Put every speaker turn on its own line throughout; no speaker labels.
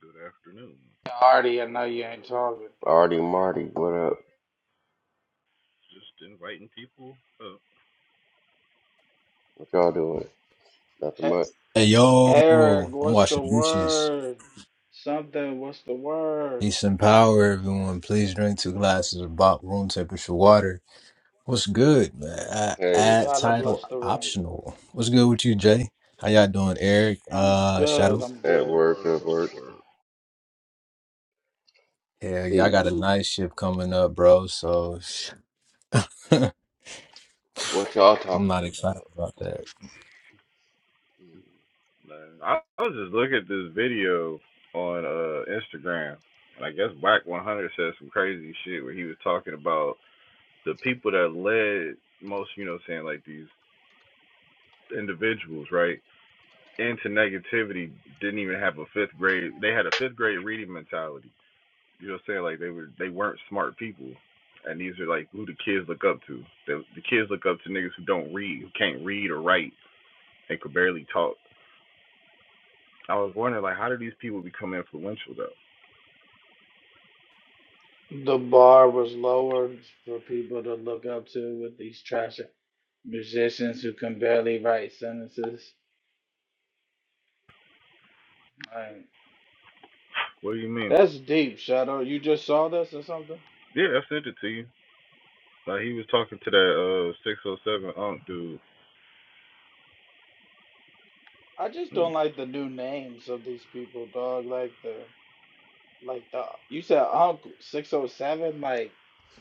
Good afternoon.
Hardy, I know you ain't talking.
Artie Marty, what
I
up?
was just inviting people up.
What y'all doing? Nothing
E-
much.
Hey
Eric,
yo, I'm
what's the
washing dishes.
word? Something, what's the word?
Peace and power, everyone. Please drink two glasses of bot room temperature water. What's good, man? Uh,
Hey,
Add
Gotta
title
bless the room.
optional. What's good with you, Jay? How y'all doing,
Sh-
Eric?
I'm
Uh,
good,
Shadow.
I'm
What's
at
good.
the
work,
word?
at
What's
work.
the word?
Let's
Yeah, y'all
see.
got a night shift coming up, bro. So I'm
What y'all
not
talking
excited
about?
about that.
Man, I, I was just looking at this video on uh Instagram, and I guess Black 100 said some crazy shit where he was talking about the people that led most, you know, what I'm saying like these individuals, right, into negativity didn't even have a fifth grade. They had a fifth grade reading mentality. You know what I'm saying? Like they were they weren't smart people. And these are like who the kids look up to. The, the kids look up to niggas who don't read, who can't read or write, and could barely talk. I was wondering like how do these people become influential though?
The bar was lowered for people to look up to with these trash musicians who can barely write sentences. Like,
What do you mean?
that's deep, Shadow. You just saw this or something?
Yeah, I sent it to you. Like he was talking to that uh six oh seven unk dude.
I just
And,
don't like the new names of these people, dog. Like the, like the, you said Uncle 607? Like,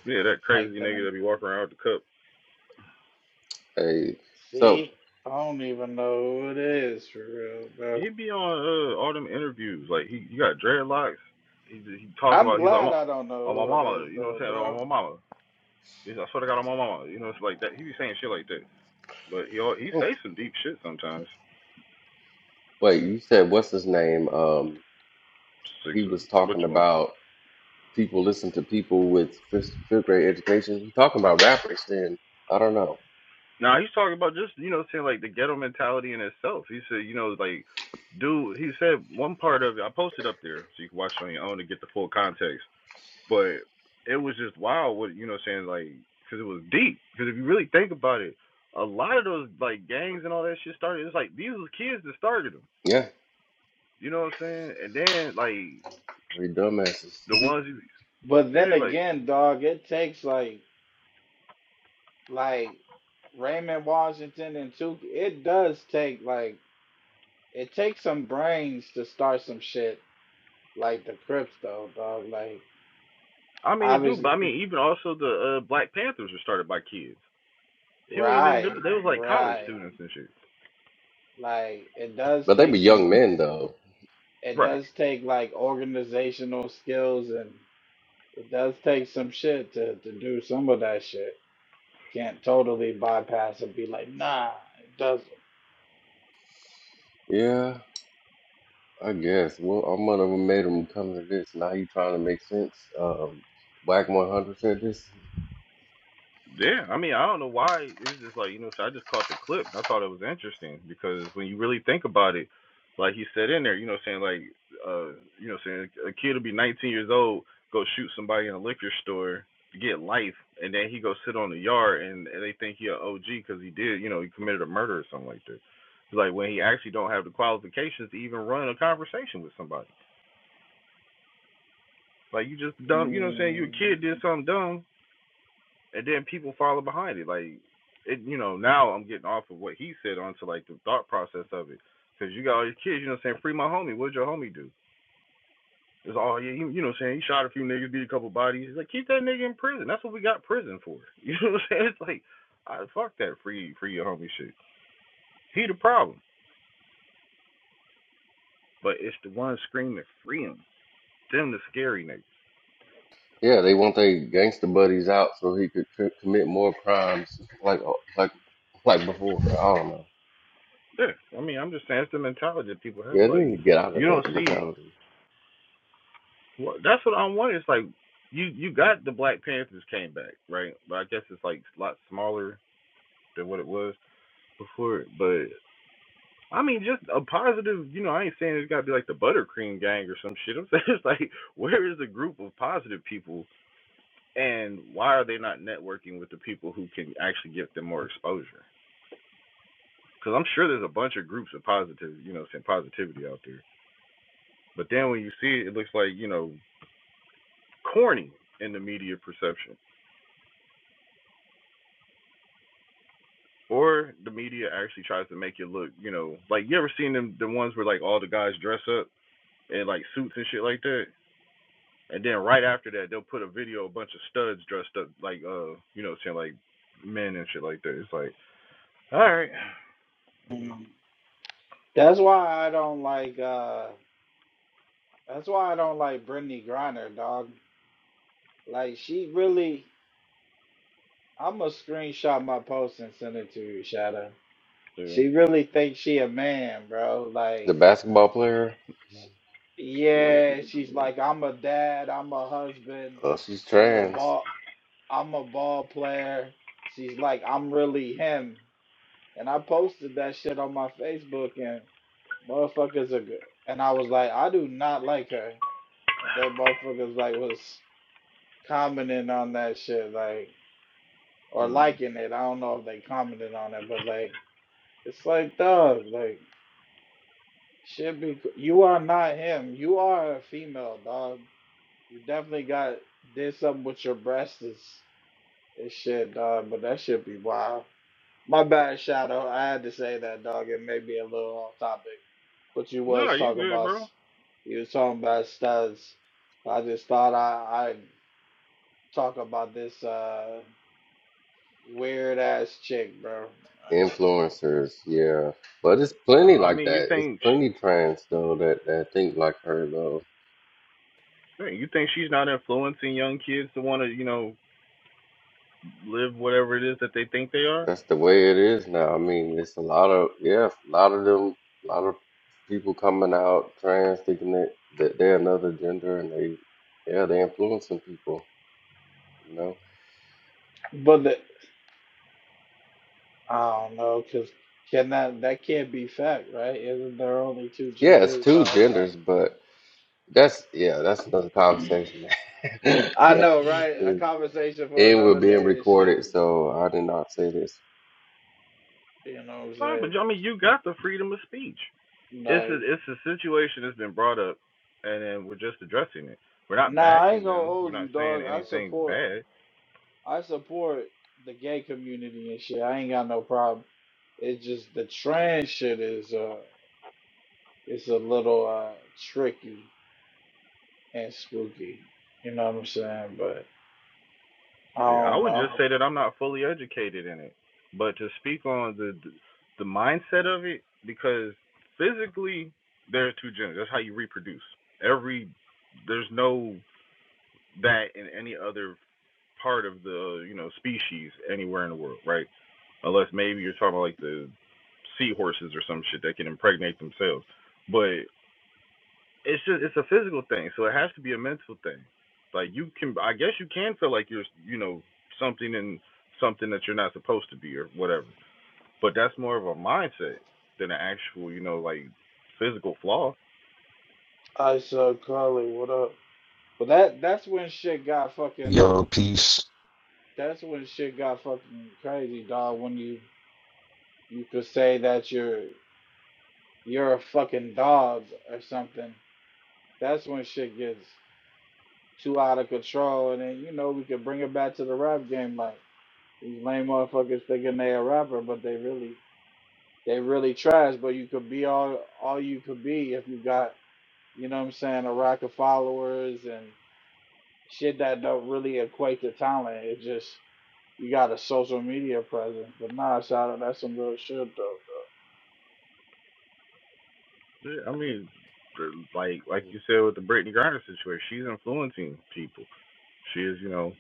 yeah, that crazy
Like
nigga
the
that be walking around with the cup.
Hey, so,
see, I don't even know who it is for real, bro.
He'd be on uh, all them interviews. Like he, he got dreadlocks. He he talk
I'm
about he's like,
glad I don't know
oh my
who it
mama,
is
you know what
though,
I'm saying?
bro.
Oh my mama. Yes, I swear to God on my mama, you know, it's like that. He be saying shit like that, but he al- he
oh,
say some deep shit sometimes.
wait, you said, what's his name? Um,
Six
he
of
was
which
talking
one?
about people listen to people with fifth, fifth grade education. He talking about rappers then. I don't know.
Now he's talking about just you know saying like the ghetto mentality in itself. He said you know like, dude, he said one part of it. I posted up there so you can watch it on your own to get the full context. But it was just wild. What you know saying like because it was deep. Because if you really think about it, a lot of those like gangs and all that shit started. It's like these were kids that started them.
Yeah,
You know what I'm saying? And then like
they dumbasses.
the ones you
But then
said like.
again, dog, it takes like like Raymond Washington and two. It does take like it takes some brains to start some shit like the Crips though, dog. Like
I mean, it do, but
obviously,
I mean, even also the uh, Black Panthers were started by kids. Huey and them, they,
right,
they was like college
right.
students and shit.
Like it does
but they
take
be young
some.
men, though.
It
Right.
does take like organizational skills and It does take some shit to, to do some of that shit. Can't totally bypass and be like, nah, it doesn't.
Yeah. I guess. Well, I'm one of them made them come to this. Now you trying to make sense. Um, Whack 100 said this.
Yeah, I mean, I don't know why it was just like you know, so I just caught the clip. I thought it was interesting because when you really think about it, like he said in there, you know, saying like, uh, you know, saying a kid will be 19 years old, go shoot somebody in a liquor store to get life, and then he go sit on the yard and, and they think he an OG because he did, you know, he committed a murder or something like that. It's like when he actually don't have the qualifications to even run a conversation with somebody. Like you just dumb, you know, what I'm saying you a
Mm,
kid did something dumb, and then people follow behind it. Like, it, you know, now I'm getting off of what he said onto like the thought process of it. Cause you got all your kids, you know, what I'm saying free my homie. What'd your homie do? It's all yeah, you, you know, what I'm saying he shot a few niggas, beat a couple bodies. He's like keep that nigga in prison. That's what we got prison for. You know what I'm saying? It's like, I fuck that free free your homie shit. He the problem, but it's the one screaming free him. Them the scary niggas.
Yeah, they want their gangster buddies out so he could c- commit more crimes like uh, like like before. I don't know.
Yeah, I mean, I'm just saying it's the mentality that people have.
Yeah, they
Like,
need to get out
you
of
don't
that
see
mentality.
Well, that's what I'm wondering. It's like you you got the Black Panthers came back, right? But I guess it's like a lot smaller than what it was before. But I mean, just a positive. You know, I ain't saying it's got to be like the Buttercream Gang or some shit. I'm saying it's like where is the group of positive people, and why are they not networking with the people who can actually give them more exposure? Because I'm sure there's a bunch of groups of positive, you know, saying positivity out there. But then when you see it, it looks like you know corny in the media perception. or the media actually tries to make it look, you know, like you ever seen them the ones where like all the guys dress up in like suits and shit like that, and then right after that they'll put a video of a bunch of studs dressed up like uh you know saying like men and shit like that. It's like all right,
mm. That's why I don't like uh that's why I don't like Brittany Griner, dog. Like she really I'ma screenshot my post and send it to you, Shadow. She really thinks she a man, bro.
The
Like
basketball player,
Yeah. yeah.
yeah, she's like, I'm a dad, I'm a husband,
uh, she's
I'm a
trans.
boss. I'm a ball player. She's like, I'm really him. And I posted that shit on my Facebook and motherfuckers are good. And I was like, I do not like her. And then motherfuckers like was commenting on that shit, like or
Mm.
liking it. I don't know if they commented on it, but like it's like dog, like should be you are not him. You are a female dog. You definitely got did something with your breasts and shit, dog, but that should be wild. My bad, Shadow. I had to say that, dog. It may be a little off topic, but you
No,
was
you
talking
good,
about
bro.
you was talking about studs. I just thought I I'd talk about this uh weird ass chick, bro. Like,
Influencers, yeah, but it's plenty
I
like
mean, you
that. It's
think
plenty trans though that that think like her though.
she, you think she's not influencing young kids to want to you know live whatever it is that they think they are?
That's the way it is now. I mean, it's a lot of yeah, a lot of them, a lot of people coming out trans, thinking that, that they're another gender, and they yeah, they're influencing people. You know,
But the, I don't know, cause can that that can't be fact, right? Isn't there only two
yeah, it's
genders, dog?
two genders,
Like
but that's yeah, that's another conversation, man.
I know, right? A
and,
conversation for
and we're
another
being
day and
recorded,
shit.
so I did not say this.
You know what I'm
Nah, but
saying?
I mean, you got the freedom of speech. It's a
Like,
it's a situation that's been brought up, and then we're just addressing it. We're not
nah, I ain't
bashing
gonna
them. We're
hold
not
you,
saying
dog. I
anything's
support.
bad.
I support the gay community and shit. I ain't got no problem. It's just the trans shit is uh it's a little uh tricky and spooky. You know what I'm saying? But I
I
don't
would just
know.
say that I'm not fully educated in it, but to speak on the the mindset of it, because physically they're two genders. That's how you reproduce. Every there's no that in any other part of the you know species anywhere in the world, right? Unless maybe you're talking about like the seahorses or some shit that can impregnate themselves, but it's just it's a physical thing, so it has to be a mental thing. Like you can, I guess you can feel like you're, you know, something and something that you're not supposed to be or whatever. But that's more of a mindset than an actual, you know, like physical flaw.
I saw Carly, what up? But that that's when shit got fucking
Yo, peace.
that's when shit got fucking crazy, dog, when you you could say that you're you're a fucking dog or something. That's when shit gets too out of control, and then you know we could bring it back to the rap game. Like these lame motherfuckers thinking they a rapper, but they really they really trash. But you could be all all you could be if you got you know what I'm saying a rack of followers and shit that don't really equate to talent. It just you got a social media presence. But nah, shout out that's some real shit though.
Yeah, I mean, like like you said with the Brittany Griner situation, she's influencing people. She is, you know,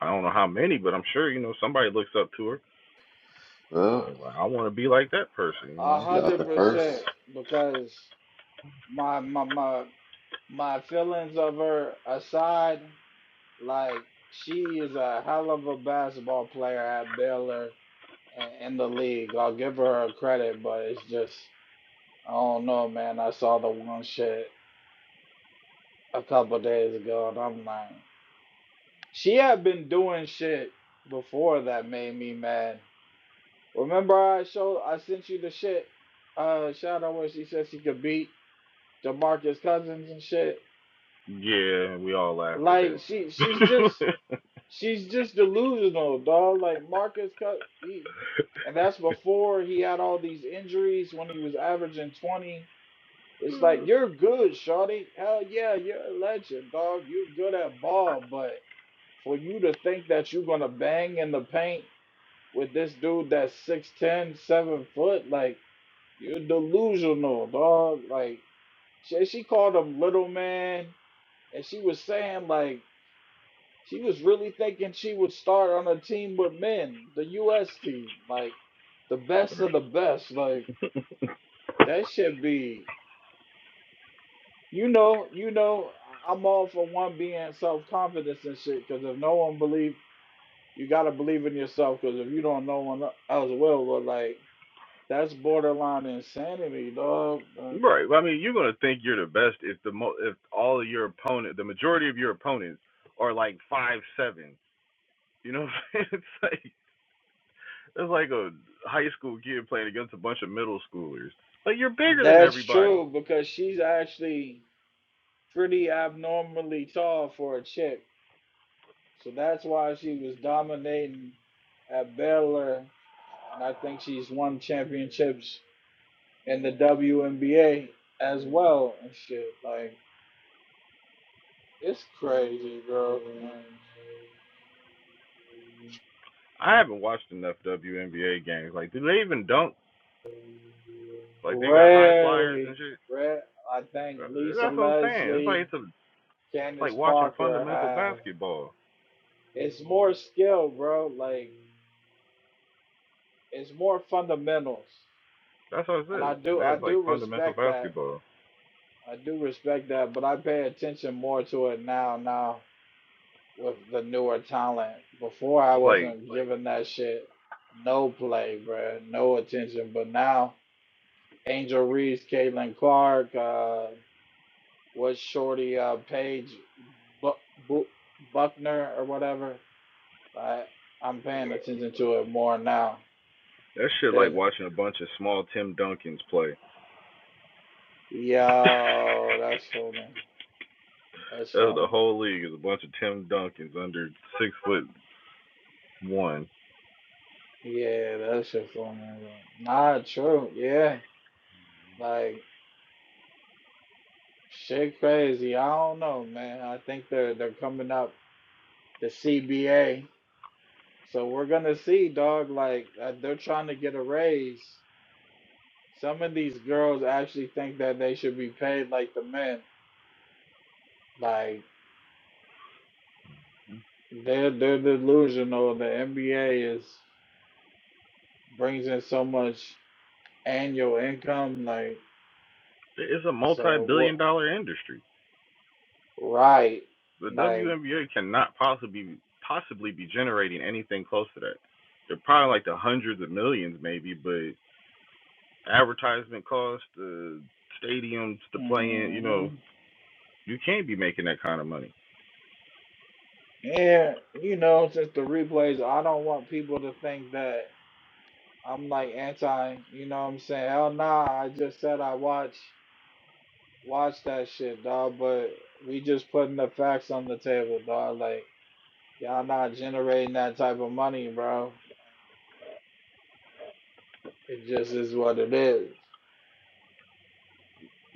I don't know how many, but I'm sure you know somebody looks up to her.
Well,
And like, I want to be like that person,
though.
you
A
know.
she's not
hundred
the
percent
first.
because my my my my feelings of her aside Like she is a hell of a basketball player at Baylor and in the league. I'll give her her credit, but it's just I don't know, man. I saw the one shit a couple days ago, and I'm like, she had been doing shit before that made me mad. Remember, I showed I sent you the shit, uh, Shadow, where she said she could beat DeMarcus Cousins and shit.
Yeah, we all laughed at
Like she, she's just
that.
She's just delusional, dog. Like Marcus cut he, and that's before he had all these injuries when he was averaging 20. It's like you're good, Shawty. Hell yeah, you're a legend, dog. You're good at ball, but for you to think that you're gonna bang in the paint with this dude that's six ten, seven foot, like you're delusional, dog. Like she, she called him little man, and she was saying like she was really thinking she would start on a team with men, the US team, like the best of the best. Like that should be, you know, you know. I- am all for one being self confidence and shit. Because if no one believe, you gotta believe in yourself. Because if you don't, no one else will. But like that's borderline insanity, dog. Like,
Right. Well, I mean, you're gonna think you're the best if the mo- if all of your opponent, the majority of your opponents, are like five seven. You know, what I'm saying? it's like it's like a high school kid playing against a bunch of middle schoolers. Like you're bigger than
That's
everybody.
true because she's actually pretty abnormally tall for a chick. So that's why she was dominating at Baylor, and I think she's won championships in the WNBA as well and shit. Like it's crazy, bro. Like,
I haven't watched enough WNBA games. Like, do they even dunk? Like they got high flyers and
rarely,
shit.
rare. I think
Uh,
Lisa
That's what I'm saying. It's like
Leslie,
it's a it's like
Candace
watching
Parker
fundamental
have.
basketball.
It's more skill, bro. Like it's more fundamentals,
That's what I
and
said.
I do
Yeah,
I
it's like
do
fundamental
respect that
basketball.
I do respect that, but I pay attention more to it now. Now with the newer talent, before I
It's like
wasn't giving that shit no play, bruh, no attention. But now Angel Reese, Caitlin Clark, uh, what's Shorty uh, Paige Bu- Bu- Buckner or whatever. I I'm paying attention to it more now
That shit like
than
watching a bunch of small Tim Duncans play.
yo. That's funny. That's
That's the
funny.
whole league is a bunch of Tim Duncans under six foot one.
Yeah, that shit funny. Nah, true. Yeah. Like shit crazy. I don't know, man. I think they're they're coming up the CBA. So we're gonna see, dog. Like uh, they're trying to get a raise. Some of these girls actually think that they should be paid like the men. Like they're they're delusional. The NBA is brings in so much annual income. Like
It's a
so
multi-billion
what?
dollar industry.
Right.
The
Like
WNBA cannot possibly possibly be generating anything close to that. They're probably like the hundreds of millions maybe, but advertisement costs, the uh, stadiums, the playing, you know,
mm-hmm.
you can't be making that kind of money.
And you know, since the replays, I don't want people to think that I'm like anti, you know what I'm saying? Hell nah, I just said I watch watch that shit, dog, but we just putting the facts on the table, dog. Like y'all not generating that type of money, bro. It just is what it is.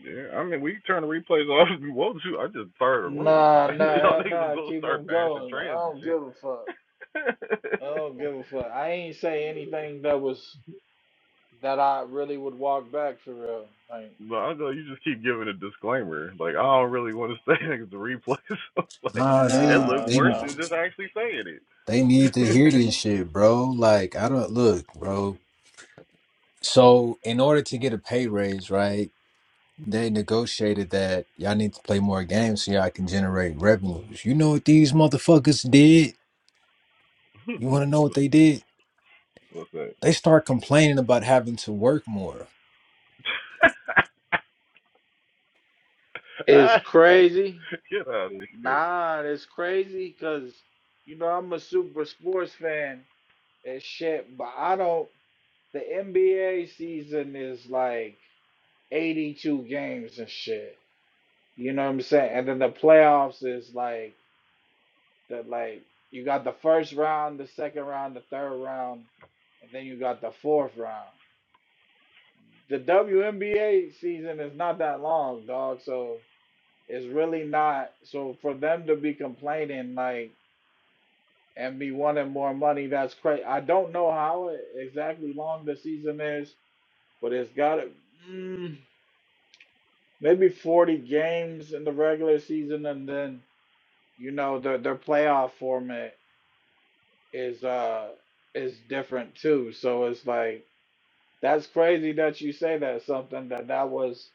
Yeah, I mean, we can turn the replays off if we want to. I just fired a room.
Nah,
I know
nah,
y'all
hell
niggas was
nah,
gonna
keep
start
'em
bashing
going. I
trans and
don't
shit.
give a fuck. I don't give a fuck. I ain't say anything that was that I really would walk back for real. Like
no, I know you just keep giving a disclaimer. Like I don't really want to say it 'cause the replay. So like
Nah,
it
they
looked
Nah,
they
worse
no.
than just actually saying
they need to
it.
hear this
Mm.
shit, bro. Like I don't look, bro. So in order to get a pay raise, right? they negotiated that y'all need to play more games so y'all can generate revenues. You know what these motherfuckers did? You want to know what they did?
What's that?
They start complaining about having to work more.
It's
Ah,
crazy.
get out of here.
Nah, it's crazy because, you know, I'm a super sports fan and shit, but I don't. The NBA season is like 82 games and shit. You know what I'm saying? And then the playoffs is like the like you got the first round, the second round, the third round, and then you got the fourth round. The WNBA season is not that long, dog. So It's really not. So for them to be complaining like and be wanting more money, that's crazy. I don't know how e- exactly long the season is, but it's got to mm, maybe 40 games in the regular season, and then you know the their playoff format is uh is different too. So it's like that's crazy that you say that something that that was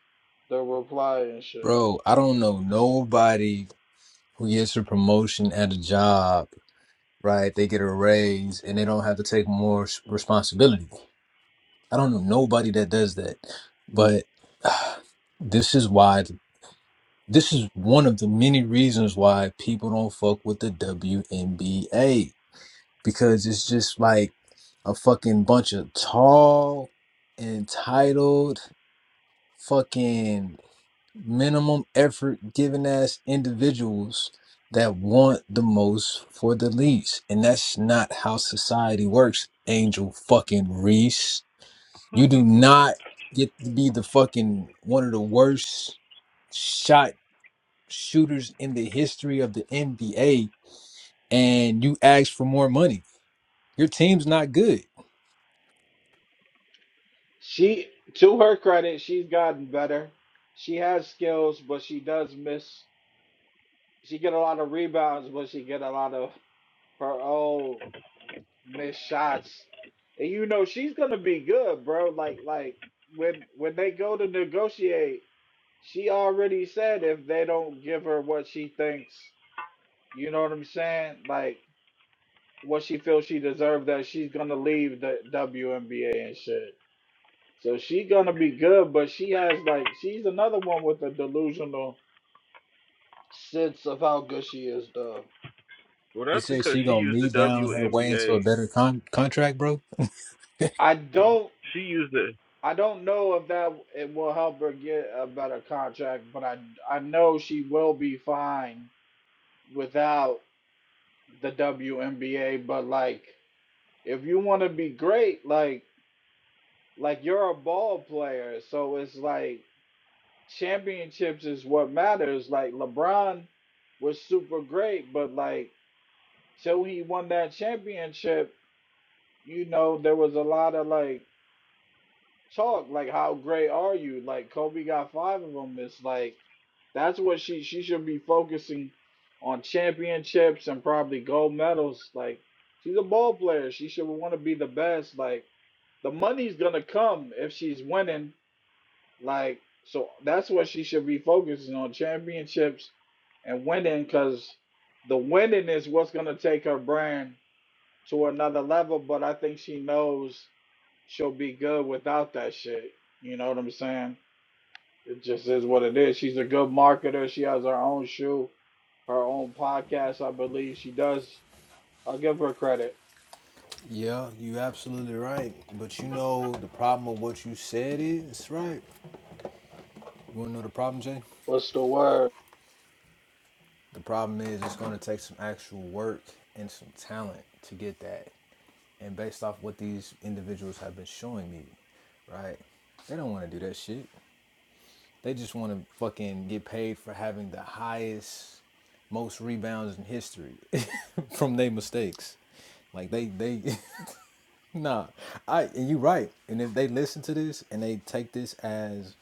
the reply and shit.
Bro, I don't know nobody who gets a promotion at a job, right? They get a raise and they don't have to take more s- responsibility. I don't know nobody that does that. But this is why this is one of the many reasons why people don't fuck with the WNBA because it's just like a fucking bunch of tall, entitled, fucking minimum effort giving ass individuals that want the most for the least. And that's not how society works, Angel fucking Reese. You do not get to be the fucking one of the worst shot shooters in the history of the NBA and you ask for more money. Your team's not good.
She, to her credit, she's gotten better. She has skills, but she does miss. She get a lot of rebounds, but she get a lot of her own missed shots. And you know she's gonna be good, bro. Like like when when they go to negotiate, she already said if they don't give her what she thinks, you know what I'm saying? Like what she feels she deserved, that she's gonna leave the WNBA and shit. So she gonna be good, but she has like she's another one with a delusional sense of how good she is though.
well,
You
that's
said
because
she
she
gonna
used the
me bound her way into a
WNBA.
better con- contract, bro?
I don't
She used it
I don't know if that it will help her get a better contract, but I I know she will be fine without the WNBA, but like if you want to be great, like like you're a ball player, so it's like championships is what matters. Like LeBron was super great, but like So when he won that championship, you know, there was a lot of like talk, like how great are you? Like Kobe got five of them. It's like that's what she she should be focusing on championships and probably gold medals. Like she's a ball player. She should want to be the best. Like the money's gonna come if she's winning. Like so that's what she should be focusing on championships and winning because the winning is what's gonna take her brand to another level, but I think she knows she'll be good without that shit. You know what I'm saying? It just is what it is. She's a good marketer. She has her own shoe, her own podcast, I believe. She does. I'll give her credit.
Yeah, you absolutely right. But you know the problem of what you said is right. You wanna know the problem, Jay?
What's the word?
The problem is it's gonna take some actual work and some talent to get that. And based off what these individuals have been showing me, right? They don't wanna do that shit. They just wanna fucking get paid for having the highest most rebounds in history from their mistakes. Like they they Nah, I and you're right. And if they listen to this and they take this as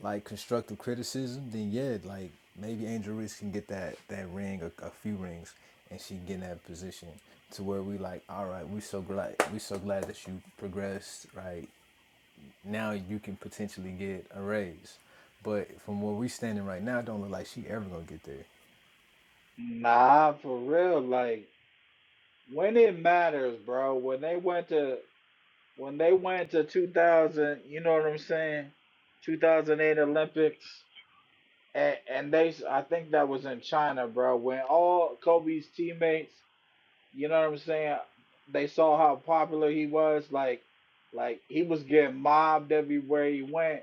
like constructive criticism, then yeah, like maybe Angel Reese can get that that ring or a few rings, and she can get in that position to where we like, all right, we so glad we so glad that you progressed. Right now, you can potentially get a raise. But from where we standing right now, it don't look like she ever gonna get there.
Nah, for real. Like when it matters, bro. When they went to when they went to 2000, you know what I'm saying? 2008 Olympics. and, and they I think that was in China, bro. When all Kobe's teammates, you know what I'm saying, they saw how popular he was, like like he was getting mobbed everywhere he went.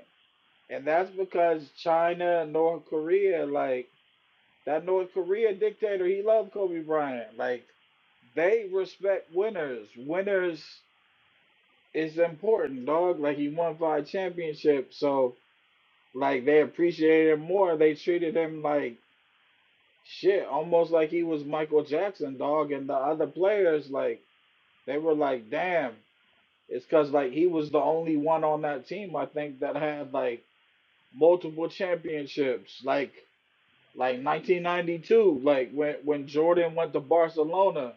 And that's because China and North Korea, like that North Korea dictator, he loved Kobe Bryant. Like they respect winners. Winners is important, dog. Like he won five championships, so like they appreciated him more. They treated him like Shit, almost like he was Michael Jackson, dog, and the other players like they were like, damn, it's cause like he was the only one on that team I think that had like multiple championships, like like 1992, like when when Jordan went to Barcelona.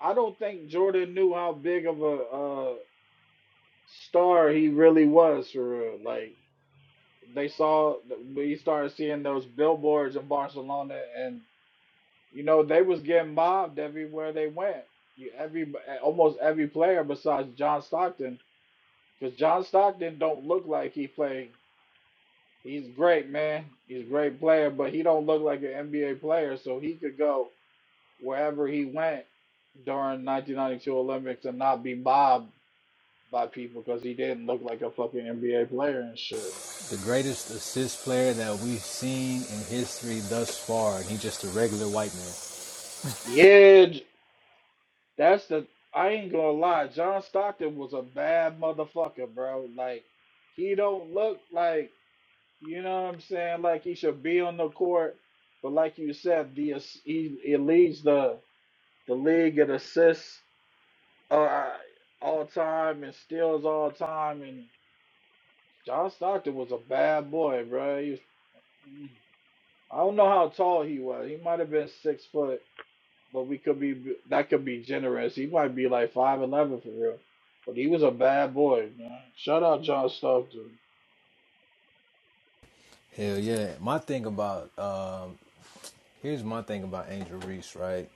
I don't think Jordan knew how big of a uh star he really was for real. Like they saw, we started seeing those billboards in Barcelona and. You know, they was getting mobbed everywhere they went. You every almost every player besides John Stockton, because John Stockton don't look like he played. He's great, man. He's a great player, but he don't look like an NBA player, so he could go wherever he went during 1992 Olympics and not be mobbed by people because he didn't look like a fucking NBA player and shit.
The greatest assist player that we've seen in history thus far, and he's just a regular white man.
Yeah, That's the I ain't gonna lie, John Stockton was a bad motherfucker, bro. Like he don't look like you know what I'm saying, like he should be on the court. But like you said, the ass- he, he leads the the league in assists uh, all time and steals all time. And John Stockton was a bad boy, bro. He was, mm, I don't know how tall he was. He might have been six foot. but we could be that could be generous. He might be like five eleven for real, but he was a bad boy. Man. Shout out John Stockton.
Hell yeah. My thing about um here's my thing about Angel Reese, right?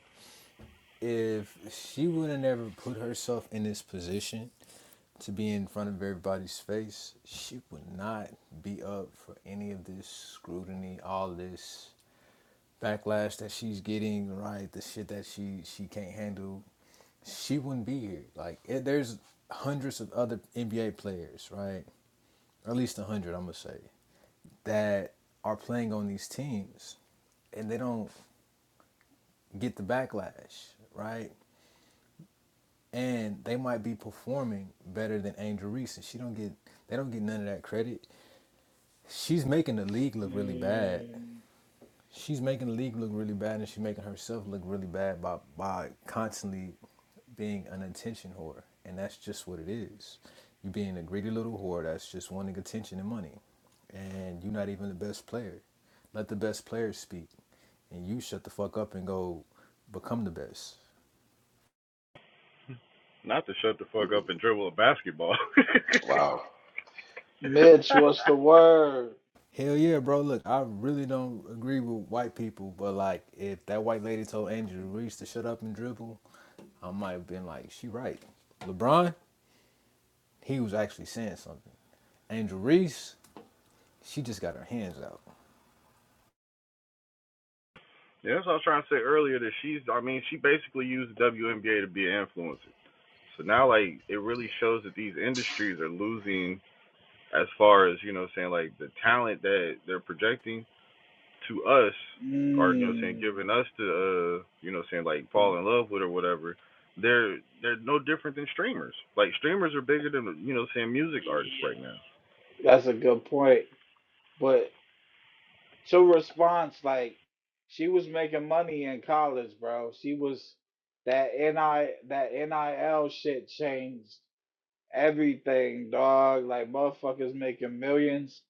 If she would have never put herself in this position to be in front of everybody's face, she would not be up for any of this scrutiny, all this backlash that she's getting, right? The shit that she she can't handle. She wouldn't be here. Like it, there's hundreds of other NBA players, right? Or at least a hundred, I'm gonna say that are playing on these teams and they don't get the backlash, right? And they might be performing better than Angel Reese and she don't get they don't get none of that credit. She's making the league look really bad.
Mm.
She's making the league look really bad and she's making herself look really bad by by constantly being an attention whore. And that's just what it is. You You're being a greedy little whore that's just wanting attention and money. And you're not even the best player. Let the best players speak. and you shut the fuck up and go become the best.
not to shut the fuck
Mm,
up and dribble a basketball. yeah,
Wow.
Mitch, what's the word?
Hell yeah, bro. Look, I really don't agree with white people, but like if that white lady told Angel Reese to shut up and dribble, I might have been like, she right. LeBron, he was actually saying something. Angel Reese, she just got her hands out.
that's what I was trying to say earlier. That she's, I mean, she basically used the WNBA to be an influencer. So now like it really shows that these industries are losing as far as, you know, saying like the talent that they're projecting to us or you know saying
Mm.
giving us to uh you know saying like fall in love with or whatever. They're they're no different than streamers. Like streamers are bigger than you know saying music artists right now.
That's a good point. But to response, like she was making money in college, bro. She was that ni that nil shit changed everything, dog. Like motherfuckers making millions,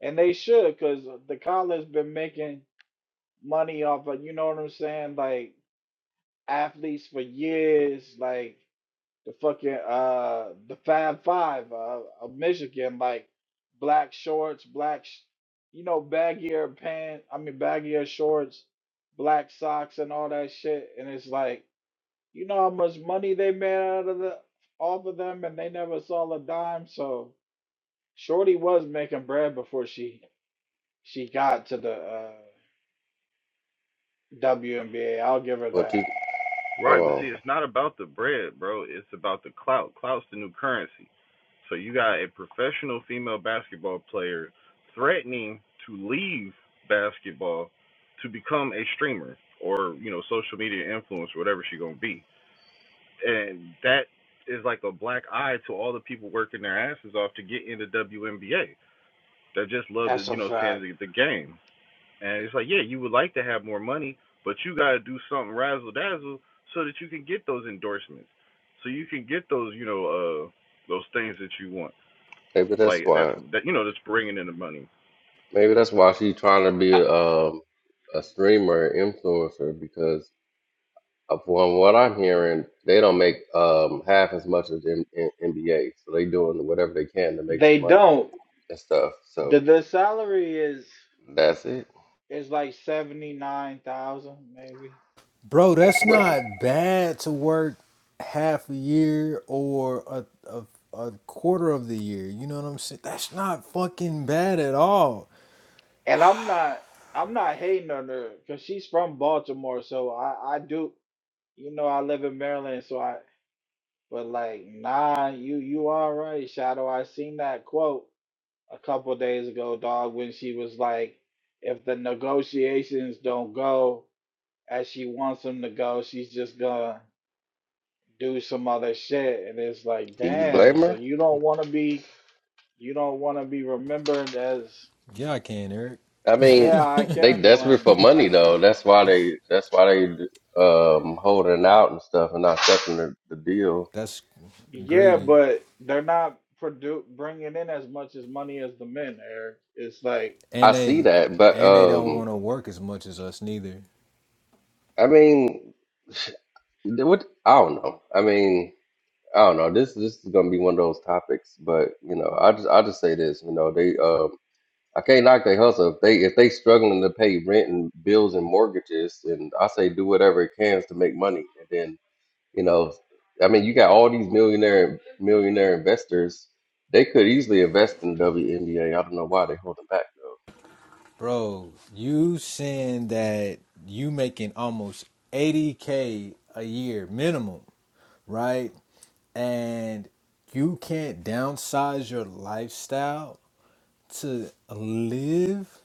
and they should, cause the college been making money off of you know what I'm saying, like athletes for years, like the fucking uh the Fab Five uh, of Michigan, like black shorts, black, sh- you know, baggier pants. I mean, baggier shorts, black socks, and all that shit. And it's like, you know how much money they made out of the off of them, and they never saw a dime. So Shorty was making bread before she she got to the uh, WNBA. I'll give her
Well, two,
that.
hold
Right, but see,
on.
it's not about the bread, bro. It's about the clout. Clout's the new currency. So you got a professional female basketball player threatening to leave basketball to become a streamer or you know social media influencer, whatever she gonna be, and that is like a black eye to all the people working their asses off to get into WNBA that just love to
That's a
you know seeing
fact.
the, the game. And it's like, yeah, you would like to have more money, but you got to do something razzle dazzle so that you can get those endorsements, so you can get those, you know, uh, those things that you want.
Maybe that's
Like that's
why.
that you know that's bringing in the money,
Maybe that's why she's trying to be
I,
a, um, a streamer influencer because uh, from what I'm hearing, they don't make um, half as much as in, in, NBA. So they doing whatever they can to make some
they
money
don't.
and stuff. So
The the salary is
that's it.
is like seventy nine thousand maybe.
Bro,
That's
that's
what.
not bad to work half a year or a, a a quarter of the year. You know what I'm saying? That's not fucking bad at all.
And I'm not I'm not hating on her because she's from Baltimore, so I I do you know I live in Maryland, so I but like nah you you all right Shadow. I seen that quote a couple of days ago, dog, when she was like, if the negotiations don't go as she wants them to go, she's just gonna do some other shit. And it's like,
Can you
damn,
blame
so
her?
you don't wanna be you don't wanna be remembered as
Yeah, I can, Eric.
I mean,
yeah, I
they
can
desperate
blame,
for
but I
money though. That's why they. That's why they um, holding out and stuff and not accepting the, the deal.
That's
c- yeah,
greedy.
but they're not produ- bringing in as much as money as the men, Eric. It's like
I
And
see
they
that, but
and they don't
um,
want to work as much as us neither.
I mean, what? I don't know. I mean. I don't know. This this is gonna be one of those topics, but you know, I just I just say this. You know, they um I can't knock their hustle if they if they struggling to pay rent and bills and mortgages, and I say do whatever it can to make money, and then you know, I mean, you got all these millionaire millionaire investors. They could easily invest in WNBA. I don't know why they're holding back though.
Bro, you saying that you making almost 80k a year minimum, right? And you can't downsize your lifestyle to live?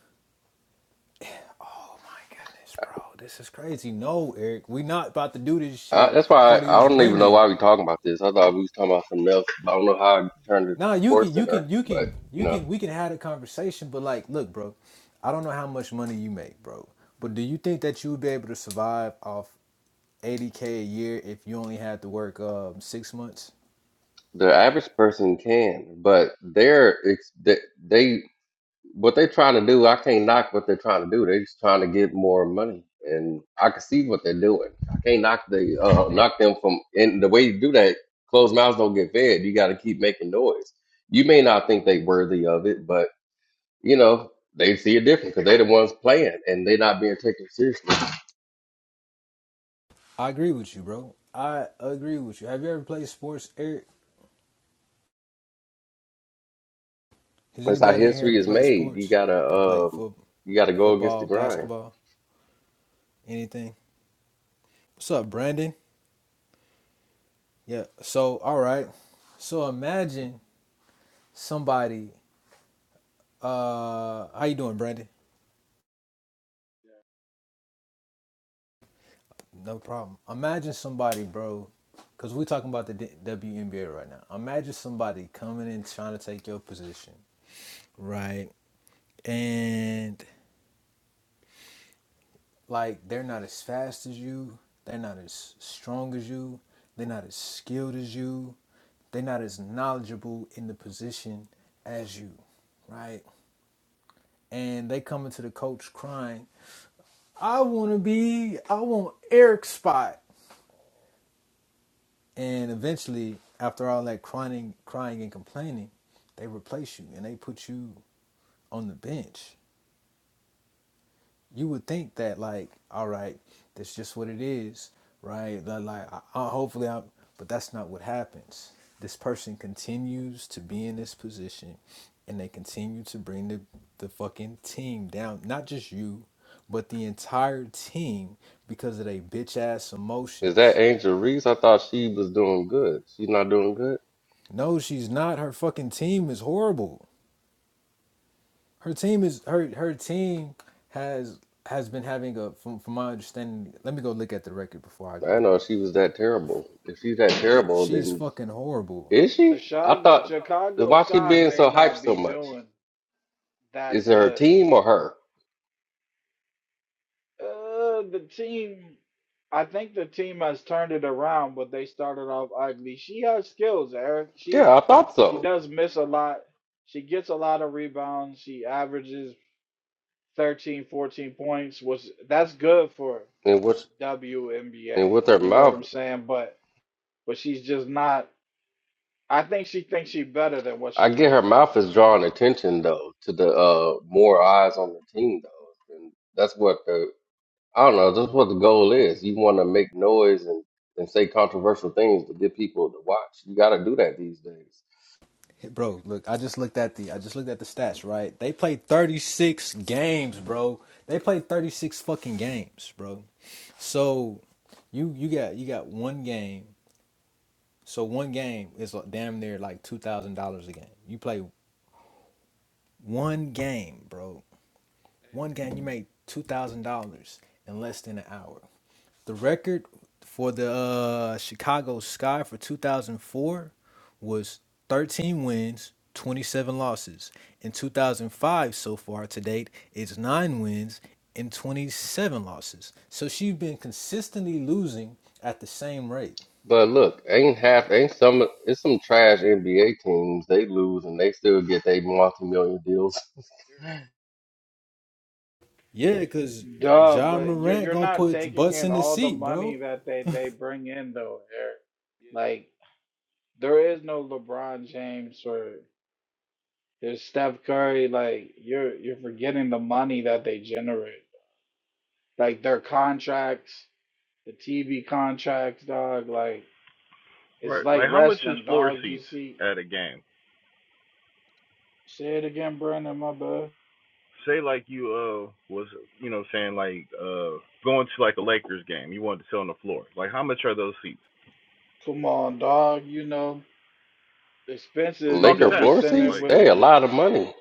Oh my goodness, bro. This is crazy. No, Eric, we not about to do this
I,
shit
that's why
for
I, I
these
don't even know
women.
why we talking about this. I thought we was talking about something else. I don't know how I turned it to
No, you
Sports
can, you
Center,
can, you
but
can,
you
you
know.
can. We can have a conversation, but like, look, bro, I don't know how much money you make, bro. But do you think that you would be able to survive off eighty k a year if you only had to work um six months?
The average person can, but they're it's they, they what they're trying to do. I can't knock what they're trying to do. They're just trying to get more money, and I can see what they're doing. I can't knock the uh, knock them from. And the way you do that, closed mouths don't get fed. You got to keep making noise. You may not think they worthy of it, but you know they see it different because they're the ones playing, and they're not being taken seriously.
I agree with you, bro. I agree with you. Have you ever played sports, Eric? Has
That's how
anybody in here
history
ever
is
played
made. You
sports?
gotta
I played
um,
foot,
you gotta go against the
football,
grind.
basketball, anything. What's up, Brandon? Yeah. So, all right. So imagine somebody. Uh, how you doing, Brandon? No problem. Imagine somebody, bro, because we're talking about the D- WNBA right now. Imagine somebody coming in trying to take your position, right? And like they're not as fast as you, they're not as strong as you, they're not as skilled as you, they're not as knowledgeable in the position as you, right? And they come into the coach crying, I want to be, I want Eric's spot. And eventually, after all that crying, crying and complaining, they replace you and they put you on the bench. You would think that, like, all right, that's just what it is, right? Like, like, I, I, hopefully, I'm, but that's not what happens. This person continues to be in this position and they continue to bring the, the fucking team down. Not just you, but the entire team because of their bitch ass
Is that
emotions.
Angel Reese? I thought she was doing good. She's not doing good.
No, she's not. Her fucking team is horrible. Her team is her her team has has been having a from from my understanding. Let me go look at the record before I
I didn't know
go.
she was that terrible. If she's that terrible,
She's
then
fucking horrible,
is
the
she? I
Chicago
thought. then
Chicago
Why she
Sky
being
may
so hyped
not
so
be
much?
doing that
Is it her
good
team or her?
Uh, the team, I think the team has turned it around, but they started off ugly. She has skills, Eric.
Yeah,
She
I thought
she
so.
does miss a lot. She gets a lot of rebounds. She averages 13, 14 points, which that's good for
And with
WNBA.
and with her
You know what I'm
mouth,
saying? But but she's just not. I think she thinks she's better than what
I
she
get
is
her
for.
mouth
for-
is drawing attention though to the uh more eyes on the team though, and that's what the I don't know. That's what the goal is. You want to make noise and and say controversial things to get people to watch. You got to do that these days.
bro. Look, I just looked at the I just looked at the stats. Right, they played thirty six games, bro. They played thirty six fucking games, bro. So you you got you got one game. So one game is like damn near like two thousand dollars a game. You play one game, bro. One game you make two thousand dollars in less than an hour. The record for the uh, Chicago Sky for 2004 was 13 wins, 27 losses. In 2005, so far to date, it's nine wins and 27 losses. So she's been consistently losing at the same rate.
But look, ain't half, ain't some, it's some trash NBA teams. They lose and they still get their multi-million deals.
Yeah, because
Duh,
John
but you're
Morant
you're
gonna
not
put
taking
butts
in
in the
all the
seat, bro.
money that they they bring in though, Eric. Like, there is no LeBron James or there's Steph Curry. Like you're you're forgetting the money that they generate. Like their contracts, the TV contracts, dog. Like it's
right?
like
Like how much is
wrestling,
floor
dog. You
seats
see,
at a game?
say it again, Brandon, my bad.
Say like you uh was you know saying like uh going to like a Lakers game, you wanted to sit on the floor. Like how much are those seats?
Come on, dog. You know, expensive.
No,
You're
I'm just
gonna
Laker
be
floor
asking.
sending
seats,
Like,
with,
they a lot of money.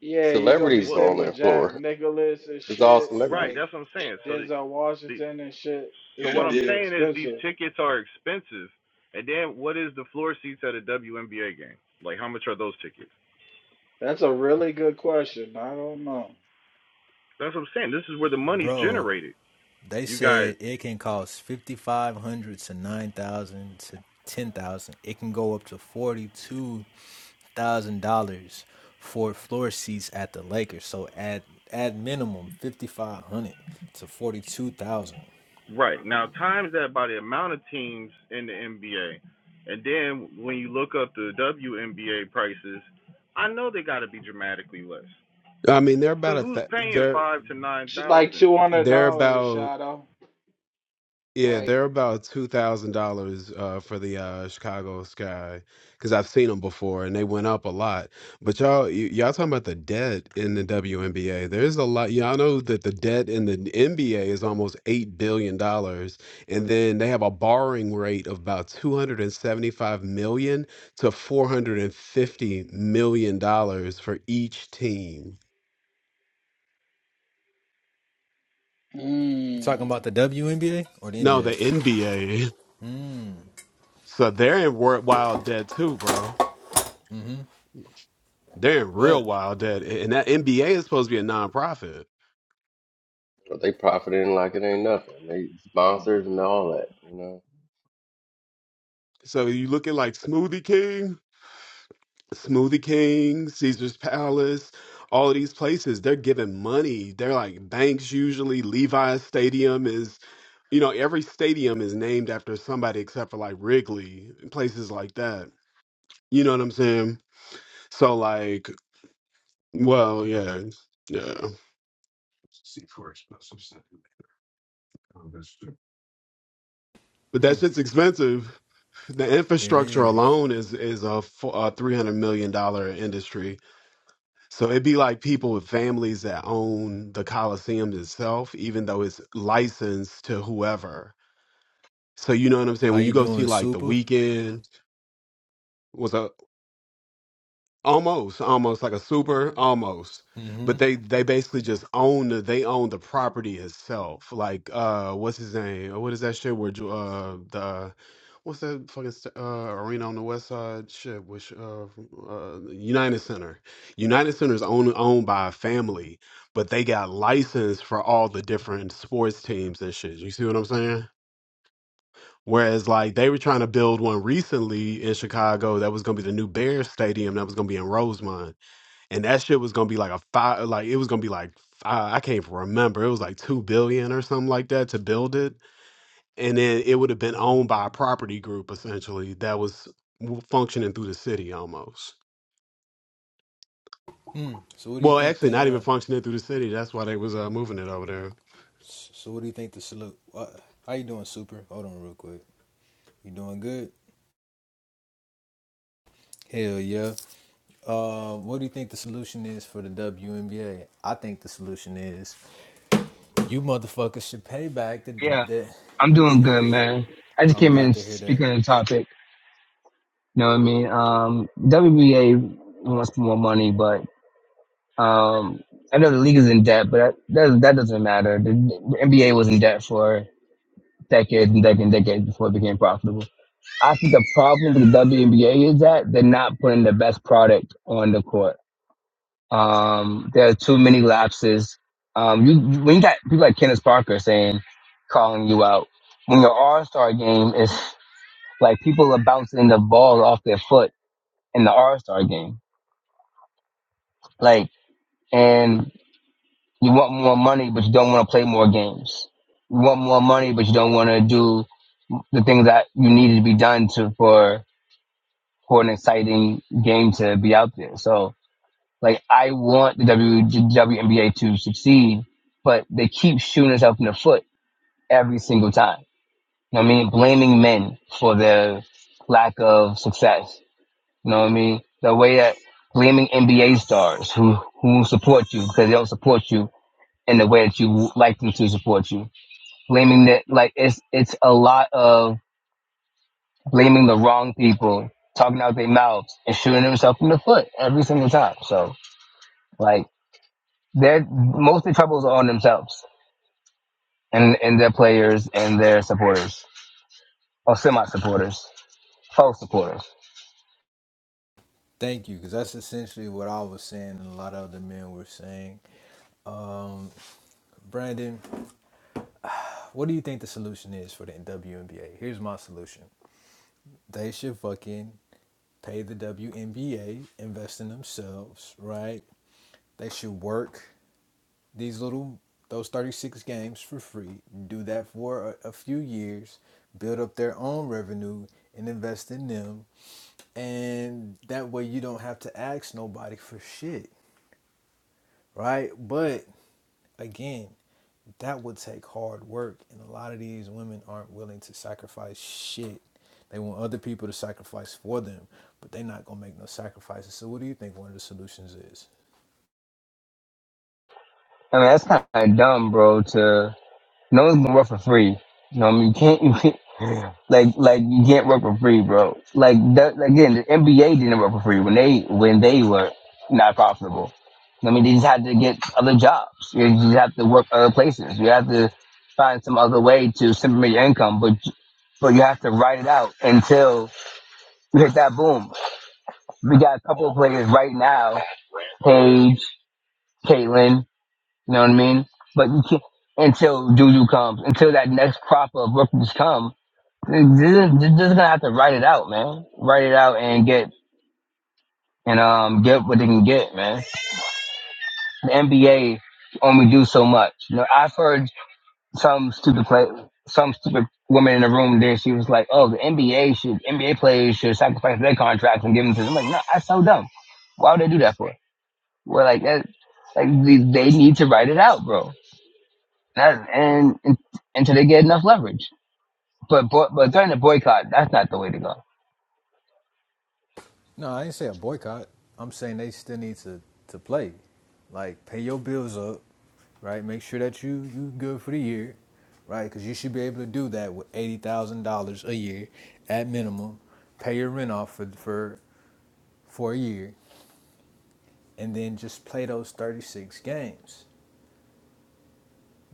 yeah, you're gonna be
Celebrities
well,
sitting
on their
with Jack
floor.
Nicholas and
It's all
shit,
right?
celebrities.
like
That's what I'm saying. So the
Denzel
the.
Washington and shit.
So
It's
what
gonna
I'm
be
saying is these
expensive.
tickets are expensive. And then what is the floor seats at a WNBA game? Like how much are those tickets?
That's a really good question. I don't know.
That's what I'm saying. This is where the money's
Bro,
generated.
they
You got
said it can cost fifty five hundred to nine thousand to ten thousand. It can go up to forty two thousand dollars for floor seats at the Lakers. So at at minimum fifty five hundred to forty two thousand.
right. Now times that by the amount of teams in the NBA. And then when you look up the WNBA prices, I know they got to be dramatically less.
I mean, they're about
Cuz
a
who's
th-
paying
they're
5 to
It's like
9,000
two hundred
they're
dollars,
about
Shadow.
yeah
Like,
they're about two thousand dollars uh, for the uh, Chicago Sky because I've seen them before and they went up a lot. But y'all y- y'all talking about the debt in the WNBA? There's a lot. Y'all know that the debt in the NBA is almost eight billion dollars, and then they have a borrowing rate of about two hundred and seventy five million to four hundred and fifty million dollars for each team.
You talking
mm,
about the WNBA or the
No, the
NBA?
NBA. So they're in wor- Wild Dead too, bro. They're in real
But
Wild Dead, and that NBA is supposed to be a nonprofit.
But they profiting like it ain't nothing. They sponsors and all that, you know.
So you looking like Smoothie King, Smoothie King, Caesar's Palace, all of these places. They're giving money. They're like banks usually. Levi's Stadium is, you know, every stadium is named after somebody except for like Wrigley, places like that. You know what I'm saying? So like, well, yeah, yeah. But that
mm,
shit's expensive. The
it
infrastructure
is.
alone is is a, fo- a three hundred million dollar industry. So it'd be like people with families that own the Coliseum itself, even though it's licensed to whoever. So you know what I'm saying?
How
When
you
you go see
doing,
like the
Super?
weekend, almost almost like a super almost
Mm-hmm.
but they they basically just own the they own the property itself like uh what's his name Uh, what is that shit where Ju- uh the what's that fucking st- uh arena on the west side shit which uh, uh united center united center is owned owned by a family but they got license for all the different sports teams and shit you see what i'm saying Whereas, like, they were trying to build one recently in Chicago that was going to be the new Bears Stadium that was going to be in Rosemont and that shit was gonna be like a five, like it was gonna be like fi- I can't even remember. It was like two billion or something like that to build it, and then it would have been owned by a property group essentially that was w- functioning through the city almost.
Mm. So what do you
Well,
think
actually,
the
not
uh,
even functioning through the city. That's why they was uh, moving it over there.
so what do you think the salute? What, how you doing, Super? Hold on real quick. You doing good? Hell yeah. Uh, what do you think the solution is for the WNBA? I think the solution is You motherfuckers should pay back the
Yeah,
the.
I'm doing
Get,
good, man. I just
I'm
came
glad
in
to hear that.
speaking on the topic. You know what I mean? Um, WBA wants more money, but um, I know the league is in debt, but that that, that doesn't matter. The, the NBA was in debt for decades and decades and decades before it became profitable. I think the problem with the WNBA is that they're not putting the best product on the court. Um, there are too many lapses. Um, you you- when you got people like Kenneth Parker saying, calling you out when your All Star game is Like people are bouncing the ball off their foot in the All Star game. Like, and you want more money, but you don't want to play more games. You want more money, but you don't want to do the things that you need to be done to for for an exciting game to be out there. So, like, I want the WNBA to succeed, but they keep shooting themselves in the foot every single time. You know what I mean, blaming men for their lack of success You know what I mean? The way that blaming NBA stars who who support you because they don't support you in the way that you like them to support you. Blaming that like it's it's a lot of blaming the wrong people, talking out their mouths and shooting themselves in the foot every single time. So like they're most of the troubles are on themselves and and their players and their supporters or semi supporters, false supporters.
Thank you, because that's essentially what I was saying, and a lot of other men were saying. Um, Brandon, what do you think the solution is for the WNBA? Here's my solution: they should fucking pay the WNBA, invest in themselves, right? They should work these little those 36 games for free, do that for a, a few years, build up their own revenue, and invest in them and that way you don't have to ask nobody for shit, right? But again, that would take hard work, and a lot of these women aren't willing to sacrifice shit. They want other people to sacrifice for them, but they're not gonna make no sacrifices. So, what do you think one of the solutions is?
I mean that's kind of dumb, bro. To No one's gonna work for free. You know what I mean? You can't, you can't like like you can't work for free, bro. Like that, again, the NBA didn't work for free when they when they were not profitable. I mean, they just had to get other jobs. You just have to work other places. You have to find some other way to supplement your income, but but you have to ride it out until you hit that boom. We got a couple of players right now, Paige, Caitlin. You know what I mean? But you can't, until Juju comes, until that next crop of rookies come, they're just gonna have to write it out, man. Write it out and get and um get what they can get, man. The NBA only do so much. You know, I've heard some stupid play, some stupid woman in the room there. She was like, "Oh, the NBA should NBA players should sacrifice their contracts and give them to them." I'm like, no, that's so dumb. Why would they do that for? Well, like that, like they, they need to write it out, bro. That and, and until they get enough leverage. But but during the boycott, that's not the way to go.
No, I ain't say a boycott. I'm saying they still need to to play. Like pay your bills up, right? Make sure that you you good for the year, right? Because you should be able to do that with eighty thousand dollars a year at minimum. Pay your rent off for for for a year, and then just play those thirty six games.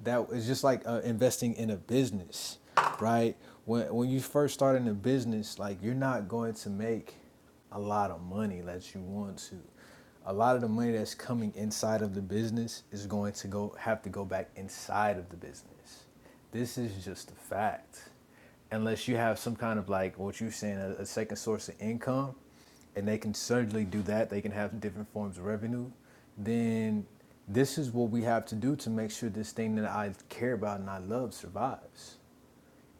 that is just like uh, investing in a business, right? When when you first start in a business, like you're not going to make a lot of money that you want to. A lot of the money that's coming inside of the business is going to go have to go back inside of the business. This is just a fact. Unless you have some kind of like what you're saying, a, a second source of income, and they can certainly do that, they can have different forms of revenue, then this is what we have to do to make sure this thing that I care about and I love survives.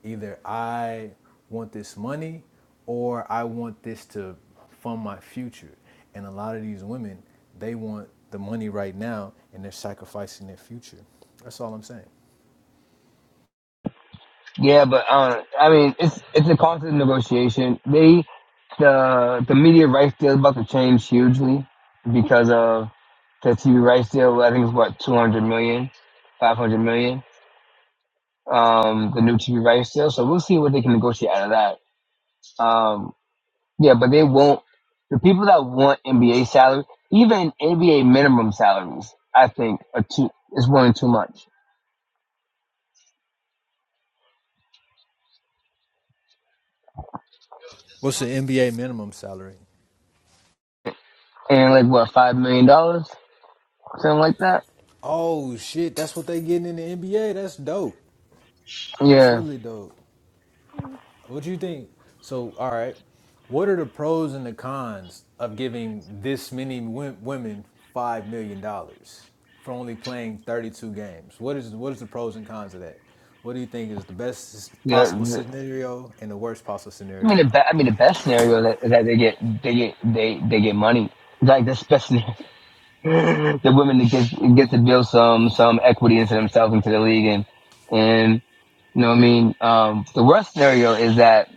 Either I want this money or I want this to fund my future. And a lot of these women, they want the money right now and they're sacrificing their future. That's all I'm saying.
Yeah, but uh, I mean, it's it's a constant negotiation. They the the media rights deal is about to change hugely because of the TV rights deal. I think it's what two hundred million, five hundred million. Um, the new TV rights deal. So we'll see what they can negotiate out of that. Um. Yeah, but they won't. The people that want NBA salary, even NBA minimum salaries, I think are too is one too much.
What's the NBA minimum salary?
And like what five million dollars, something like that.
Oh shit, that's what they getting in the NBA. That's dope. That's
Yeah,
really dope. What do you think? So, all right, what are the pros and the cons of giving this many wom- women five million dollars for only playing thirty-two games? What is what is the pros and cons of that? What do you think is the best
yeah.
possible
the-
scenario and the worst possible
I mean,
scenario?
the be- I mean, the best scenario that, is that they get they get they they get money. Like that's the best scenario. the women that get get to build some some equity into themselves into the league and and you know what I mean. Um, the worst scenario is that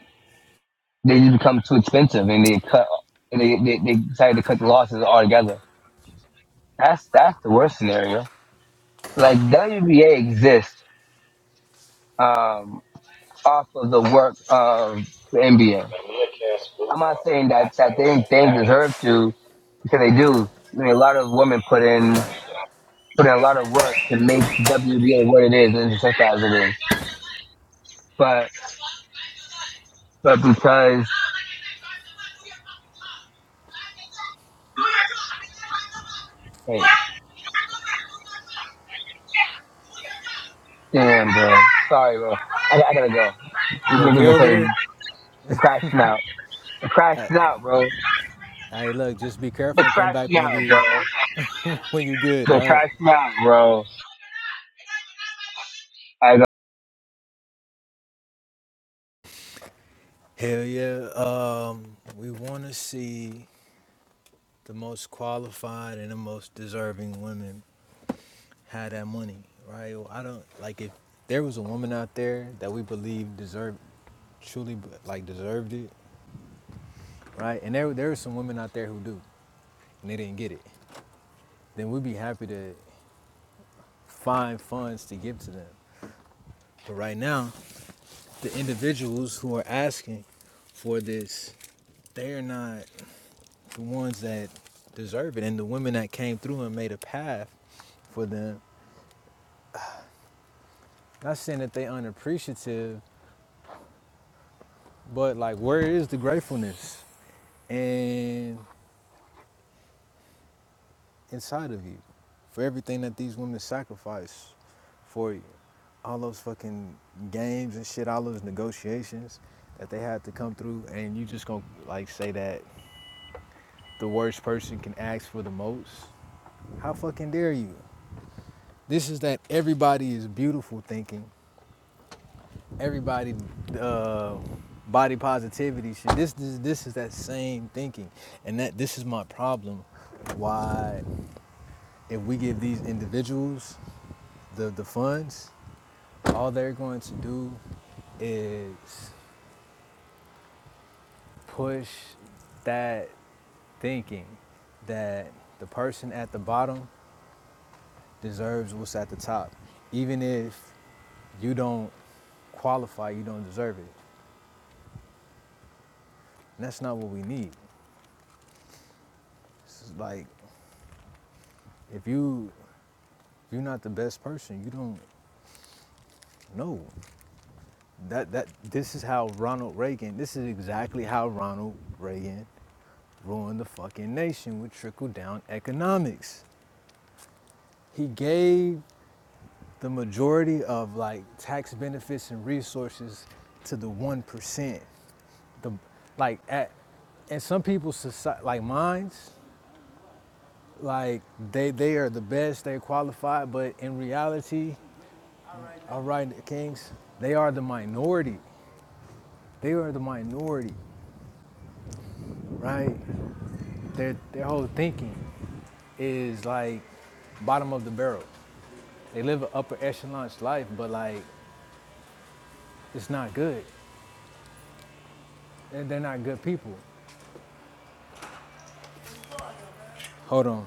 they just become too expensive and they cut and they, they, they decided to cut the losses altogether. That's that's the worst scenario. Like WBA exists um, off of the work of the NBA. I'm not saying that that they they deserve to because they do. I mean, a lot of women put in put in a lot of work to make WBA what it is and successful as it is. But but because hey, damn bro, sorry bro, I, I gotta go. These
You okay
niggas are
over
crazy.
there?
They're crashing out. They're crashing out, bro.
Hey, look, just be
But
careful and come
try
back when
smart, bro.
you when you good.
But
All right.
try smart, bro. I
Hell yeah. Um, we want to see the most qualified and the most deserving women have that money, right? Well, I don't like if there was a woman out there that we believe deserved, truly like deserved it, right? And there there are some women out there who do, and they didn't get it. Then we'd be happy to find funds to give to them. But right now, the individuals who are asking for this, they're not. the ones that deserve it and the women that came through and made a path for them. Not saying that they unappreciative, but like where is the gratefulness and inside of you for everything that these women sacrifice for you? All those fucking games and shit, all those negotiations that they had to come through and you just gonna like say that the worst person can ask for the most? How fucking dare you? This is that everybody is beautiful thinking everybody uh, body positivity shit. This, this this is that same thinking, and that this is my problem. Why, if we give these individuals the the funds, all they're going to do is push that thinking that the person at the bottom deserves what's at the top, even if you don't qualify, you don't deserve it. And that's not what we need. It's like if you if you're not the best person, you don't know. That that this is how Ronald Reagan. This is exactly how Ronald Reagan ruined the fucking nation with trickle down economics. He gave the majority of like tax benefits and resources to the one percent. The like at and some people's society like mines, like they they are the best, they're qualified, but in reality All right, the Kings, they are the minority. They are the minority, right? Their, their whole thinking is like bottom of the barrel. They live an upper echelon life, but like it's not good. And they're not good people. Hold on.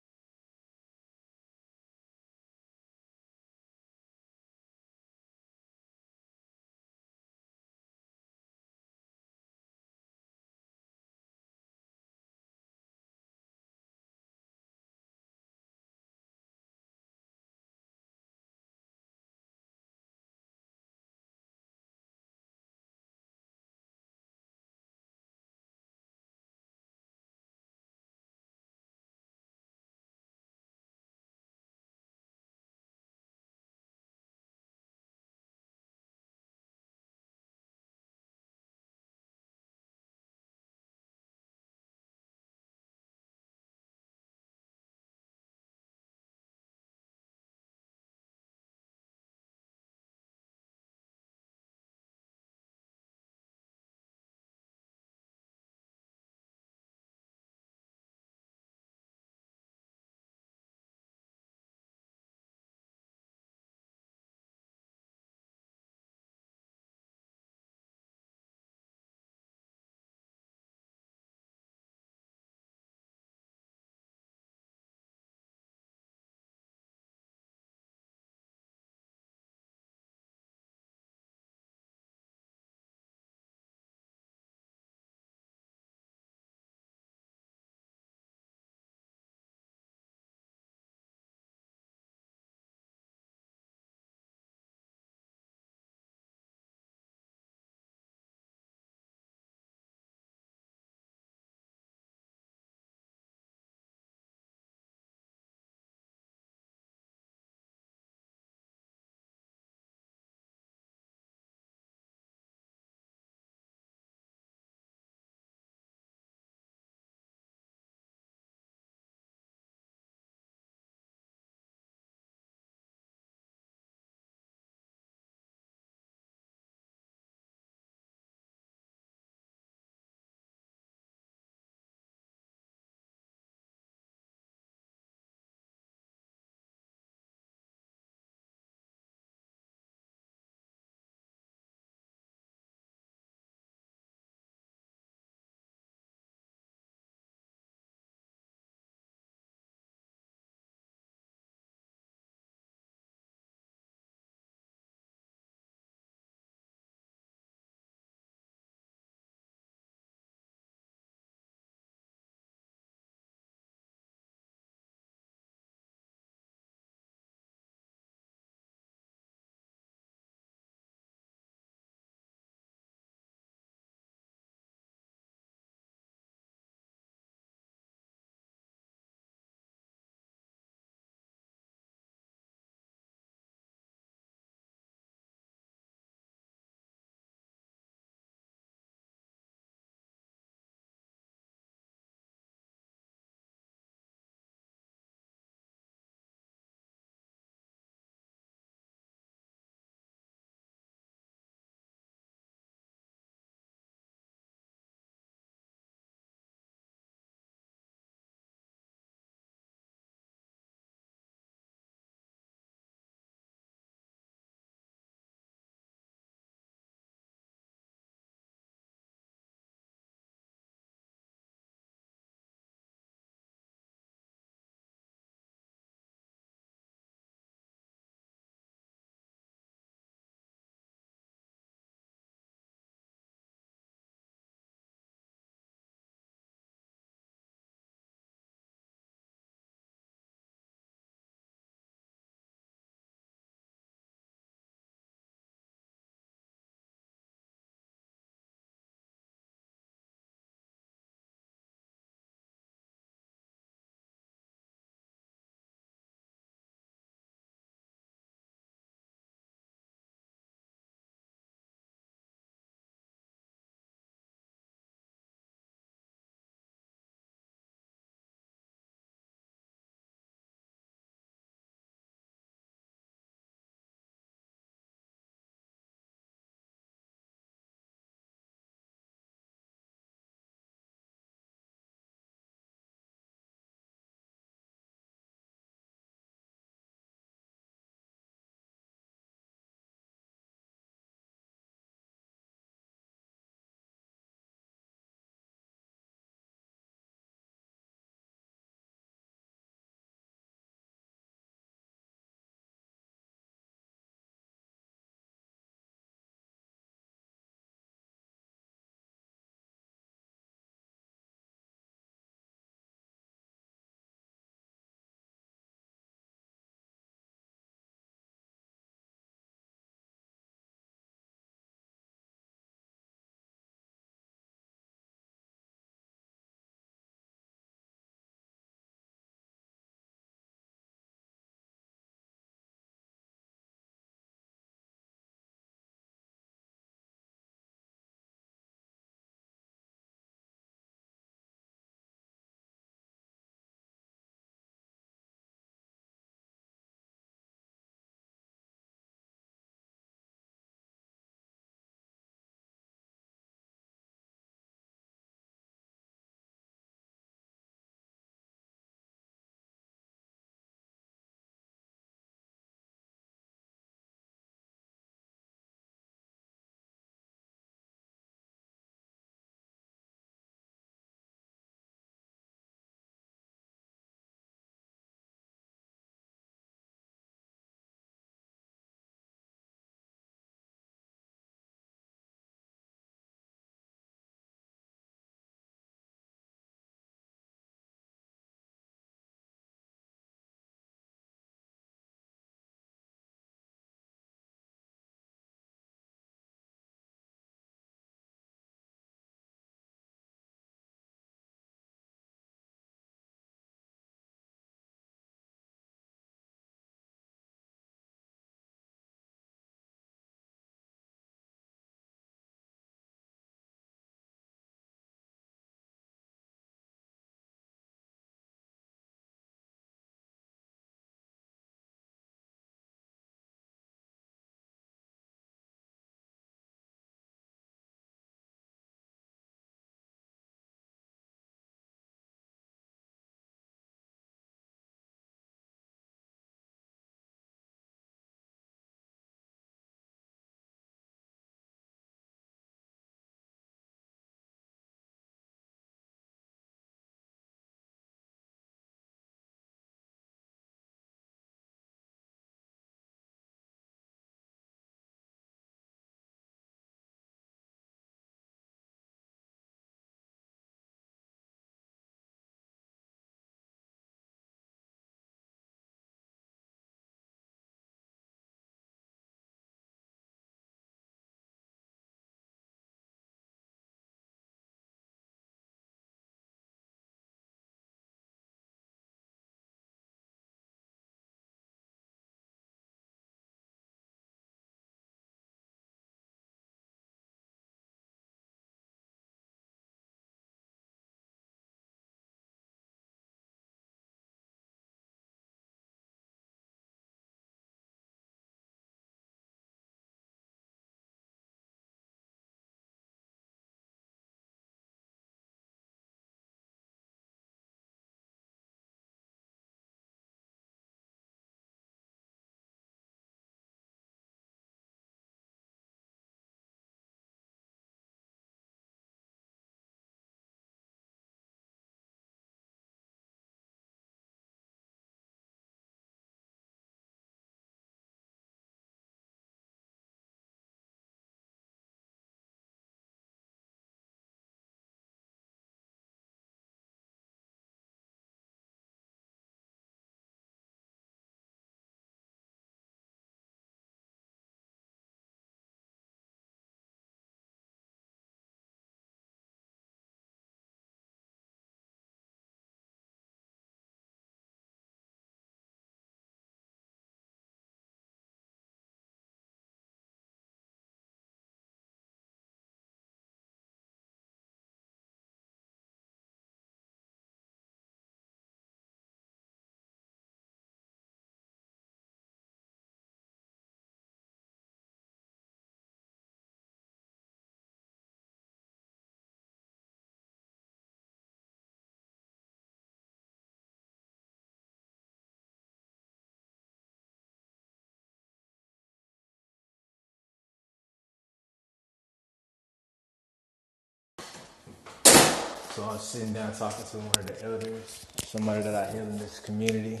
So I was sitting down talking to one of the elders, somebody that I hear in this community.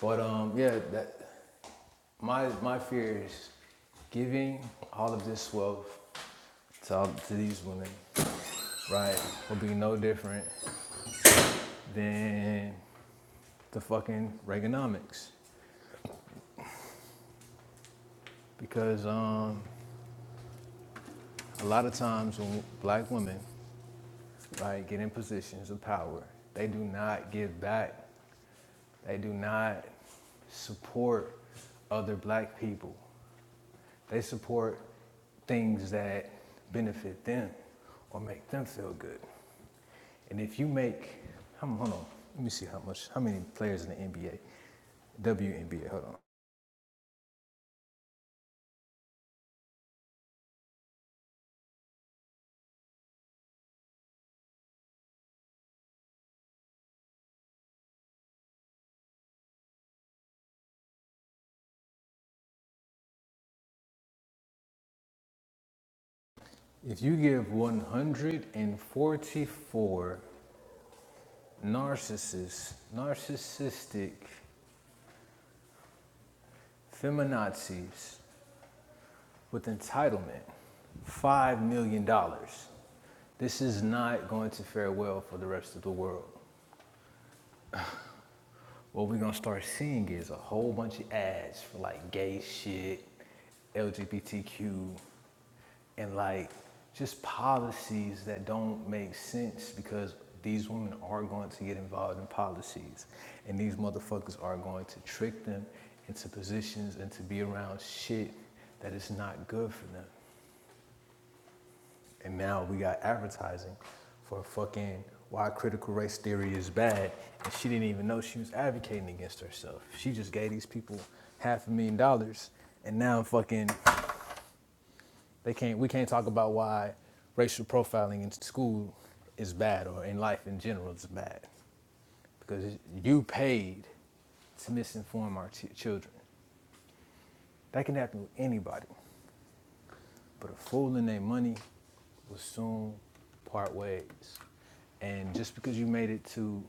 But um, yeah, that my my fear is giving all of this wealth to all, to these women right, will be no different than the fucking Reaganomics. Because um, a lot of times when black women, right, get in positions of power, they do not give back. They do not support other black people. They support things that benefit them or make them feel good. And if you make, hold on, let me see how much, how many players in the NBA, WNBA, hold on. If you give 144 narcissists, narcissistic feminazis with entitlement, $5 million, dollars, this is not going to fare well for the rest of the world. what we're gonna start seeing is a whole bunch of ads for like gay shit, LGBTQ, and like just policies that don't make sense because these women are going to get involved in policies and these motherfuckers are going to trick them into positions and to be around shit that is not good for them. And now we got advertising for fucking why critical race theory is bad. And she didn't even know she was advocating against herself. She just gave these people half a million dollars. And now fucking they can't we can't talk about why racial profiling in school is bad or in life in general is bad. Because you paid to misinform our t- children. That can happen with anybody. But a fool and their money will soon part ways. And just because you made it to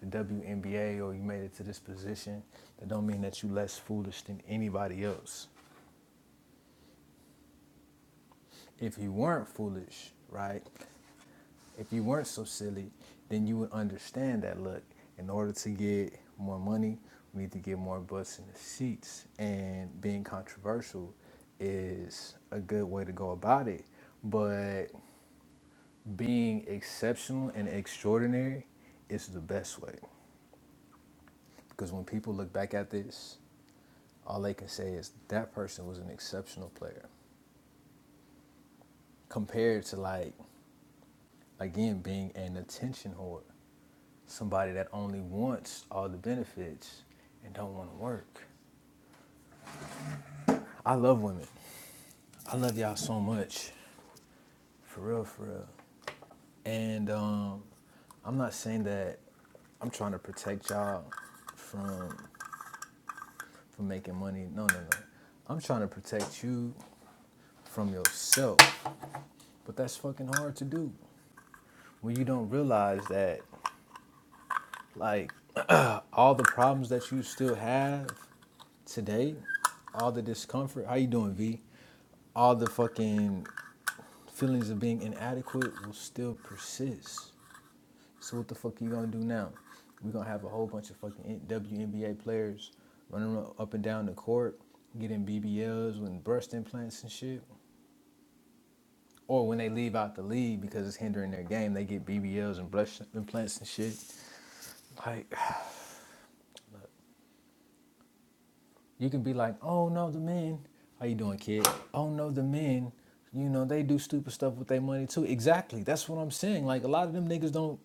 the WNBA or you made it to this position, that don't mean that you are less foolish than anybody else. If you weren't foolish, right? If you weren't so silly, then you would understand that look, in order to get more money, we need to get more butts in the seats. And being controversial is a good way to go about it. But being exceptional and extraordinary is the best way. Because when people look back at this, all they can say is that person was an exceptional player compared to like again being an attention whore, somebody that only wants all the benefits and don't want to work. I love women. I love y'all so much, for real, for real. And um, I'm not saying that I'm trying to protect y'all from. for making money. No, no, no. I'm trying to protect you from yourself. But that's fucking hard to do when you don't realize that, like, all the problems that you still have today, all the discomfort. How you doing, V? All the fucking feelings of being inadequate will still persist. So what the fuck you gonna do now? We're gonna have a whole bunch of fucking WNBA players running up and down the court, getting BBLs and breast implants and shit. Or when they leave out the league because it's hindering their game, they get BBLs and breast implants and shit. Like you can be like, oh no, the men. How you doing, kid? Oh no, the men. You know they do stupid stuff with their money too. Exactly. That's what I'm saying. Like a lot of them niggas don't.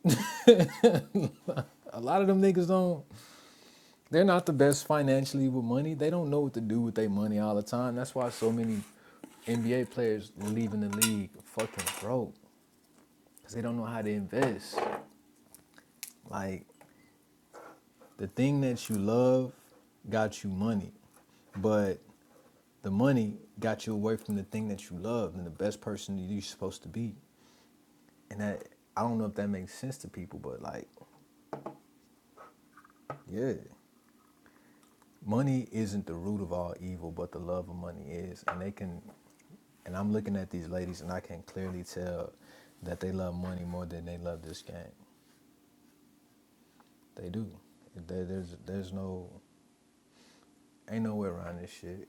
a lot of them niggas don't They're not the best financially with money. They don't know what to do with their money all the time. That's why so many NBA players leaving the league fucking broke because they don't know how to invest. Like the thing that you love got you money, but the money got you away from the thing that you love and the best person that you're supposed to be. And that I don't know if that makes sense to people, but like, yeah. money isn't the root of all evil, but the love of money is. And they can, and I'm looking at these ladies and I can clearly tell that they love money more than they love this game. They do. There, there's, there's no, ain't no way around this shit.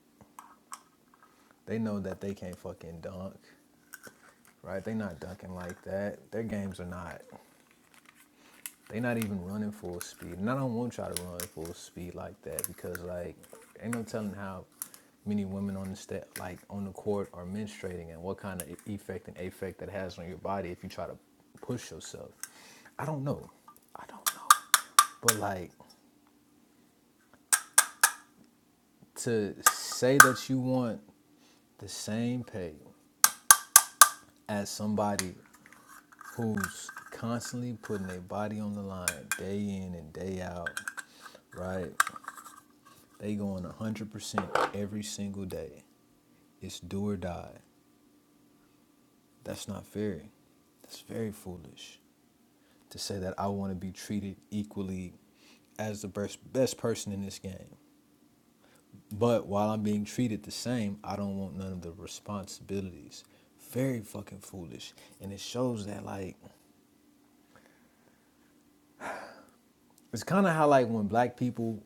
They know that they can't fucking dunk, right? They not dunking like that. Their games are not. They not even running full speed, and I don't want y'all to run full speed like that because like ain't no telling how many women on the step like on the court are menstruating and what kind of e- effect and affect that has on your body if you try to push yourself. I don't know. I don't know. But like to say that you want the same pay as somebody who's constantly putting their body on the line day in and day out, right? They going 100% every single day. It's do or die. That's not fair. That's very foolish to say that I want to be treated equally as the best, best person in this game. But while I'm being treated the same, I don't want none of the responsibilities. Very fucking foolish. And it shows that, like, It's kind of how like when black people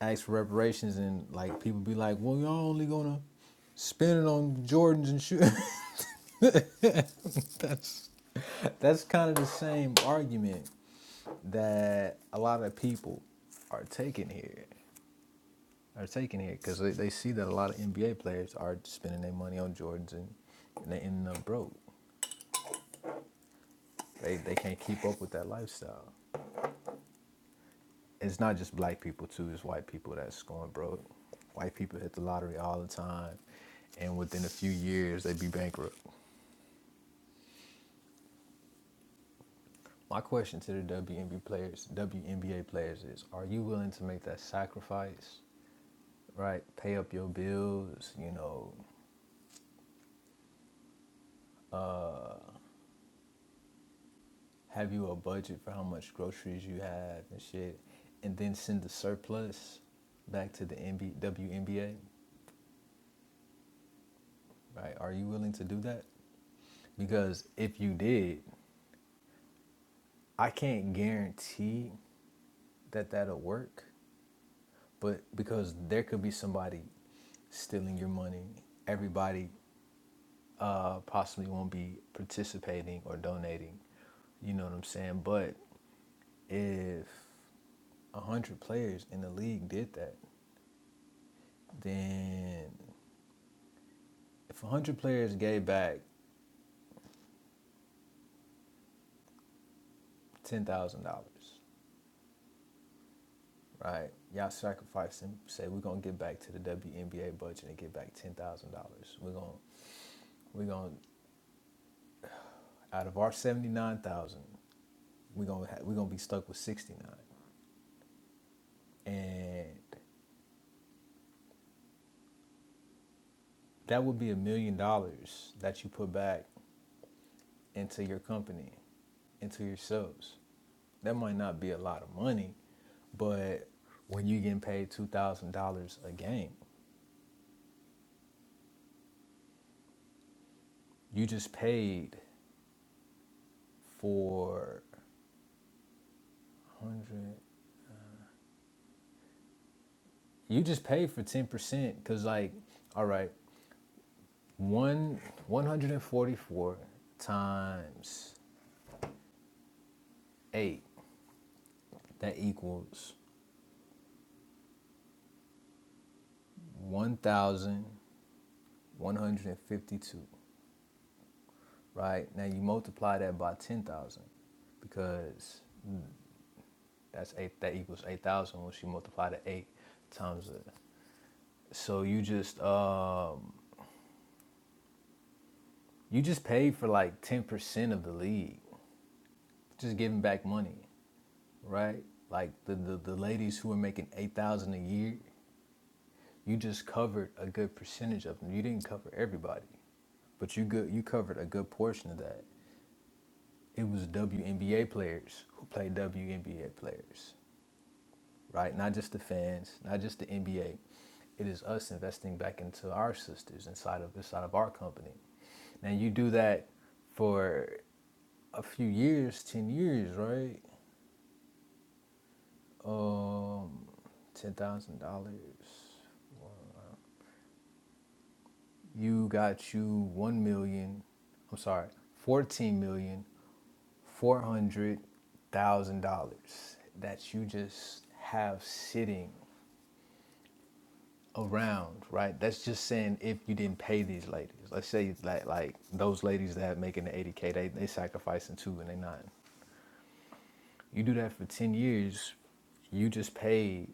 ask for reparations and like people be like, "Well, y'all only gonna spend it on Jordans and shoes." that's that's kind of the same argument that a lot of people are taking here are taking here because they, they see that a lot of NBA players are spending their money on Jordans and, and they ending up broke. They they can't keep up with that lifestyle. it's not just black people too, it's white people that's going broke. White people hit the lottery all the time and within a few years they be bankrupt. My question to the WNBA players, WNBA players is, are you willing to make that sacrifice, right? Pay up your bills, you know, uh, have you a budget for how much groceries you have and shit, and then send the surplus back to the WNBA, right? Are you willing to do that? Because if you did, I can't guarantee that that'll work, but because there could be somebody stealing your money, everybody uh, possibly won't be participating or donating. You know what I'm saying? But if a hundred players in the league did that, then if a hundred players gave back ten thousand dollars, right? Y'all sacrificing, say we're gonna get back to the WNBA budget and get back ten thousand dollars. We're gonna we're gonna out of our seventy nine thousand, we're gonna ha- we're gonna be stuck with sixty nine, and that would be a million dollars that you put back into your company, into yourselves. That might not be a lot of money, but when you are getting paid two thousand dollars a game, you just paid for one hundred. You just paid for ten percent because, like, all right, one one hundred and forty four times eight that equals 1,152, right? Now you multiply that by 10,000 because that's eight, that equals 8,000 once you multiply the eight times the, so you just, um, you just paid for like 10% of the league, just giving back money, right? Like the, the, the ladies who are making 8,000 a year, you just covered a good percentage of them. You didn't cover everybody, but you good, you covered a good portion of that. it was WNBA players who played WNBA players, right? Not just the fans, not just the NBA. It is us investing back into our sisters inside of inside of our company. Now you do that for a few years, ten years, right? Um, ten thousand dollars. you got you 1 million, I'm sorry, fourteen million four hundred thousand dollars that you just have sitting around, right? That's just saying if you didn't pay these ladies. Let's say like like those ladies that making the 80k, they they sacrificing two and they not. You do that for 10 years, you just paid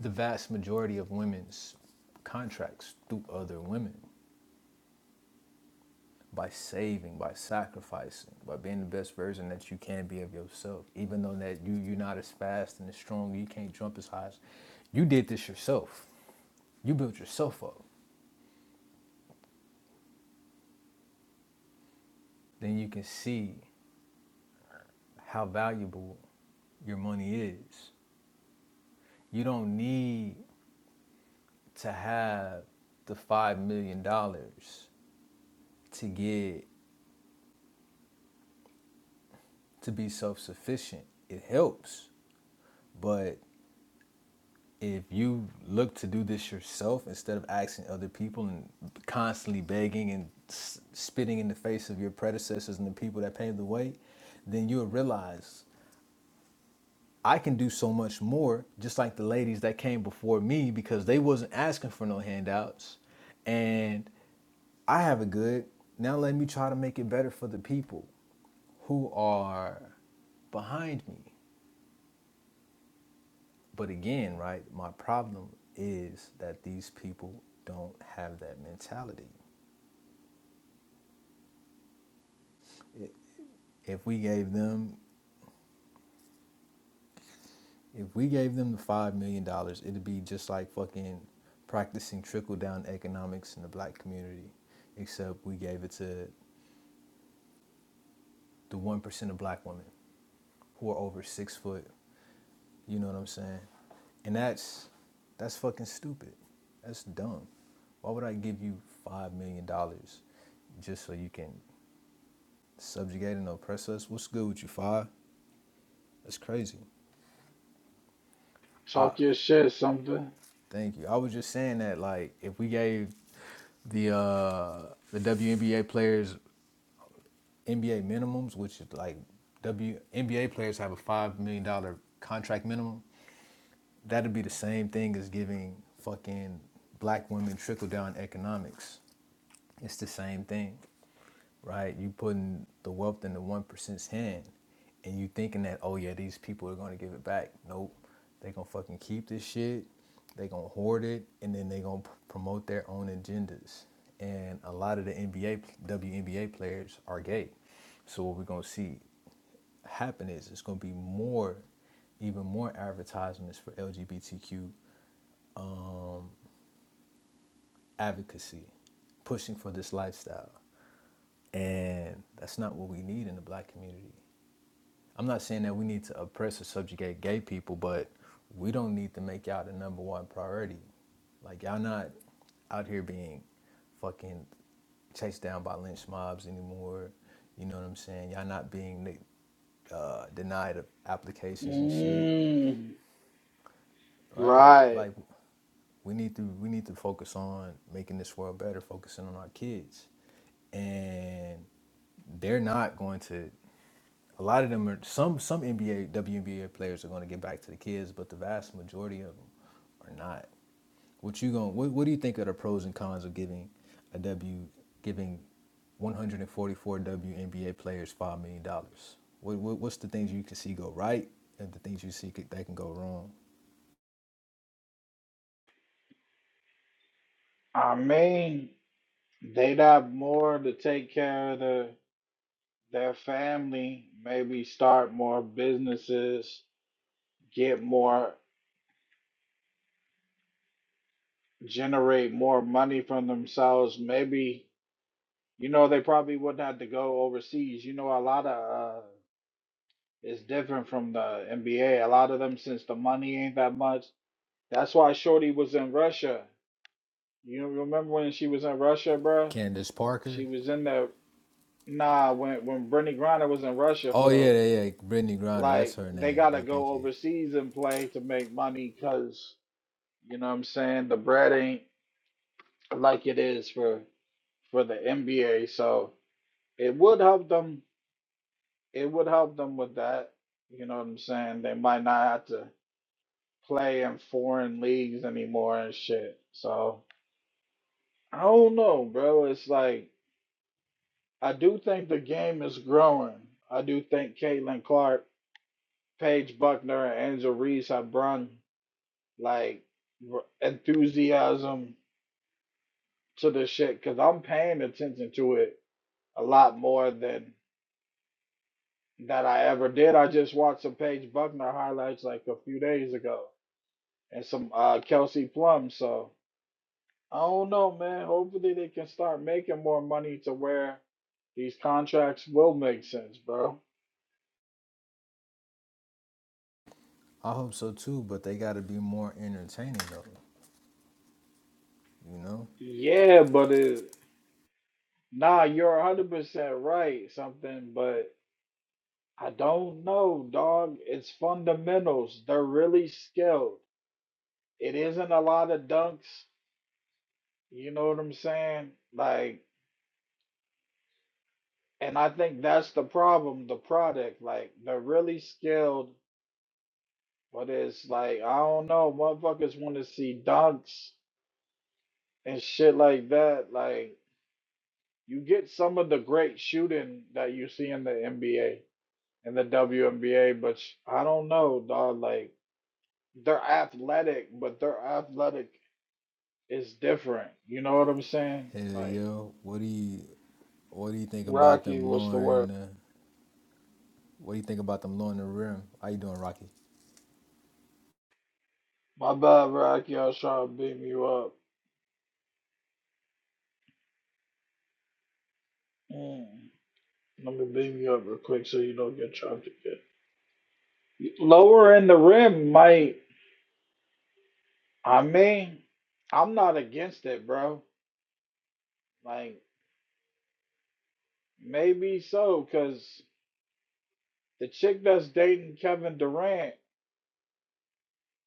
the vast majority of women's contracts through other women. by saving, by sacrificing, by being the best version that you can be of yourself. Even though that you you're not as fast and as strong, you can't jump as high as you did this yourself. You built yourself up. Then you can see how valuable your money is. You don't need to have the five million dollars to get to be self-sufficient. It helps, but if you look to do this yourself instead of asking other people and constantly begging and s- spitting in the face of your predecessors and the people that paved the way, then you'll realize I can do so much more, just like the ladies that came before me because they wasn't asking for no handouts, and I have it good. Now let me try to make it better for the people who are behind me. But again, right, my problem is that these people don't have that mentality. If we gave them if we gave them the five million dollars, it'd be just like fucking practicing trickle down economics in the black community, except we gave it to the one percent of black women who are over six foot. You know what I'm saying? And that's that's fucking stupid. That's dumb. Why would I give you five million dollars just so you can subjugate and oppress us. What's good with you, five? That's crazy. I
talk your shit, something.
thank you. I was just saying that like if we gave the uh the WNBA players NBA minimums, which is like WNBA players have a five million dollar contract minimum, that'd be the same thing as giving fucking black women trickle down economics. It's the same thing, right? You putting the wealth in the one percent's hand, and you thinking that oh yeah, these people are gonna give it back. Nope, they gonna fucking keep this shit. They gonna hoard it, and then they gonna p- promote their own agendas. And a lot of the NBA, WNBA players are gay. So what we're gonna see happen is it's going to be more, even more advertisements for LGBTQ advocacy, pushing for this lifestyle. And that's not what we need in the black community. I'm not saying that we need to oppress or subjugate gay people, but we don't need to make y'all the number one priority. Like, y'all not out here being fucking chased down by lynch mobs anymore. You know what I'm saying? Y'all not being uh, denied applications and shit,
Mm,
right?
right.
Like, we need to we need to focus on making this world better, focusing on our kids, and they're not going to. A lot of them are some some NBA WNBA players are going to get back to the kids, but the vast majority of them are not. What you going? What, what do you think are the pros and cons of giving a W giving 144 WNBA players five million dollars? What, what what's the things you can see go right and the things you see could, that can go wrong?
I mean, they got more to take care of the, their family. Maybe start more businesses, get more, generate more money from themselves. Maybe you know they probably wouldn't have to go overseas. You know, a lot of uh, It's different from the NBA. A A lot of them, since the money ain't that much, that's why Shorty was in Russia. You remember when she was in Russia, bruh?
Candace
She
Parker.
was in there. nah when when Brittany Griner was in Russia
Oh
for
yeah,
the
yeah, yeah. Brittany Griner, that's
like
her
they
name.
gotta
Yeah, thank
go
you.
overseas and play to make money because you know what I'm saying the bread ain't like it is for for the NBA. So it would help them. It would help them with that. You know what I'm saying? They might not have to. play in foreign leagues anymore and shit. So I don't know, bro. It's like I do think the game is growing. I do think Caitlin Clark, Paige Buckner, and Angel Reese have brought like r- enthusiasm to this shit because I'm paying attention to it a lot more than that I ever did. I just watched some Paige Buckner highlights like a few days ago and some uh, Kelsey Plum. So. I don't know, man. Hopefully they can start making more money to where these contracts will make sense, bro.
I hope so too, but they gotta be more entertaining though. You know?
Yeah, but it, nah, you're 100% right, something, but I don't know, dog. It's fundamentals. They're really skilled. It isn't a lot of dunks, you know what I'm saying? Like, and I think that's the problem, the product. Like, they're really skilled, but it's like, I don't know, motherfuckers want to see dunks and shit like that. Like you get some of the great shooting that you see in the NBA and the WNBA, but sh- I don't know, dog. Like they're athletic, but their athletic is different. You know what I'm saying?
Hell
Like
yeah. What do you What do you think about
Rocky,
them
what's the word?
lowering? Uh, what do you think about them lowering the rim? How you doing, Rocky?
My bad, Rocky. I was trying to beam you up. Mm. Let me beam you up real quick so you don't get chopped again. Lower in the rim might. I mean, I'm not against it, bro. Like Maybe so, because the chick that's dating Kevin Durant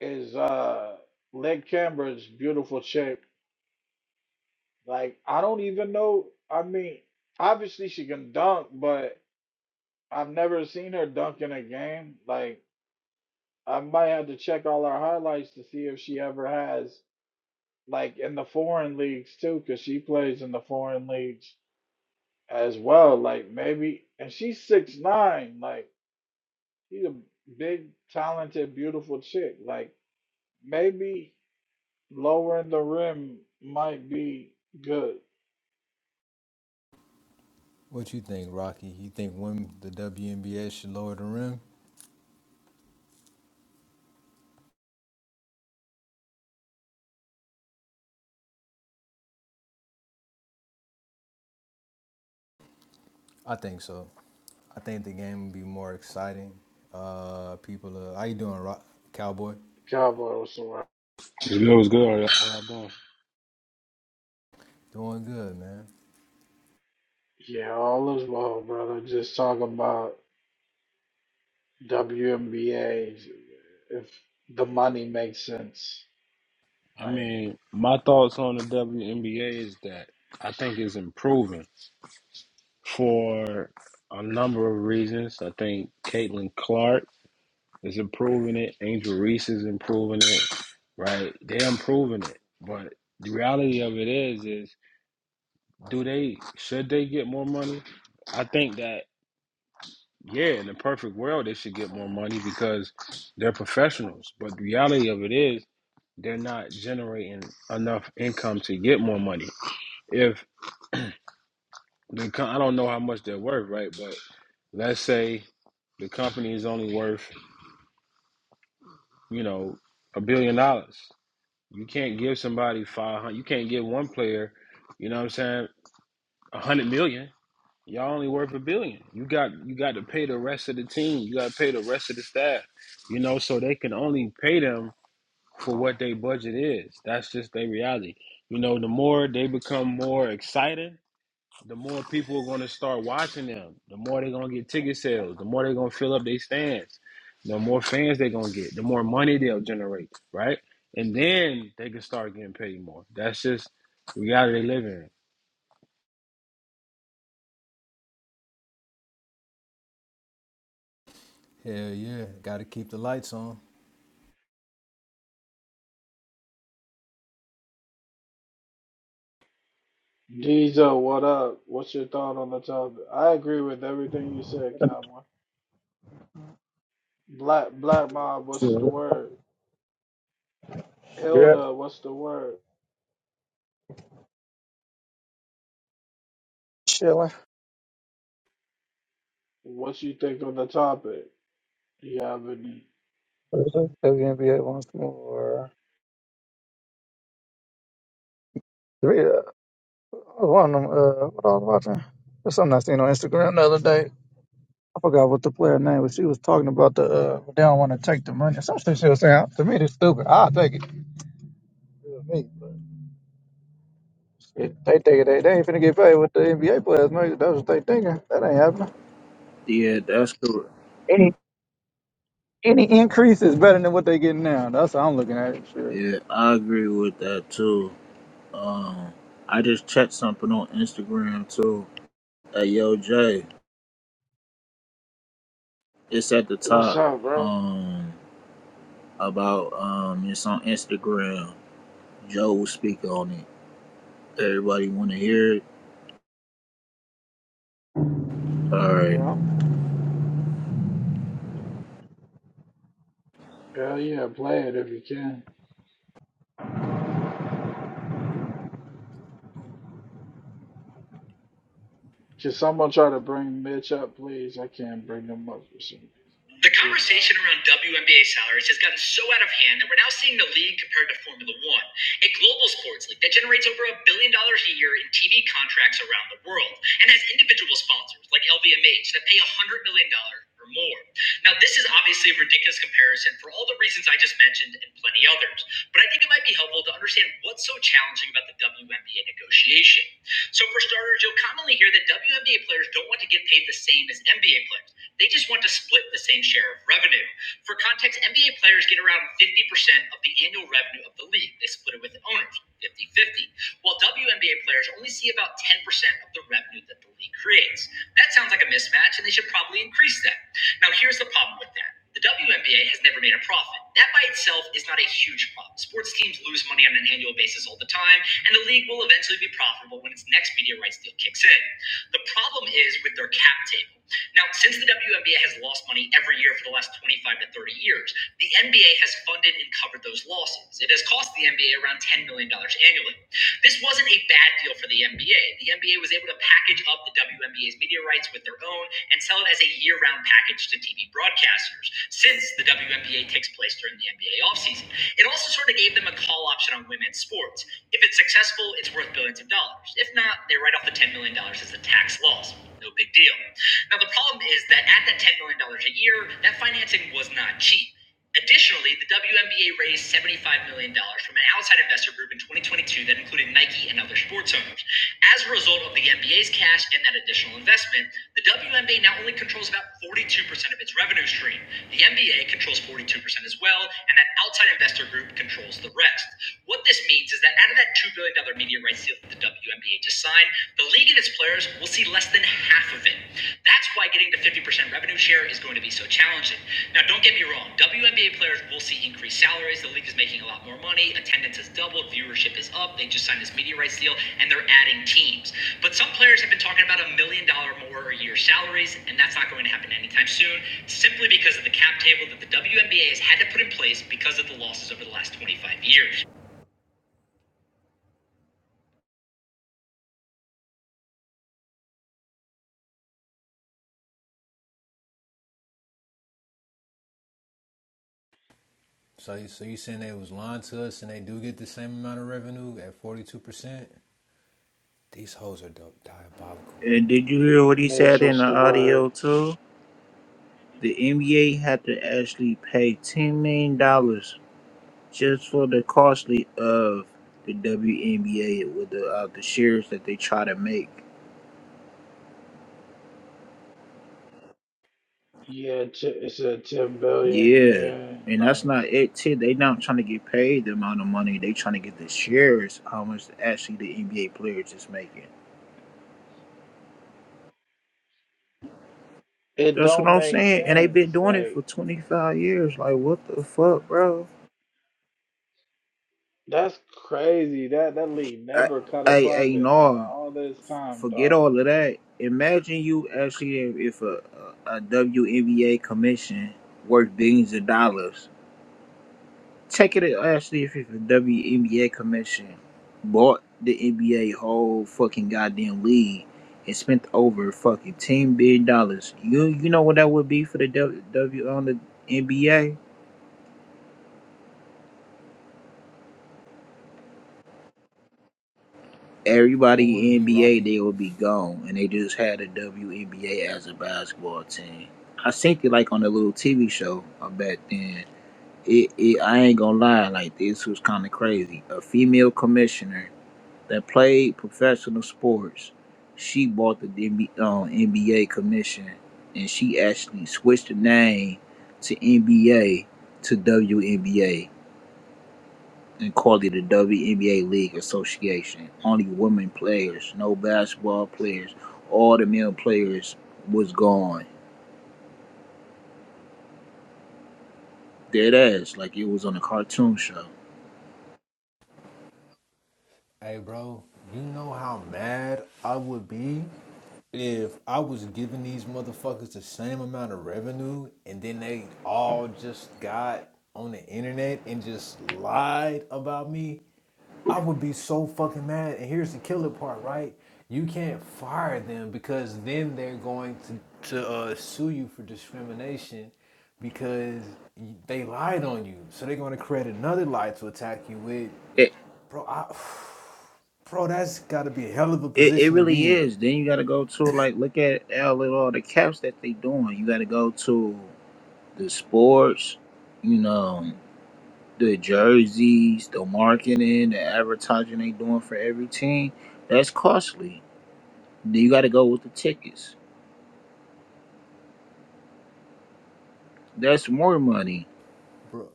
is uh Leg Cambridge, beautiful chick. Like I don't even know. I mean, obviously she can dunk, but I've never seen her dunk in a game. Like I might have to check all her highlights to see if she ever has. Like in the foreign leagues too, because she plays in the foreign leagues as well. Like maybe, and she's six nine. Like she's a big, talented, beautiful chick. Like Maybe lowering the rim might be good.
What you think, Rocky? You think when the WNBA should lower the rim? I think so. I think the game would be more exciting. Uh, people, are, how you doing, Rock Cowboy?
Cowboys, right.
It's good, it's good. How y'all how y'all doing?
Doing good, man.
yeah, all is well, brother. Just talk about WNBA if the money makes sense.
I
Like,
mean, my thoughts on the WNBA is that I think it's improving for a number of reasons. I think Caitlin Clark is improving it. Angel Reese is improving it. Right? They're improving it. But the reality of it is, is do they should they get more money? I think that yeah, in the perfect world, they should get more money because they're professionals. But the reality of it is, they're not generating enough income to get more money. If the co- I don't know how much they're worth, right? But let's say the company is only worth, you know, a billion dollars. You can't give somebody five hundred. You can't give one player, you know, what I'm saying, a hundred million. Y'all only worth a billion. You got you got to pay the rest of the team. You got to pay the rest of the staff. You know, so they can only pay them for what their budget is. That's just their reality. You know, the more they become more excited the more people are going to start watching them. The more they're going to get ticket sales. The more they're going to fill up their stands. The more fans they're going to get. The more money they'll generate, right? And then they can start getting paid more. That's just the reality they live in.
Hell yeah, got to keep the lights on.
Diesel, what up? What's your thought on the topic? I agree with everything you said, Cowboy. Black Black Mob, what's the word?
Yeah,
Hilda, what's the word?
chilling.
What you think on the topic? You have any?
NBA once more. Yeah, one of them. Uh, what I was watching? There's something I seen on Instagram the other day. I forgot what the player name was. She was talking about the uh, they don't want to take the money. Some shit she was saying to me, it's stupid. I'll take it. You know me, but shit, They take it. They, they ain't finna get paid with the NBA players. Man. That's what they thinking. That ain't happening.
Yeah, that's correct.
Any any increase is better than what they getting now. That's how I'm looking at it. Shit.
Yeah, I agree with that too. Um, I just checked something on Instagram too. At yo, Jay, it's at the
What's
top.
up, bro?
Um, about um, it's on Instagram. Joe will speak on it. Everybody want to hear it? All right.
Yeah.
Hell yeah, play it if you can. Can someone try to bring Mitch up, please? I can't bring him up for some reason. Let
The
me give y'all.
conversation around WNBA salaries has gotten so out of hand that we're now seeing the league compared to Formula One, a global sports league that generates over a billion dollars a year in TV contracts around the world and has individual sponsors like LVMH that pay $100 million dollars or more. Now, this is obviously a ridiculous comparison for all the reasons I just mentioned and plenty others, but I think it might be helpful to understand what's so challenging about the WNBA negotiation. So, for starters, you'll commonly hear that WNBA players don't want to get paid the same as NBA players they just want to split the same share of revenue. For context, NBA players get around 50% of the annual revenue of the league. They split it with the owners, fifty-fifty. While WNBA players only see about 10% of the revenue that the league creates. That sounds like a mismatch, and they should probably increase that. Now, here's the problem with that. The WNBA has never made a profit. That by itself is not a huge problem. Sports teams lose money on an annual basis all the time, and the league will eventually be profitable when its next media rights deal kicks in. The problem is with their cap table. Now, since the WNBA has lost money every year for the last 25 to 30 years, the NBA has funded and covered those losses. It has cost the NBA around $10 million dollars annually. This wasn't a bad deal for the NBA. The NBA was able to package up the WNBA's media rights with their own and sell it as a year round package to TV broadcasters, since the WNBA takes place during the NBA offseason. It also sort of gave them a call option on women's sports. If it's successful, it's worth billions of dollars. If not, they write off the $10 million dollars as a tax loss. No big deal. Now, the problem is that at that $10 million dollars a year, that financing was not cheap. Additionally, the WNBA raised $75 million dollars from an outside investor group in 2022 that included Nike and other sports owners. As a result of the NBA's cash and that additional investment, the WNBA now only controls about 42% of its revenue stream. The NBA controls 42% as well, and that outside investor group controls the rest. What this means is that out of that $2 billion dollars media rights deal that the WNBA just signed, the league and its players will see less than half of it. That's why getting to 50% revenue share is going to be so challenging. Now, don't get me wrong, WNBA players will see increased salaries. The league is making a lot more money. Attendance has doubled. Viewership is up. They just signed this media rights deal and they're adding teams. But some players have been talking about a million dollar more a year salaries, and that's not going to happen anytime soon simply because of the cap table that the WNBA has had to put in place because of the losses over the last 25 years.
So, so you saying they was lying to us, and they do get the same amount of revenue at forty two percent? These hoes are di- diabolical.
And did you hear what he
Mitch,
said in the
what's the word?
audio too? The NBA had to actually pay ten million dollars just for the costly of the WNBA with the uh, the shares that they try to make.
Yeah, t- it's a ten billion.
Yeah,
Yeah,
and that's
like
not it too. They not trying to get paid the amount of money. They trying to get the shares how much actually the NBA players is making.
it
That's what
don't
I'm
make
saying. And they've
sense.
been doing it for
Like
25 years. Like what the fuck, bro?
that's crazy. That that league
I,
never cut a
I, I
profit out of
no,
all this time,
forget
dog.
all of that. Imagine you actually if a, a, a WNBA commission worth billions of dollars Check it out, Ashley, if it's the WNBA commission bought the NBA whole fucking goddamn league and spent over fucking ten billion dollars. You you know what that would be for the W, w on the NBA?
What would
Everybody
it
in
be,
NBA
Rocky?
they would be gone, and they just had the WNBA as a basketball team. I seen it like on a little TV show uh, back then. It, it I ain't gonna lie, like this was kind of crazy. A female commissioner that played professional sports, she bought the NB uh, NBA commission, and she actually switched the name to NBA to WNBA and called it the WNBA League Association. Only women players, no basketball players. All the male players was gone. Dead ass, like it was on a cartoon show.
Hey, bro, you know how mad I would be if I was giving these motherfuckers the same amount of revenue and then they all just got on the internet and just lied about me. I would be so fucking mad. And here's the killer part, right? You can't fire them because then they're going to to uh, sue you for discrimination because they lied on you. So they're going to create another lie to attack you with
It,
Bro, I, bro, that's got to be a hell of a
it, it
position to be
really
in.
is. Then you gotta go to like look at all, all the caps that they doing. You gotta go to the sports, you know, the jerseys, the marketing, the advertising they doing for every team, that's costly. Then you got to go with the tickets. That's more money.
Bro,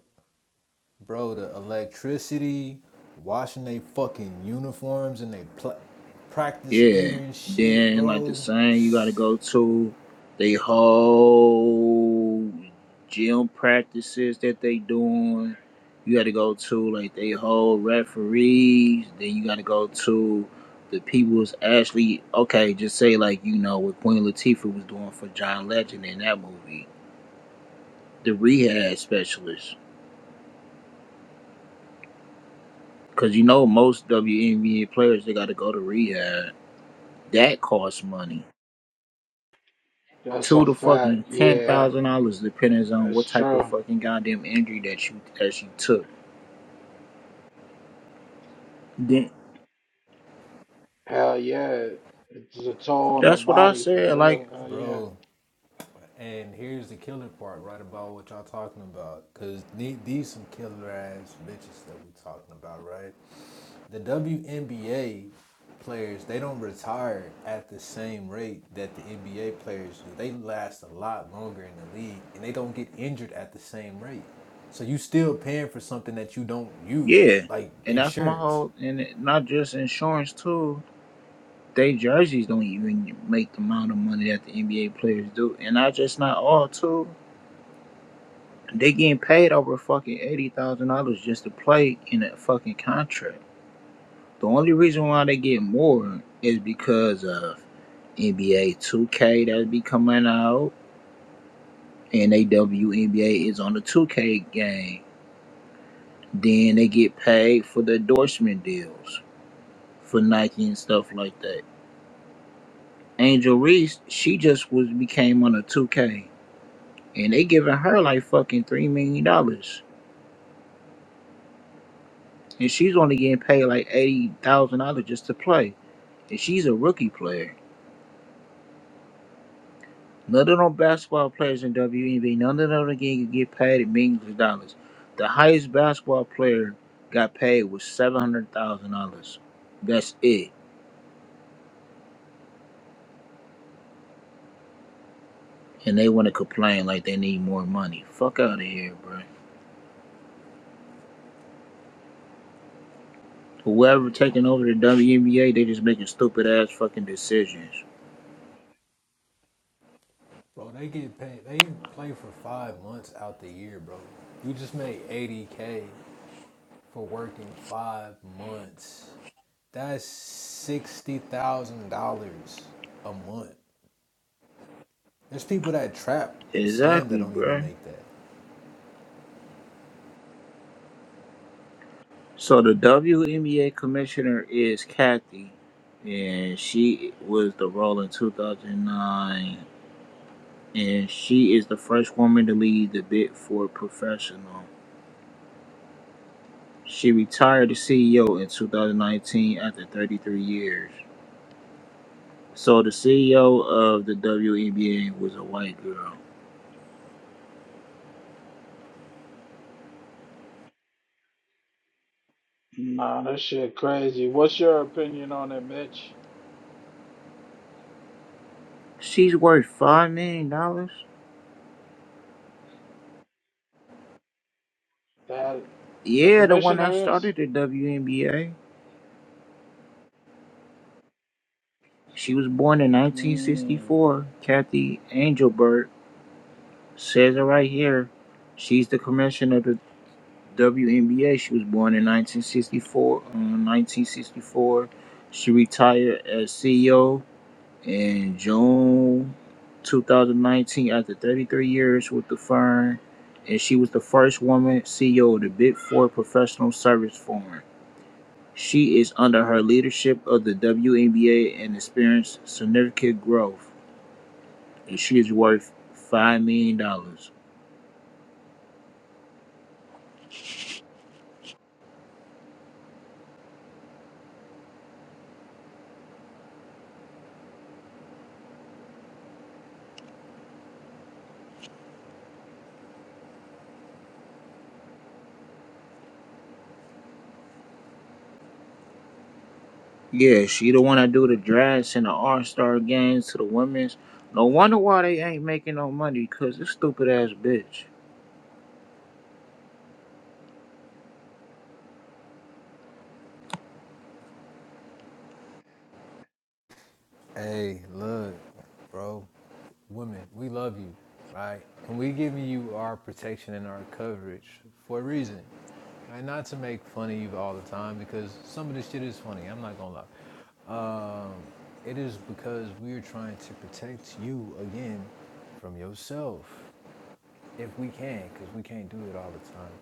bro, the electricity, washing they fucking uniforms and they pl- practice
Yeah.
gear and shit,
Then like the
bro.
same, you gotta go to they whole gym practices that they doing. You gotta go to like they whole referees. Then you gotta go to the people who's actually okay. Just say like you know what Queen Latifah was doing for John Legend in that movie, the rehab specialist. Cause you know most WNBA players they gotta go to rehab. That costs money
That's
two
a
to
fact.
fucking ten
Yeah,
thousand dollars, depending on
that's
what type of
true.
fucking goddamn injury that you that you took. Then
Hell yeah, it's a toll on the
that's what I
body for
said.
real.
Like,
Hell yeah.
Bro, and here's the killer part right about what y'all talking about. Cause these some killer ass bitches that we talking about, right? the WNBA players they don't retire at the same rate that the NBA players do. They last a lot longer in the league and they don't get injured at the same rate. So you still paying for something that you don't use,
yeah,
like
and that's my
insurance.
whole. And it- not just insurance too. They jerseys don't even make the amount of money that the NBA players do, and not just not all too. They getting paid over fucking eighty thousand dollars just to play in a fucking contract. The only reason why they get more is because of NBA 2K that be coming out and they WNBA is on the 2K game. Then they get paid for the endorsement deals for Nike and stuff like that. Angel Reese, she just was became on a 2K, and they giving her like fucking three million dollars, and she's only getting paid like eighty thousand dollars just to play, and she's a rookie player. None of them basketball players in WNBA, none of them again get paid millions of dollars. The highest basketball player got paid was seven hundred thousand dollars. That's it and they want to complain like they need more money. Fuck out of here, bro. Whoever taking over the WNBA, they just making stupid ass fucking decisions.
Bro, they get paid they play for five months out the year, bro. You just made eighty K for working five months. That's sixty thousand dollars a month. There's people that trap and scam that
Exactly,
don't even
bro.
make that.
So the WNBA commissioner is Kathy, and she was the role in 2009, and she is the first woman to lead the bid for professional. She retired as CEO in 2019 after 33 years. So the CEO of the WNBA was a white girl.
Nah, that shit crazy. What's your opinion on it, Mitch?
She's worth five million dollars.
That the
Yeah, the one that
commissioners.
started the WNBA. She was born in
Mm,
1964. Kathy Angelbert says it right here. She's the commissioner of the WNBA. She was born in 1964. uh, 1964. She retired as CEO in June 2019 after 33 years with the firm, and she was the first woman CEO of the Big Four professional service firm. She is under her leadership of the WNBA and experienced significant growth, and she is worth five million dollars. Yeah, she the one that do the drafts and the All Star games to the women's. No wonder why they ain't making no money, cause this stupid ass bitch.
Hey, look, bro, women, we love you, right? And we giving you our protection and our coverage for a reason, right? Not to make fun of you all the time because some of this shit is funny. I'm not gonna lie. Um, it is because we are trying to protect you again from yourself if we can, because we can't do it all the time,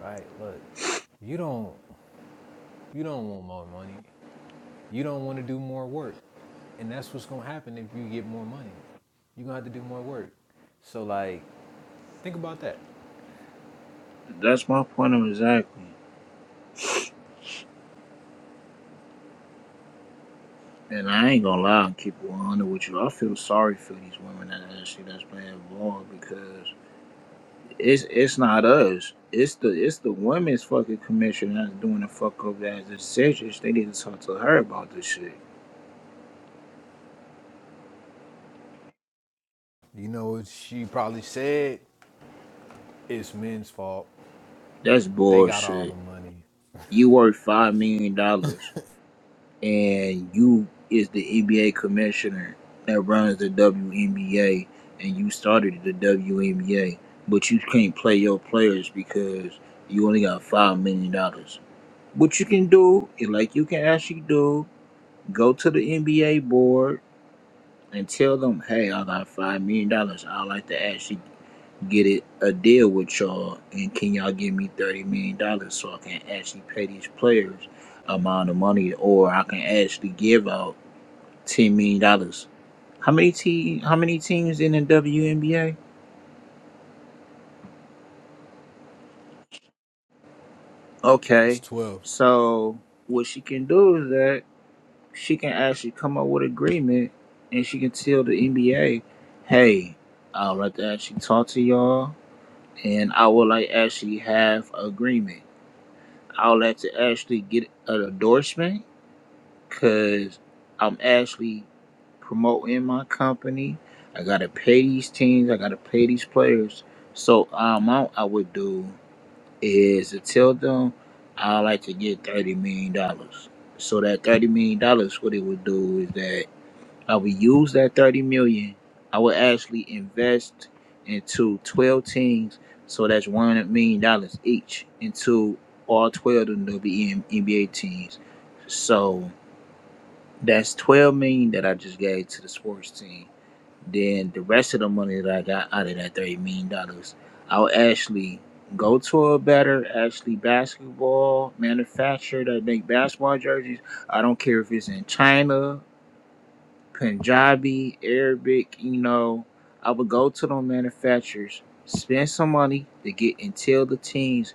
right? Look, you don't you don't want more money. You don't want to do more work. And that's what's going to happen if you get more money. You're going to have to do more work. So, like, think about that.
That's my point of exactly. And I ain't gonna lie, keep it 100 with you. I feel sorry for these women that actually that's playing ball because It's it's not us. It's the it's the women's fucking commission that's doing the fuck up as the decisions. They need to talk to her about this shit.
You know what she probably said? It's men's fault.
That's
They got all
bullshit.
the money.
You worth five million dollars and you is the NBA commissioner that runs the WNBA and you started the WNBA, but you can't play your players because you only got five million dollars. What you can do, like you can actually do, go to the NBA board and tell them, hey, I got five million dollars. I'd like to actually get it a deal with y'all, and can y'all give me thirty million dollars so I can actually pay these players amount of money, or I can actually give out ten million dollars. How many te- How many teams in the WNBA?
It's
Okay,
12.
so what she can do is that she can actually come up with agreement, and she can tell the NBA, hey, I'd like to actually talk to y'all and I would like actually have agreement. I would like to actually get an endorsement because I'm actually promoting my company. I gotta pay these teams. I gotta pay these players. So uh, amount I would do is to tell them I like to get thirty million dollars. So that thirty million dollars, what it would do is that I would use that 30 million. I would actually invest into 12 teams. So that's one million dollars each into all 12 of the NBA teams. So that's 12 million that I just gave to the sports team. Then the rest of the money that I got out of that 30 million dollars, I would actually go to a better actually basketball manufacturer that make basketball jerseys. I don't care if it's in China Punjabi, Arabic, you know, I would go to the manufacturers, spend some money to get until the teams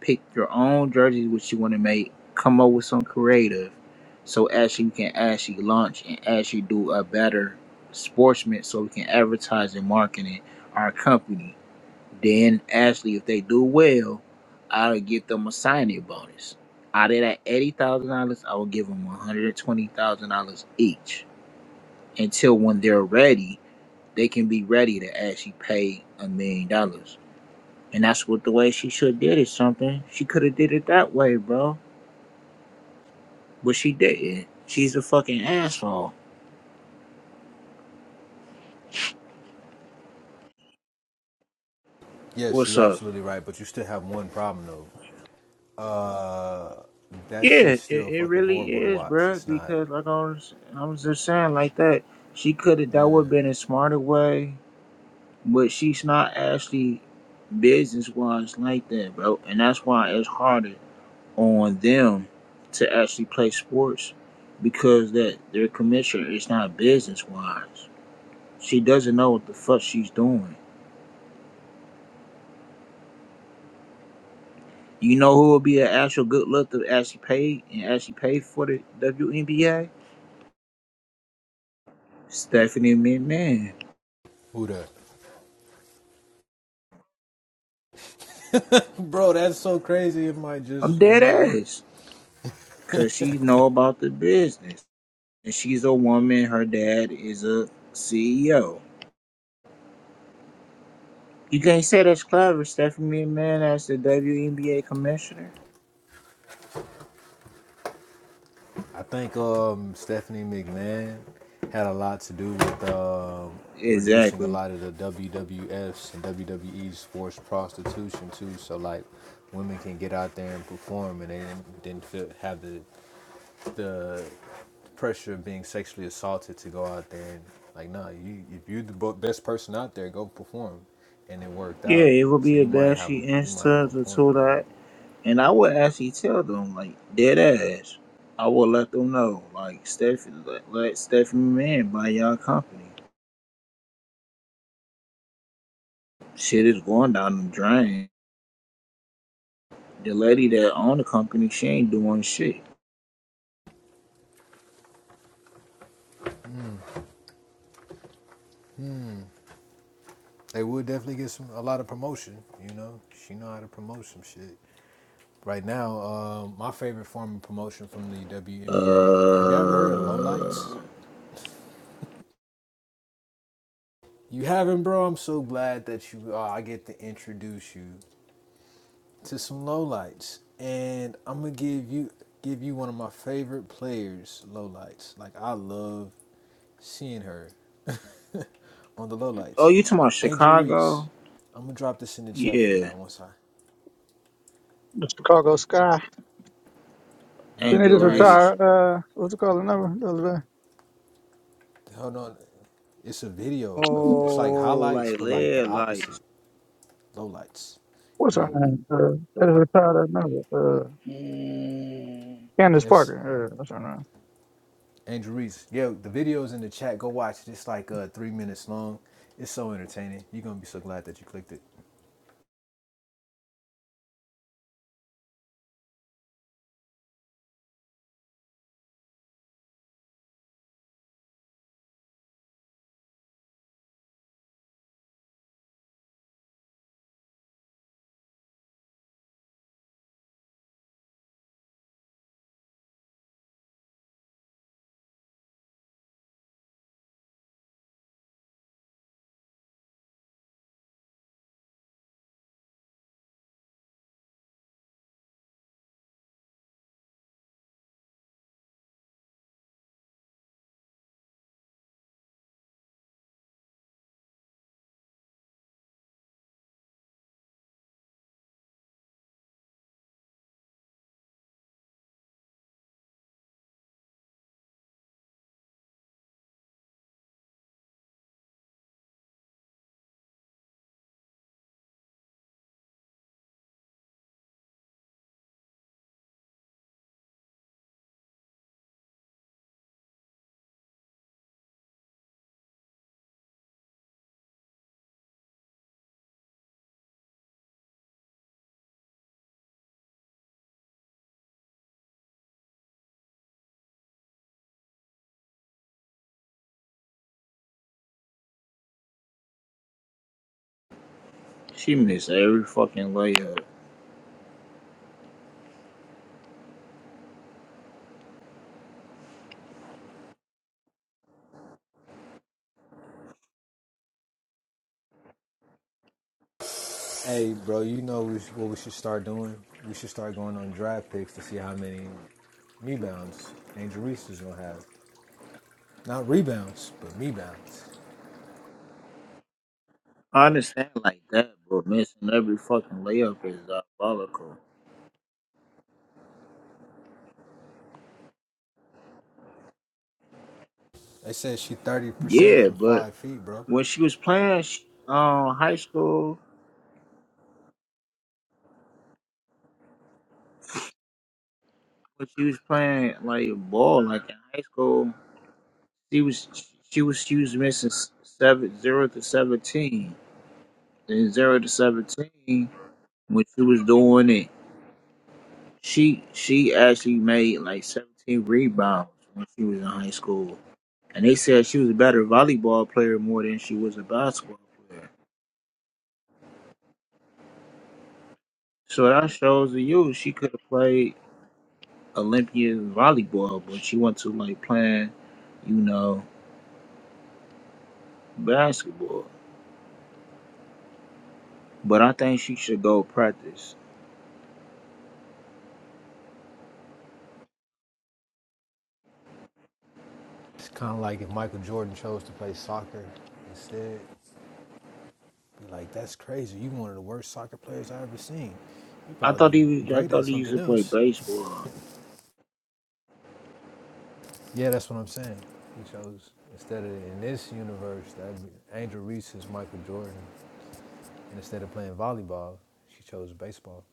pick your own jerseys which you want to make, come up with some creative so actually we can actually launch and actually do a better sportsman so we can advertise and marketing our company. Then actually if they do well, I'll give them a signing bonus. Out of that eighty thousand dollars, I will give them one hundred twenty thousand dollars each until when they're ready, they can be ready to actually pay a million dollars. And that's what the way she should have did it. Something she could have did it that way, bro, but she didn't. She's a fucking asshole.
Yes,
What's
you're
up?
absolutely right, but you still have one problem, though. Uh, that
Yeah,
shit's
it,
still
it
fucking
really
horrible to
is,
watch.
bro.
It's not.
Because like I was, I was just saying like that. She could have. That would have
Yeah.
been a smarter way, but she's not actually business wise like that, bro. And that's why it's harder on them to actually play sports because that their commissioner is not business wise. She doesn't know what the fuck she's doing. You know who will be an actual good look to actually pay and actually pay for the WNBA? Stephanie McMahon.
Who that? Bro, that's so crazy. It might
I'm
just, it
dead
might work.
ass. Cause she know about the business. And she's a woman, her dad is a CEO. You can't say that's clever, Stephanie McMahon as the WNBA commissioner.
I think um, Stephanie McMahon had a lot to do with um, reducing a
Exactly.
lot of the WWF's and WWE's forced prostitution too. So like, women can get out there and perform, and they didn't, didn't feel, have the the pressure of being sexually assaulted to go out there and like, nah, you if you're the best person out there, go perform, and it worked
Yeah,
out.
it would
So
be a
you might
bad
have a
she
you might have
answered
a
the
point,
two
bro.
that, and I would actually tell them like dead ass. I would let them know like Stephanie, let, let Stephanie Man buy y'all company. Shit is going down the drain. The lady that owned the company, she ain't doing shit.
They would definitely get some a lot of promotion, you know. She know how to promote some shit. Right now, um, my favorite form of promotion from the WNBA. Have you ever heard of
Uh
lowlights? You haven't, bro. I'm so glad that you. Uh, I get to introduce you to some lowlights, and I'm gonna give you give you one of my favorite players lowlights. Like I love seeing her on the
oh,
lowlights.
you talking about
Angel Reese.
Chicago?
I'm gonna drop this in the chat for
Yeah,
y'all once I.
The Chicago Sky.
No,
Then they
Angel
just
no, it's
Reese.
retire. Uh, what's it called? The number?
hold on. It's a video of it's like
Oh,
highlights,
like
but like the
lead lights.
opposite. Low lights.
What's
Here you
her
go.
name? Uh, that's retired now. Uh,
mm,
Candace
Yes,
Parker. Uh, that's her name.
Andrew Reese. Yo, the video's in the chat. Go watch it. It's like uh, three minutes long. It's so entertaining. You're gonna be so glad that you clicked it.
She missed every fucking layup.
Hey, bro, you know what we should start doing? We should start going on draft picks to see how many rebounds Angel Reese is gonna have. Not rebounds, but rebounds.
I understand like that, but missing every fucking layup is diabolical.
They said she 30%
Yeah,
from
but
five feet, bro.
when she was playing sh- uh, high school, when she was playing like ball, like in high school, she was she was she was missing s- seven zero to seventeen and zero to seventeen when she was doing it. She she actually made like seventeen rebounds when she was in high school, and they said she was a better volleyball player more than she was a basketball player. So that shows to you she could have played Olympian volleyball, but she went to like playing, you know, basketball. But I think she should go practice.
It's kind of like if Michael Jordan chose to play soccer instead. Be like, that's crazy. You one of the worst soccer players I ever seen. You
I
probably
thought
be
he was, I
great at
thought he used
something
to play
else.
baseball.
Yeah, that's what I'm saying. He chose instead of in this universe that Angel Reese is Michael Jordan, and instead of playing volleyball, she chose baseball.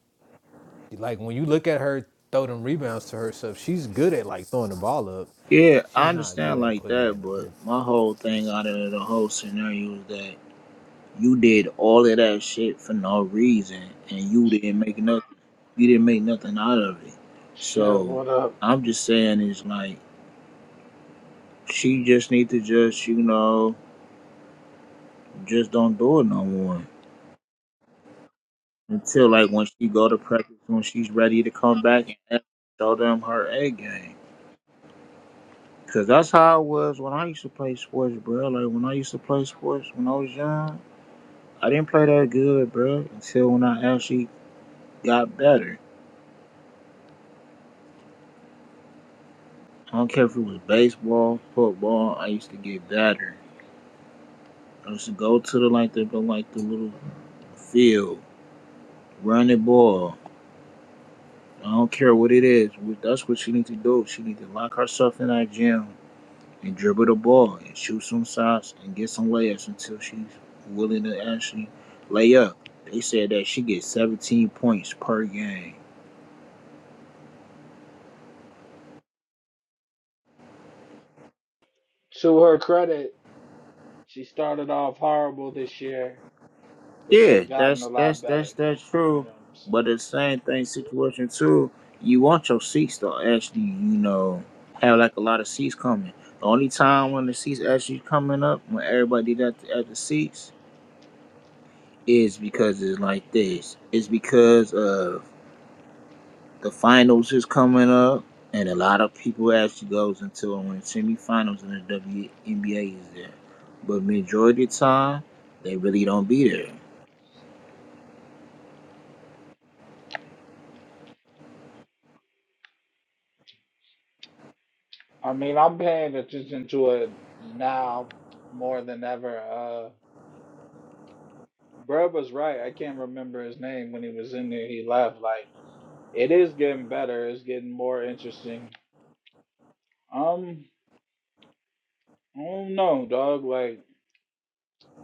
Like when you look at her throw them rebounds to herself, she's good at like throwing the ball up.
Yeah, I
She's not good
understand
at
like
putting it
that,
in the
but
hoop.
my whole thing out of the whole scenario is that you did all of that shit for no reason and you didn't make nothing you didn't make nothing out of it.
Shiv,
So
what up?
I'm just saying it's like she just need to just, you know, just don't do it no more. Until like when she go to practice, when she's ready to come back and show them her A game. Cause that's how it was when I used to play sports, bro. Like when I used to play sports when I was young, I didn't play that good, bro. Until when I actually got better. I don't care if it was baseball, football. I used to get better. I used to go to the like the like the little field, run the ball. I don't care what it is. That's what she needs to do. She needs to lock herself in that gym and dribble the ball and shoot some shots and get some layups until she's willing to actually lay up. They said that she gets 17 points per game.
To her credit, she started off horrible this year, but
Yeah,
she's gotten
that's
a
that's
lot better.
that's that's
You
true.
know what I'm saying?
But the same thing situation too. You want your seats to actually, you know, have like a lot of seats coming. The only time when the seats actually coming up when everybody got at the seats is because it's like this. It's because of The finals is coming up, and a lot of people actually goes into it when the semifinals in the WNBA is there. But majority of the time, they really don't be there.
I mean, I'm paying attention to it now more than ever. Uh, Brad was right. I can't remember his name when he was in there. He left. Like it is getting better. It's getting more interesting. Um, I don't know, dog. Like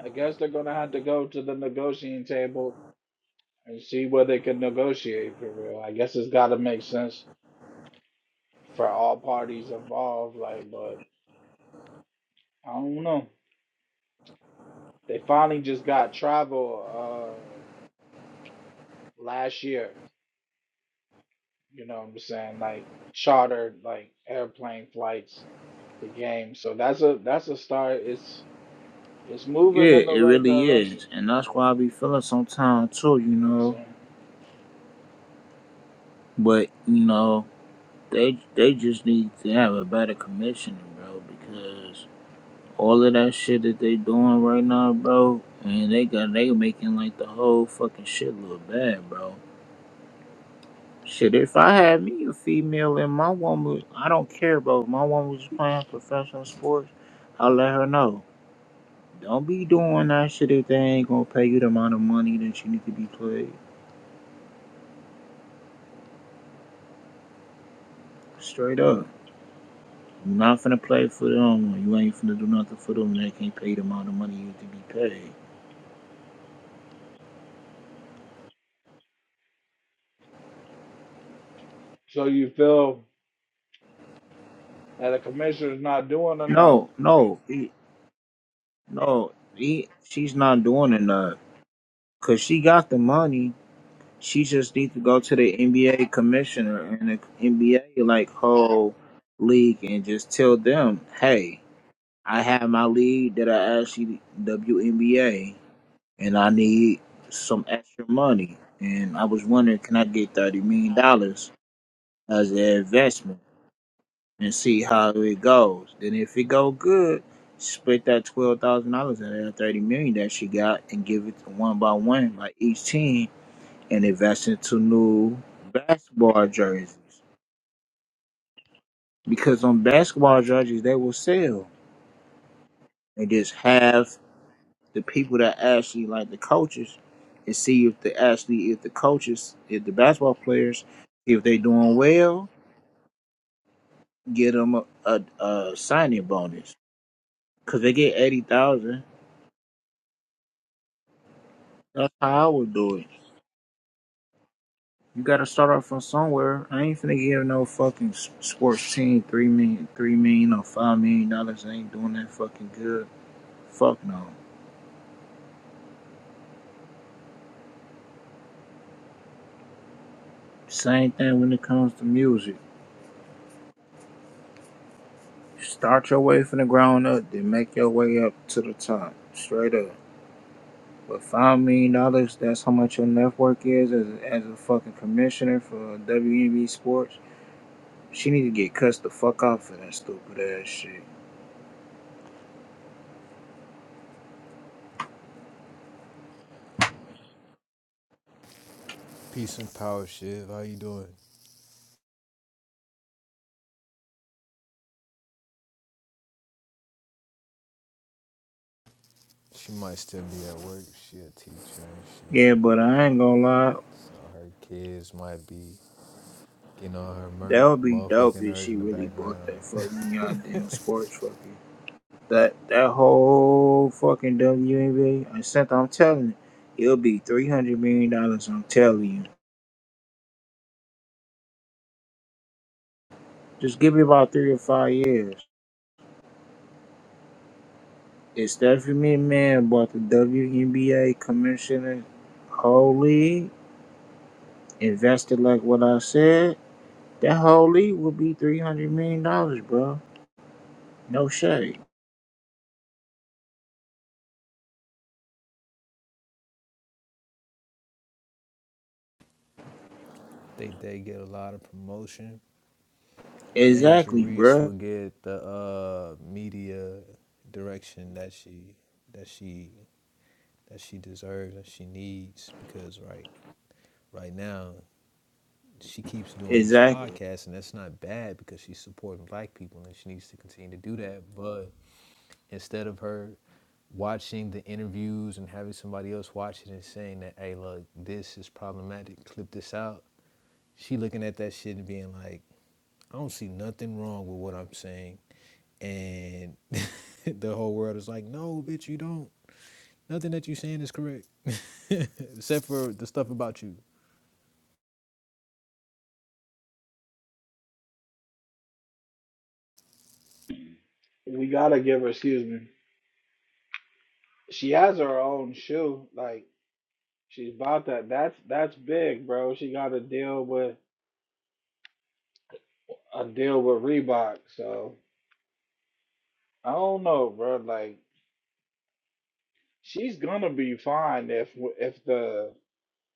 I guess they're gonna have to go to the negotiating table and see where they can negotiate for real. I guess it's gotta make sense for all parties involved, like, but I don't know. They finally just got travel uh last year, you know what I'm saying? Like chartered like airplane flights the game. So that's a that's a start. It's it's moving
Yeah,
in the
it
right
really
direction.
is, and that's
So
why I be feeling sometimes too, you
you know what I'm
know.
saying?
But you know, they they just need to have a better commissioner, bro, because all of that shit that they doing right now, bro, and they got they making like the whole fucking shit look bad, bro. Shit, if I had me a female and my woman, I don't care, bro. If my woman was playing professional sports, I'll let her know. Don't be doing that shit if they ain't gonna pay you the amount of money that you need to be played. Straight up. You're not finna play for them. or You ain't finna do nothing for them. They can't pay the amount of money you need to be paid.
So you feel that the commissioner's not doing enough
No, no, he, no. He, she's not doing enough. Cause she got the money. she just needs to go to the NBA commissioner and the NBA like whole league and just tell them, hey, I have my league that I asked you WNBA and I need some extra money. And I was wondering, can I get thirty million dollars as an investment and see how it goes? Then if it go good, split that twelve thousand dollars and that thirty million that she got and give it to one by one, like each team and invest into new basketball jerseys. Because on basketball jerseys, they will sell. And just have the people that actually like the coaches and see if the actually if the coaches, if the basketball players, if they doing well, get them a, a, a signing bonus. Cause they get eighty thousand. That's how I would do it. You gotta start off from somewhere. I ain't finna give no fucking s- sports team three million, three million or five million dollars. I ain't doing that fucking good. Fuck no. Same thing when it comes to music. Start your way from the ground up, then make your way up to the top, straight up. But five million dollars, that's how much your net worth is as, as a fucking commissioner for WNBA sports. She need to get cussed the fuck off for that stupid ass shit.
Peace and power, Shiv. How you doing? She might still be at work. She a teacher and
Yeah,
shit.
but I ain't gonna lie,
So her kids might be Getting all her
that
mer-
would be dope
motherfucking
if
nerds
she
in the
really bought that
background.
fucking
I
goddamn sports fucking that that whole fucking WNBA. I sent. I'm telling you, it'll be three hundred million dollars. I'm telling you. Just give it about three or five years. It's definitely man bought the WNBA commissioner whole league, invested like what I said. That whole league would be three hundred million dollars, bro. No shade.
think they get a lot of promotion. Angel
Exactly,
Reese
bro.
will get the uh, media direction that she that she that she deserves and she needs because right right now she keeps doing these
Exactly.
podcasts and that's not bad because she's supporting black people and she needs to continue to do that but instead of her watching the interviews and having somebody else watch it and saying that, hey, look, this is problematic, clip this out, she looking at that shit and being like, I don't see nothing wrong with what I'm saying. And the whole world is like, no, bitch, you don't. Nothing that you saying is correct. Except for the stuff about you.
we gotta give her. Excuse me. She has her own shoe. Like she's bought that. That's that's big, bro. She got to deal with a deal with Reebok. So I don't know, bro. Like she's gonna be fine if if the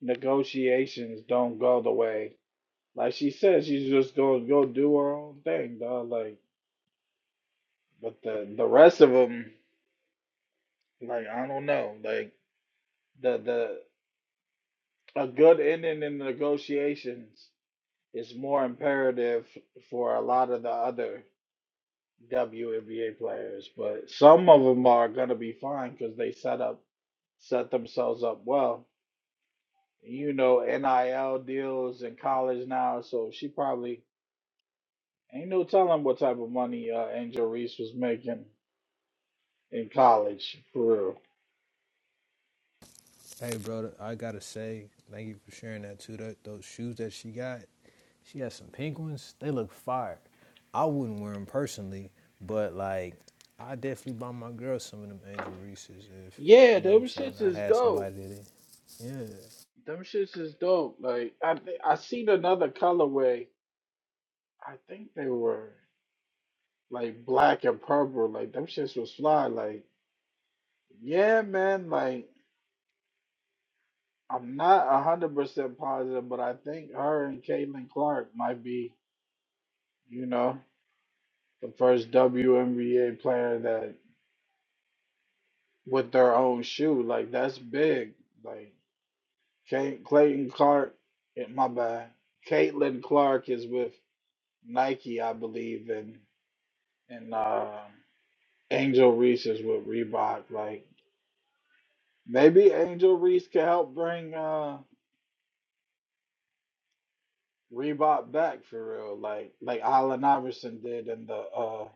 negotiations don't go the way. Like she said, she's just gonna go do her own thing, dog. Like, but the the rest of them, like I don't know. Like the the a good ending in the negotiations it's more imperative for a lot of the other WNBA players, but some of them are gonna be fine because they set up set themselves up well. You know, NIL deals in college now, so she probably ain't no telling what type of money uh, Angel Reese was making in college for real.
Hey, brother, I gotta say, thank you for sharing that too. That, those shoes that she got, She has some pink ones. They look fire. I wouldn't wear them personally, but like I definitely buy my girl some of them Angel Reese's if
Yeah,
you know what
them
I'm saying.
shits
I
is
had
dope.
somebody that yeah.
Them shits is dope. Like I, thi- I seen another colorway. I think they were. like black and purple, like them shits was fly. Like, yeah, man, like I'm not a hundred percent positive, but I think her and Caitlin Clark might be, you know, the first WNBA player that with their own shoe. Like that's big. Like Cay- Clayton Clark, eh, my bad. Caitlin Clark is with Nike, I believe, and and uh, Angel Reese is with Reebok. Like maybe Angel Reese can help bring. uh Reebok back for real, like like Allen Iverson did in the uh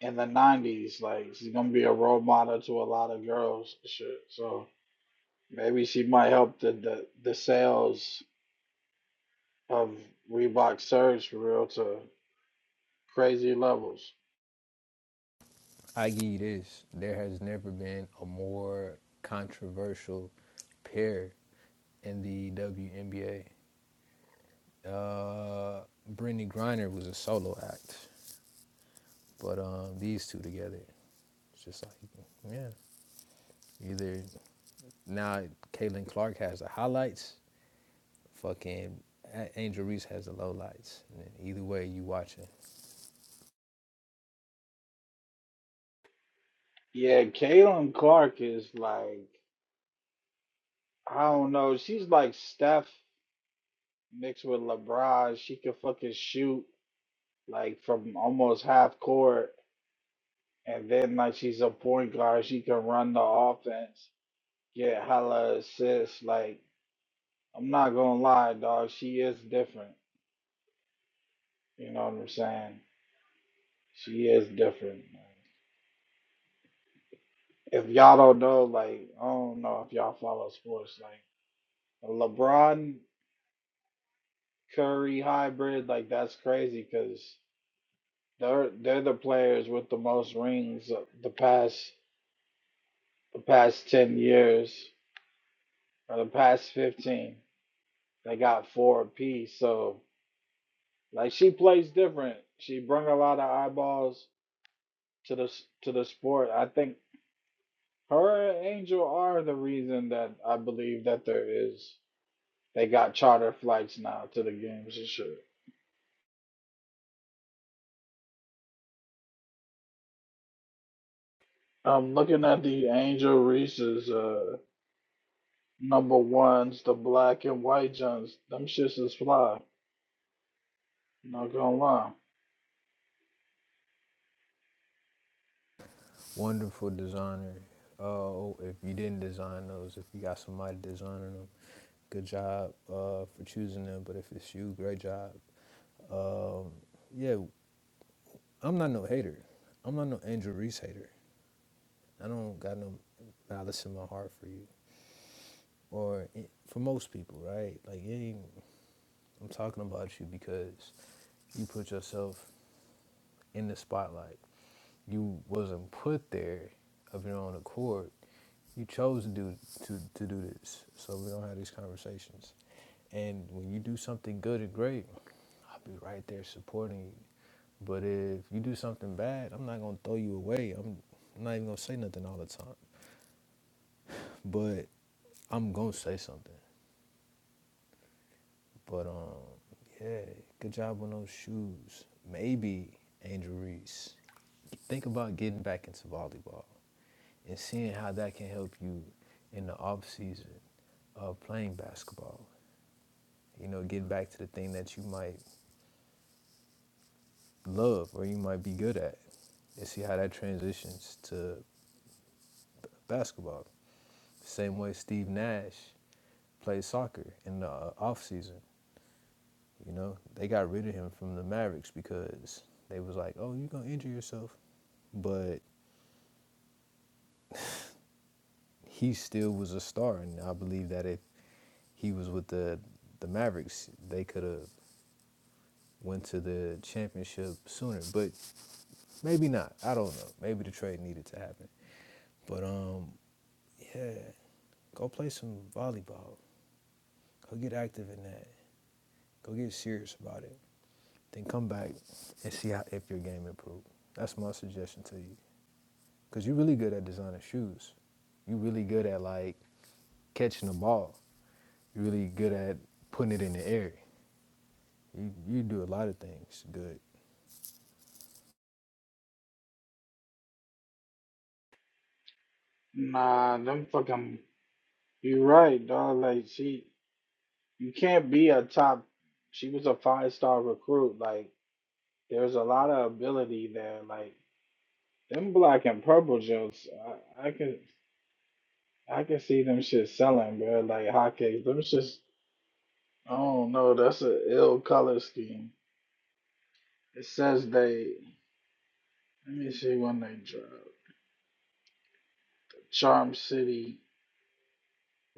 in the nineties. Like she's gonna be a role model to a lot of girls, and shit. So maybe she might help the the, the sales of Reebok surge for real to crazy levels.
I give you this. There has never been a more controversial pair in the WNBA. Uh, Brittany Griner was a solo act, but um, these two together, it's just like yeah. Either now, Caitlin Clark has the highlights Fucking Angel Reese has the lowlights. either way, you watching.
Yeah, Caitlin Clark is like I don't know. She's like Steph mixed with LeBron. She can fucking shoot like from almost half court And then like she's a point guard, she can run the offense, get hella assists. Like I'm not gonna lie, dog, she is different. You know what I'm saying? She is different. If y'all don't know, like I don't know if y'all follow sports, like a LeBron Curry hybrid, like that's crazy because they're they're the players with the most rings of the past the past ten years or the past fifteen. They got four apiece, so. Like she plays different. She bring a lot of eyeballs to the s- to the sport. I think her and Angel are the reason that I believe that there is they got charter flights now to the games and shit. I'm looking at the Angel Reese's uh number ones, the black and white Johns. Them shits is fly. Not gonna lie.
Wonderful designer. Oh, if you didn't design those, if you got somebody designing them, good job uh, for choosing them. But if it's you, great job. Um, yeah, I'm not no hater. I'm not no Angel Reese hater. I don't got no malice in my heart for you, or eh, for most people, right? Like, it ain't, I'm talking about you because you put yourself in the spotlight You wasn't put there of your own accord. You chose to do to, to do this. So we don't have these conversations. And when you do something good and great, I'll be right there supporting you. But if you do something bad, I'm not gonna throw you away. I'm not even gonna say nothing all the time. But I'm gonna say something. But um, yeah, good job on those shoes. Maybe Angel Reese. Think about getting back into volleyball. and seeing how that can help you in the off season of playing basketball. You know, get back to the thing that you might love or you might be good at, and see how that transitions to basketball. Same way Steve Nash played soccer in the uh, off season. You know, they got rid of him from the Mavericks because they was like, "Oh, you're gonna injure yourself," but he still was a star, and I believe that if he was with the the Mavericks, they could have went to the championship sooner. But maybe not. I don't know. Maybe the trade needed to happen. But um, yeah, go play some volleyball. Go get active in that. Go get serious about it. Then come back and see how if your game improved. That's my suggestion to you. Cause you're really good at designing shoes. You're really good at like catching the ball. You're really good at putting it in the air. You you do a lot of things good.
Nah, them fucking. You right, dog. Like she, you can't be a top. She was a five star recruit. Like There's a lot of ability there. Like them black and purple jokes, I, I can I can see them shit selling, bro. Like hotcakes. Them shits. I don't know. That's a ill color scheme. It says they. Let me see when they drop. Charm City,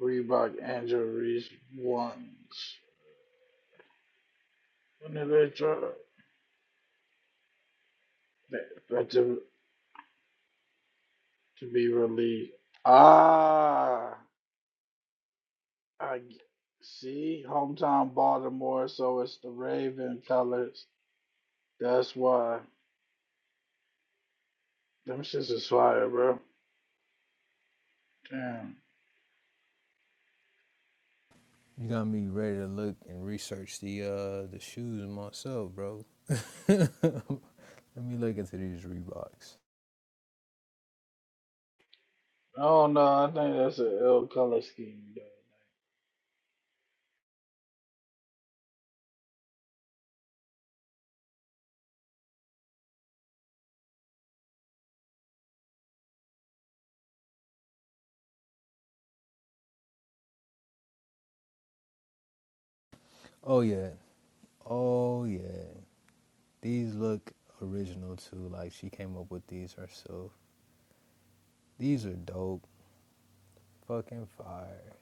Reebok, Angel Reese ones. When did they drop? They, but to to be released. Ah, I g- see. Hometown Baltimore. So it's the Raven colors. That's why them shits is fire, bro. Damn.
You got me ready to look and research the uh the shoes myself, bro. Let me look into these Reeboks.
I don't know. I think that's an ill color scheme. Though.
Oh yeah. Oh yeah. These look original too. Like she came up with these herself. These are dope. Fucking fire.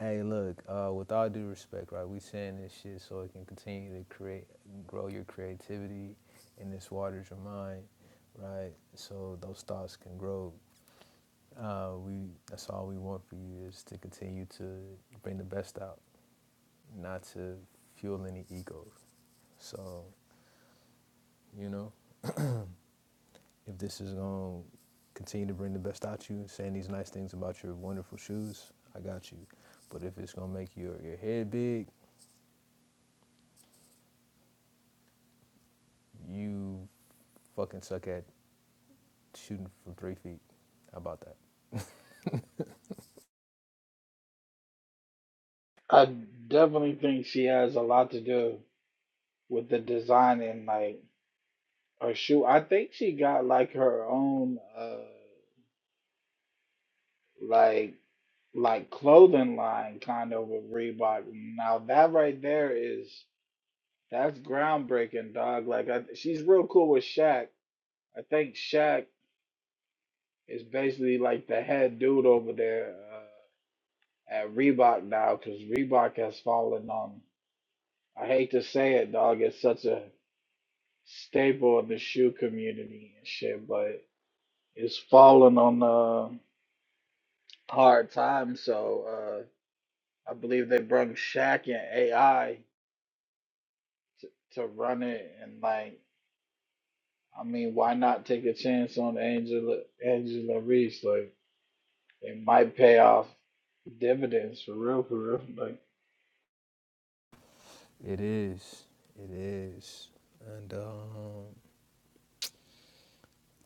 Hey look, uh with all due respect, right, we saying this shit so it can continue to create grow your creativity and this waters your mind, right? So those thoughts can grow Uh, we that's all we want for you is to continue to bring the best out, not to fuel any egos. So you know, if this is gonna continue to bring the best out you, saying these nice things about your wonderful shoes, I got you. But if it's gonna make your your head big, you fucking suck at shooting from three feet. How about that?
I definitely think she has a lot to do with the design and like her shoe. I think she got like her own uh like like clothing line kind of with Reebok. Now that right there is that's groundbreaking, dog. Like I, she's real cool with Shaq. I think Shaq is basically like the head dude over there. Uh, at Reebok now because Reebok has fallen on. I hate to say it, dog. It's such a staple in the shoe community and shit, but it's fallen on uh, hard times. So uh, I believe they brought Shaq and AI to, to run it, and like, I mean, why not take a chance on Angela Angela Reese? Like, it might pay off dividends for real, for real. Like,
It is. It is. And um,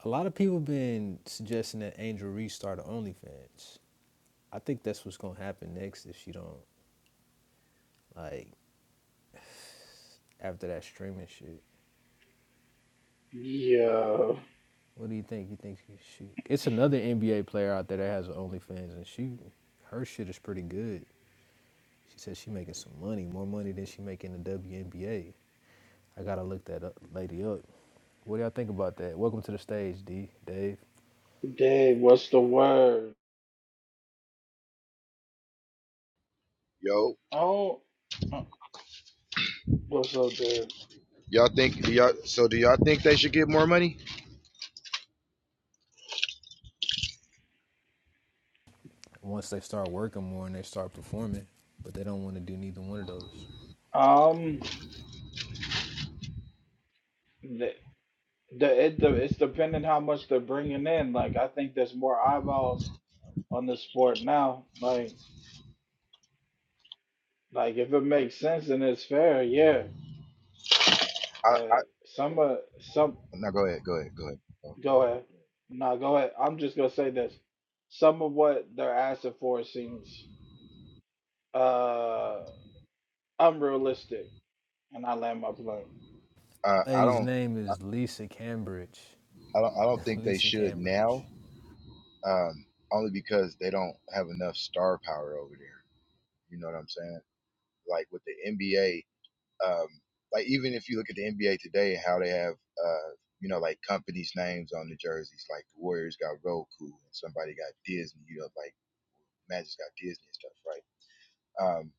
a lot of people been suggesting that Angel Reese start OnlyFans. I think that's what's gonna happen next if she don't like after that streaming shit.
yeah.
What do you think? You think she? she it's another NBA player out there that has an OnlyFans, and she, her shit is pretty good. She said she making some money, more money than she make in the WNBA. I gotta look that up, lady up. What do y'all think about that? Welcome to the stage, D, Dave.
Dang, what's the word?
Yo,
Oh, uh, what's up, dude?
y'all think do y'all so do y'all think they should get more money?
Once they start working more and they start performing, but they don't want to do neither one of those.
Um, the, the it the it's depending how much they're bringing in. Like, I think there's more eyeballs on the sport now. Like, like if it makes sense and it's fair, yeah.
I, I
But some of some
no go ahead, go ahead, go ahead.
go ahead. No, go ahead. I'm just gonna say this. Some of what they're asking for seems uh unrealistic, and I land my plane.
Uh, I
Lady's
don't
name
I,
is Lisa Cambridge.
I don't I don't think they
Lisa
should
Cambridge.
now. Um, only because they don't have enough star power over there. You know what I'm saying? Like with the NBA, um, like even if you look at the NBA today and how they have uh, you know, like companies' names on the jerseys, like the Warriors got Roku and somebody got Disney, you know, like Magic's got Disney and stuff, right? Um,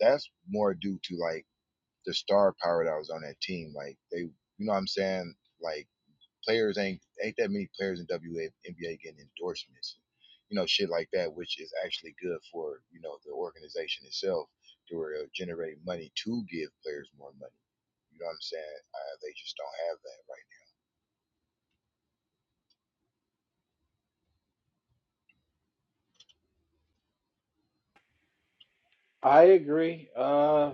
that's more due to like the star power that was on that team. Like they, you know, what I'm saying like players ain't ain't that many players in W A N B A getting endorsements, you know, shit like that, which is actually good for you know the organization itself to where it'll generate money to give players more money. You know what I'm saying? Uh, they just don't have that right.
I agree. Uh,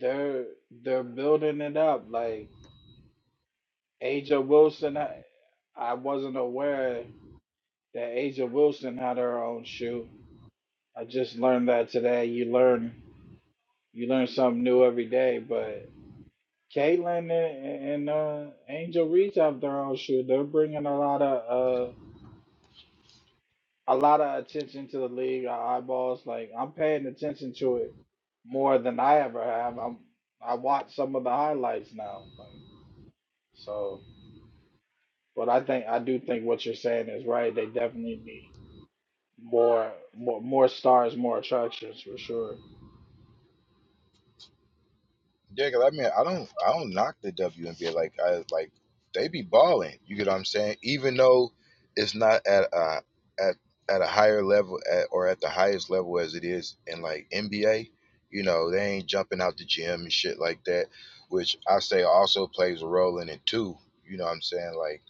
they're they're building it up like. Aja Wilson, I, I wasn't aware that Aja Wilson had her own shoe. I just learned that today. You learn you learn something new every day. But Caitlyn and, and uh, Angel Reese have their own shoe. They're bringing a lot of uh, a lot of attention to the league. Our eyeballs, like I'm paying attention to it more than I ever have. I'm I watch some of the highlights now. Like so, but I think I do think what you're saying is right. They definitely need More, more, more stars, more attractions for sure.
Yeah, 'cause I mean, I don't, I don't knock the WNBA. Like, I like they be balling. You get what I'm saying? Even though it's not at a at at a higher level at, or at the highest level as it is in like NBA, you know, they ain't jumping out the gym and shit like that, which I say also plays a role in it too. You know what I'm saying? Like,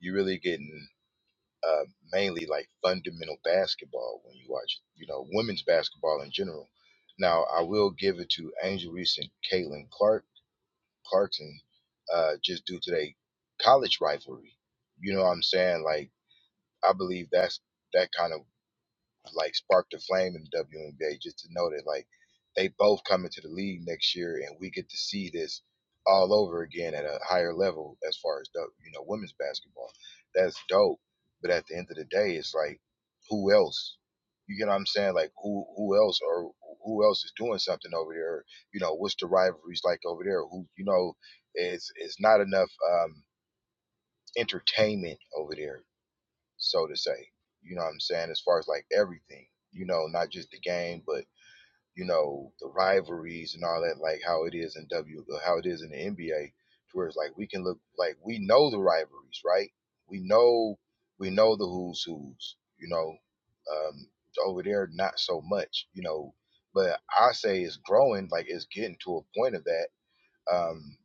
you really getting uh mainly like fundamental basketball when you watch, you know, women's basketball in general. Now, I will give it to Angel Reese and Caitlin Clark Clarkson, uh, just due to their college rivalry. You know what I'm saying? Like I believe that's that kind of like sparked a flame in the WNBA just to know that like they both come into the league next year and we get to see this all over again at a higher level as far as the you know women's basketball. That's dope. But at the end of the day, it's like who else? You get what I'm saying? Like who who else or who else is doing something over there? You know what's the rivalries like over there? Who you know? It's it's not enough um, entertainment over there so to say. You know what I'm saying? As far as like everything, you know, not just the game, but you know the rivalries and all that, like how it is in W, uh, how it is in the NBA, to where it's like we can look like we know the rivalries, right? We know we know the who's who's, you know. Um, over there, not so much, you know. But I say it's growing, like it's getting to a point of that. Um,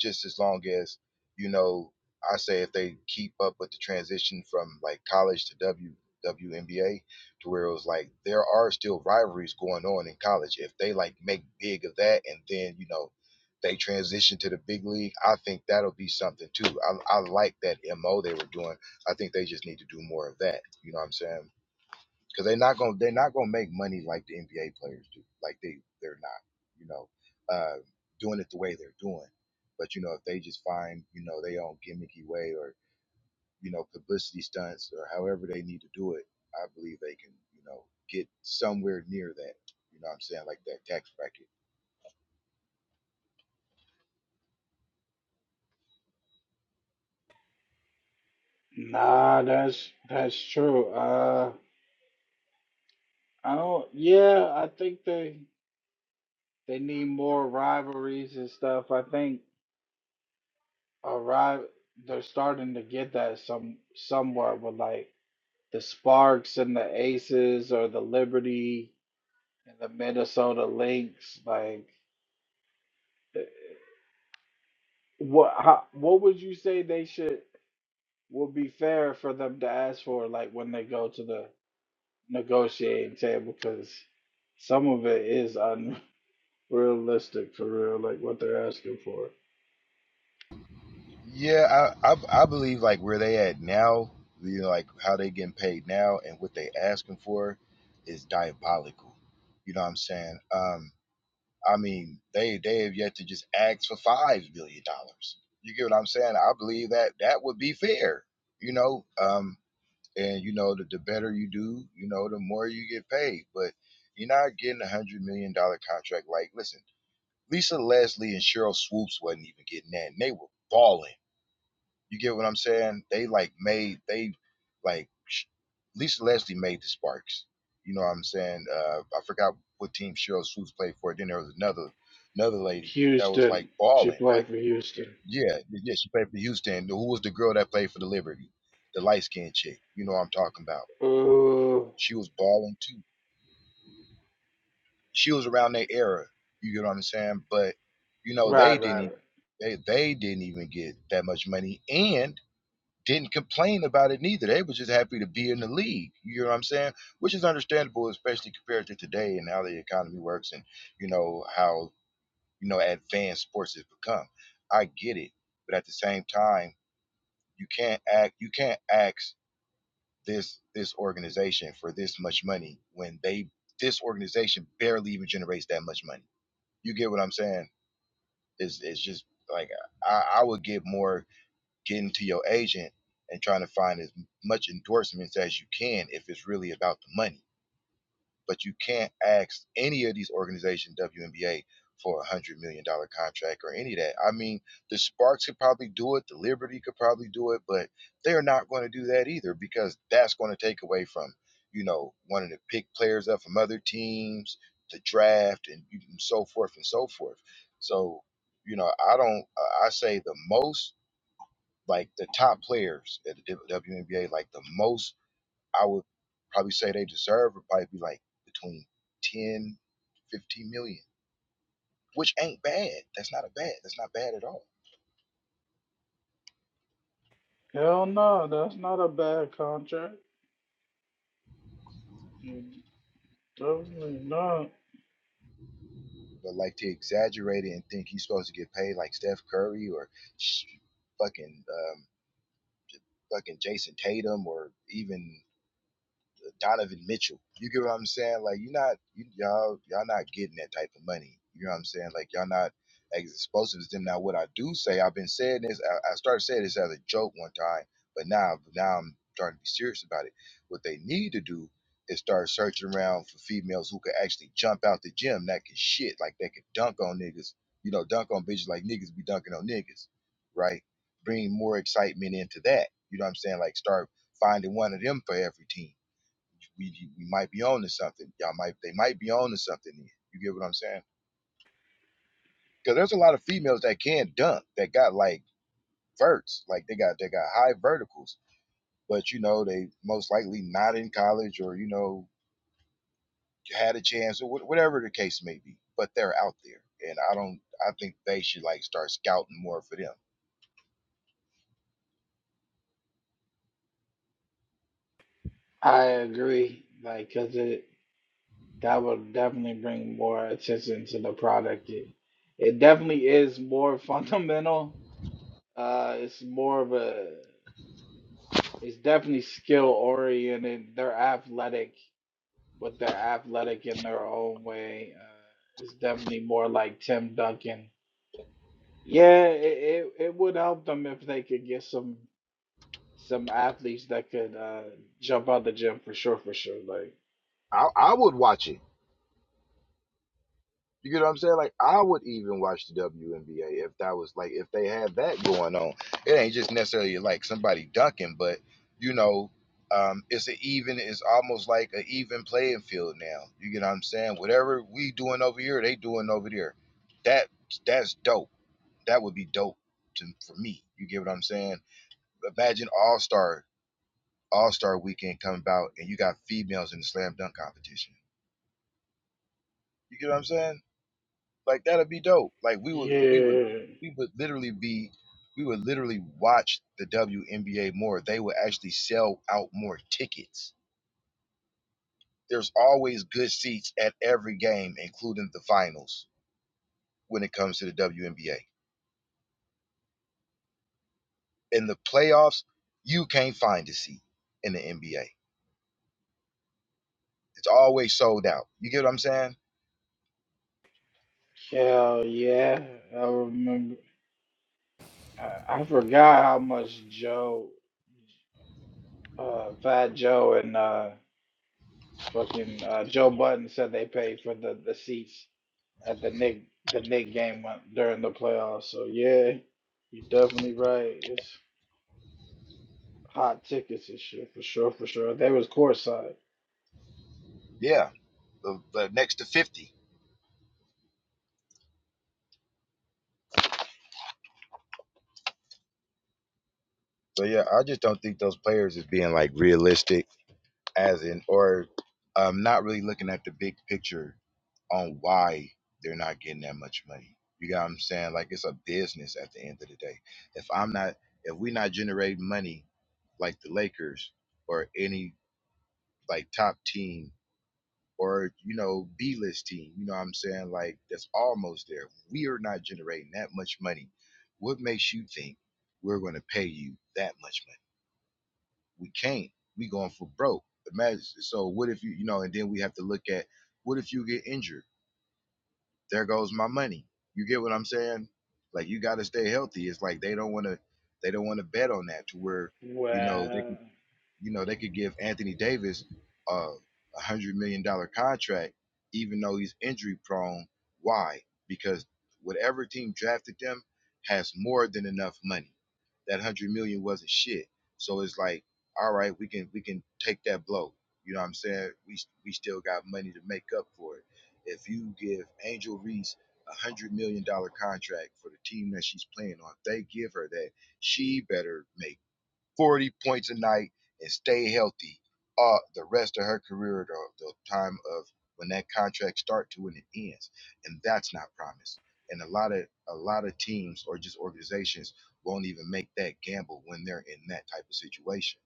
just as long as you know i say if they keep up with the transition from like college to w WNBA to where it was like there are still rivalries going on in college. If they like make big of that and then, you know, they transition to the big league, I think that'll be something too. I, I like that MO they were doing. I think they just need to do more of that. You know what I'm saying? because they're not gonna they're not gonna make money like the NBA players do. Like they they're not, you know, uh, doing it the way they're doing. But you know, if they just find you know their own gimmicky way or you know publicity stunts or however they need to do it, I believe they can you know get somewhere near that. You know what I'm saying? Like that tax bracket.
Nah, that's that's true. Uh, I don't. Yeah, I think they they need more rivalries and stuff. I think a ri- they're starting to get that some somewhat with like the Sparks and the Aces or the Liberty and the Minnesota Lynx. Like, what how, what would you say they should would be fair for them to ask for? Like when they go to the negotiating table because some of it is unrealistic for real, like what they're asking for.
Yeah, I I, I believe like where they at now, you know, like how they getting paid now and what they asking for is diabolical. You know what I'm saying? Um, I mean, they they have yet to just ask for five billion dollars. You get what I'm saying? I believe that that would be fair, you know. Um, and you know, the, the better you do, you know, the more you get paid. But you're not getting a one hundred million dollar contract. Like, listen, Lisa Leslie and Cheryl Swoops wasn't even getting that, and they were balling. You get what I'm saying? They like made they like Lisa Leslie made the Sparks. You know what I'm saying? Uh, I forgot what team Cheryl Swoops played for. Then there was another another lady that was like
Houston, she
balling. Like
played for Houston.
yeah, yeah, she played for Houston. Who was the girl that played for the Liberty? The light skinned chick. You know what I'm talking about?
Ooh,
She was balling too. She was around that era. You get what I'm saying? But you know they
right,
didn't.
right, right.
Even, they they didn't even get that much money and didn't complain about it neither. They were just happy to be in the league. You know what I'm saying? Which is understandable, especially compared to today and how the economy works and you know how you know advanced sports has become. I get it, but at the same time, you can't act. You can't ask this this organization for this much money when they this organization barely even generates that much money. You get what I'm saying? It's it's just like I, I would give more getting to your agent and trying to find as much endorsements as you can if it's really about the money. But you can't ask any of these organizations, WNBA, for a one hundred million dollar contract or any of that. I mean, the Sparks could probably do it, the Liberty could probably do it, but they're not going to do that either because that's going to take away from, you know, wanting to pick players up from other teams, the draft, and, so forth and so forth. So, you know, I don't, I say the most like the top players at the WNBA, like the most I would probably say they deserve would probably be like between ten, fifteen million, which ain't bad. That's not a bad. That's not bad at all.
Hell no, that's not a bad contract. Mm, Definitely not.
But like to exaggerate it and think he's supposed to get paid like Steph Curry or fucking um, fucking Jason Tatum or even Donovan Mitchell. You get what I'm saying? Like you're not you, y'all y'all not getting that type of money. You know what I'm saying? Like y'all not as explosive as them. Now what I do say, I've been saying this. I, I started saying this as a joke one time, but now now I'm starting to be serious about it. What they need to do is start searching around for females who could actually jump out the gym, that can shit, like they could dunk on niggas. You know, dunk on bitches like niggas be dunking on niggas, right? Bring more excitement into that. You know what I'm saying? Like start finding one of them for every team we we might be on to something. Y'all might they might be on to something here. You get what I'm saying? Because there's a lot of females that can dunk that got like verts, like they got they got high verticals, but you know they most likely not in college or you know had a chance or wh- whatever the case may be. But they're out there, and I don't. I think they should like start scouting more for them.
I agree, like, cause it that would definitely bring more attention to the product. It, it definitely is more fundamental. Uh, it's more of a It's definitely skill oriented. They're athletic, but they're athletic in their own way. Uh, it's definitely more like Tim Duncan. Yeah, it, it it would help them if they could get some some athletes that could uh, jump out the gym for sure, for sure. Like
I, I would watch it. You get what I'm saying? Like I would even watch the WNBA if that was like if they had that going on. It ain't just necessarily like somebody ducking, but you know, um, it's an even. It's almost like an even playing field now. You get what I'm saying? Whatever we doing over here, they doing over there. That that's dope. That would be dope to, for me. You get what I'm saying? Imagine All Star All Star Weekend coming about and you got females in the slam dunk competition. You get what I'm saying? Like that'd be dope. Like we would we would
yeah,
we would literally be we would literally watch the WNBA more. They would actually sell out more tickets. There's always good seats at every game, including the finals, when it comes to the WNBA. In the playoffs, you can't find a seat in the NBA. It's always sold out. You get what I'm saying?
hell yeah, I remember. I, I forgot how much Joe, uh, Fat Joe, and uh, fucking uh, Joe Button said they paid for the the seats at the Nick the Nick game when- during the playoffs. So yeah, you're definitely right. It's hot tickets and shit for sure, for sure. They was courtside.
Yeah. The, the next to 50. So yeah, I just don't think those players is being like realistic as in or um, not really looking at the big picture on why they're not getting that much money. You got what I'm saying? Like it's a business at the end of the day. If I'm not if we not generating money like the Lakers or any like top team or you know B list team, you know what I'm saying? Like that's almost there. We are not generating that much money. What makes you think we're going to pay you that much money? we can't. We going for broke. Imagine. So what if you, you know, and then we have to look at what if you get injured? There goes my money. You get what I'm saying? Like you got to stay healthy. It's like they don't want to, they don't want to bet on that to where, you know, they can
Well,
you know, they could give Anthony Davis a a hundred million dollar contract, even though he's injury prone. Why? Because whatever team drafted them has more than enough money. That hundred million wasn't shit. So it's like, all right, we can we can take that blow. You know what I'm saying? We we still got money to make up for it. If you give Angel Reese a hundred million dollar contract for the team that she's playing on, if they give her that, she better make 40 points a night and stay healthy uh, the rest of her career or the the time of when that contract start to when it ends. And that's not promised. And a lot of a lot of teams or just organizations won't even make that gamble when they're in that type of situation.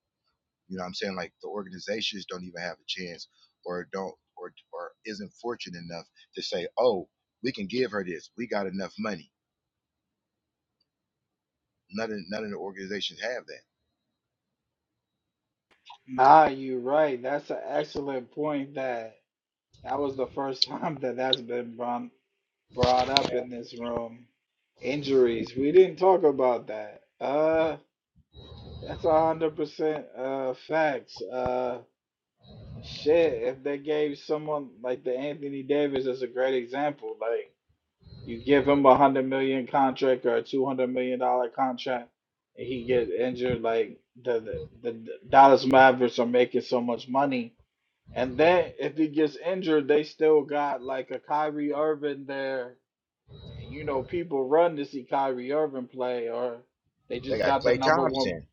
You know what I'm saying? Like the organizations don't even have a chance or don't or or isn't fortunate enough to say, oh, we can give her this. We got enough money. None of, none of the organizations have that.
nah, you are right. That's an excellent point. That that was the first time that that's been brought brought up in this room. Injuries. We didn't talk about that. Uh, that's a hundred percent uh facts. Uh. Shit, if they gave someone like the Anthony Davis as a great example, like. You give him a hundred million contract or a two hundred million dollar contract, and he get injured. Like the, the the Dallas Mavericks are making so much money, and then if he gets injured, they still got like a Kyrie Irving there. And you know, people run to see Kyrie Irving play, or they
They
just
got
got the
Klay
number one.
Thompson.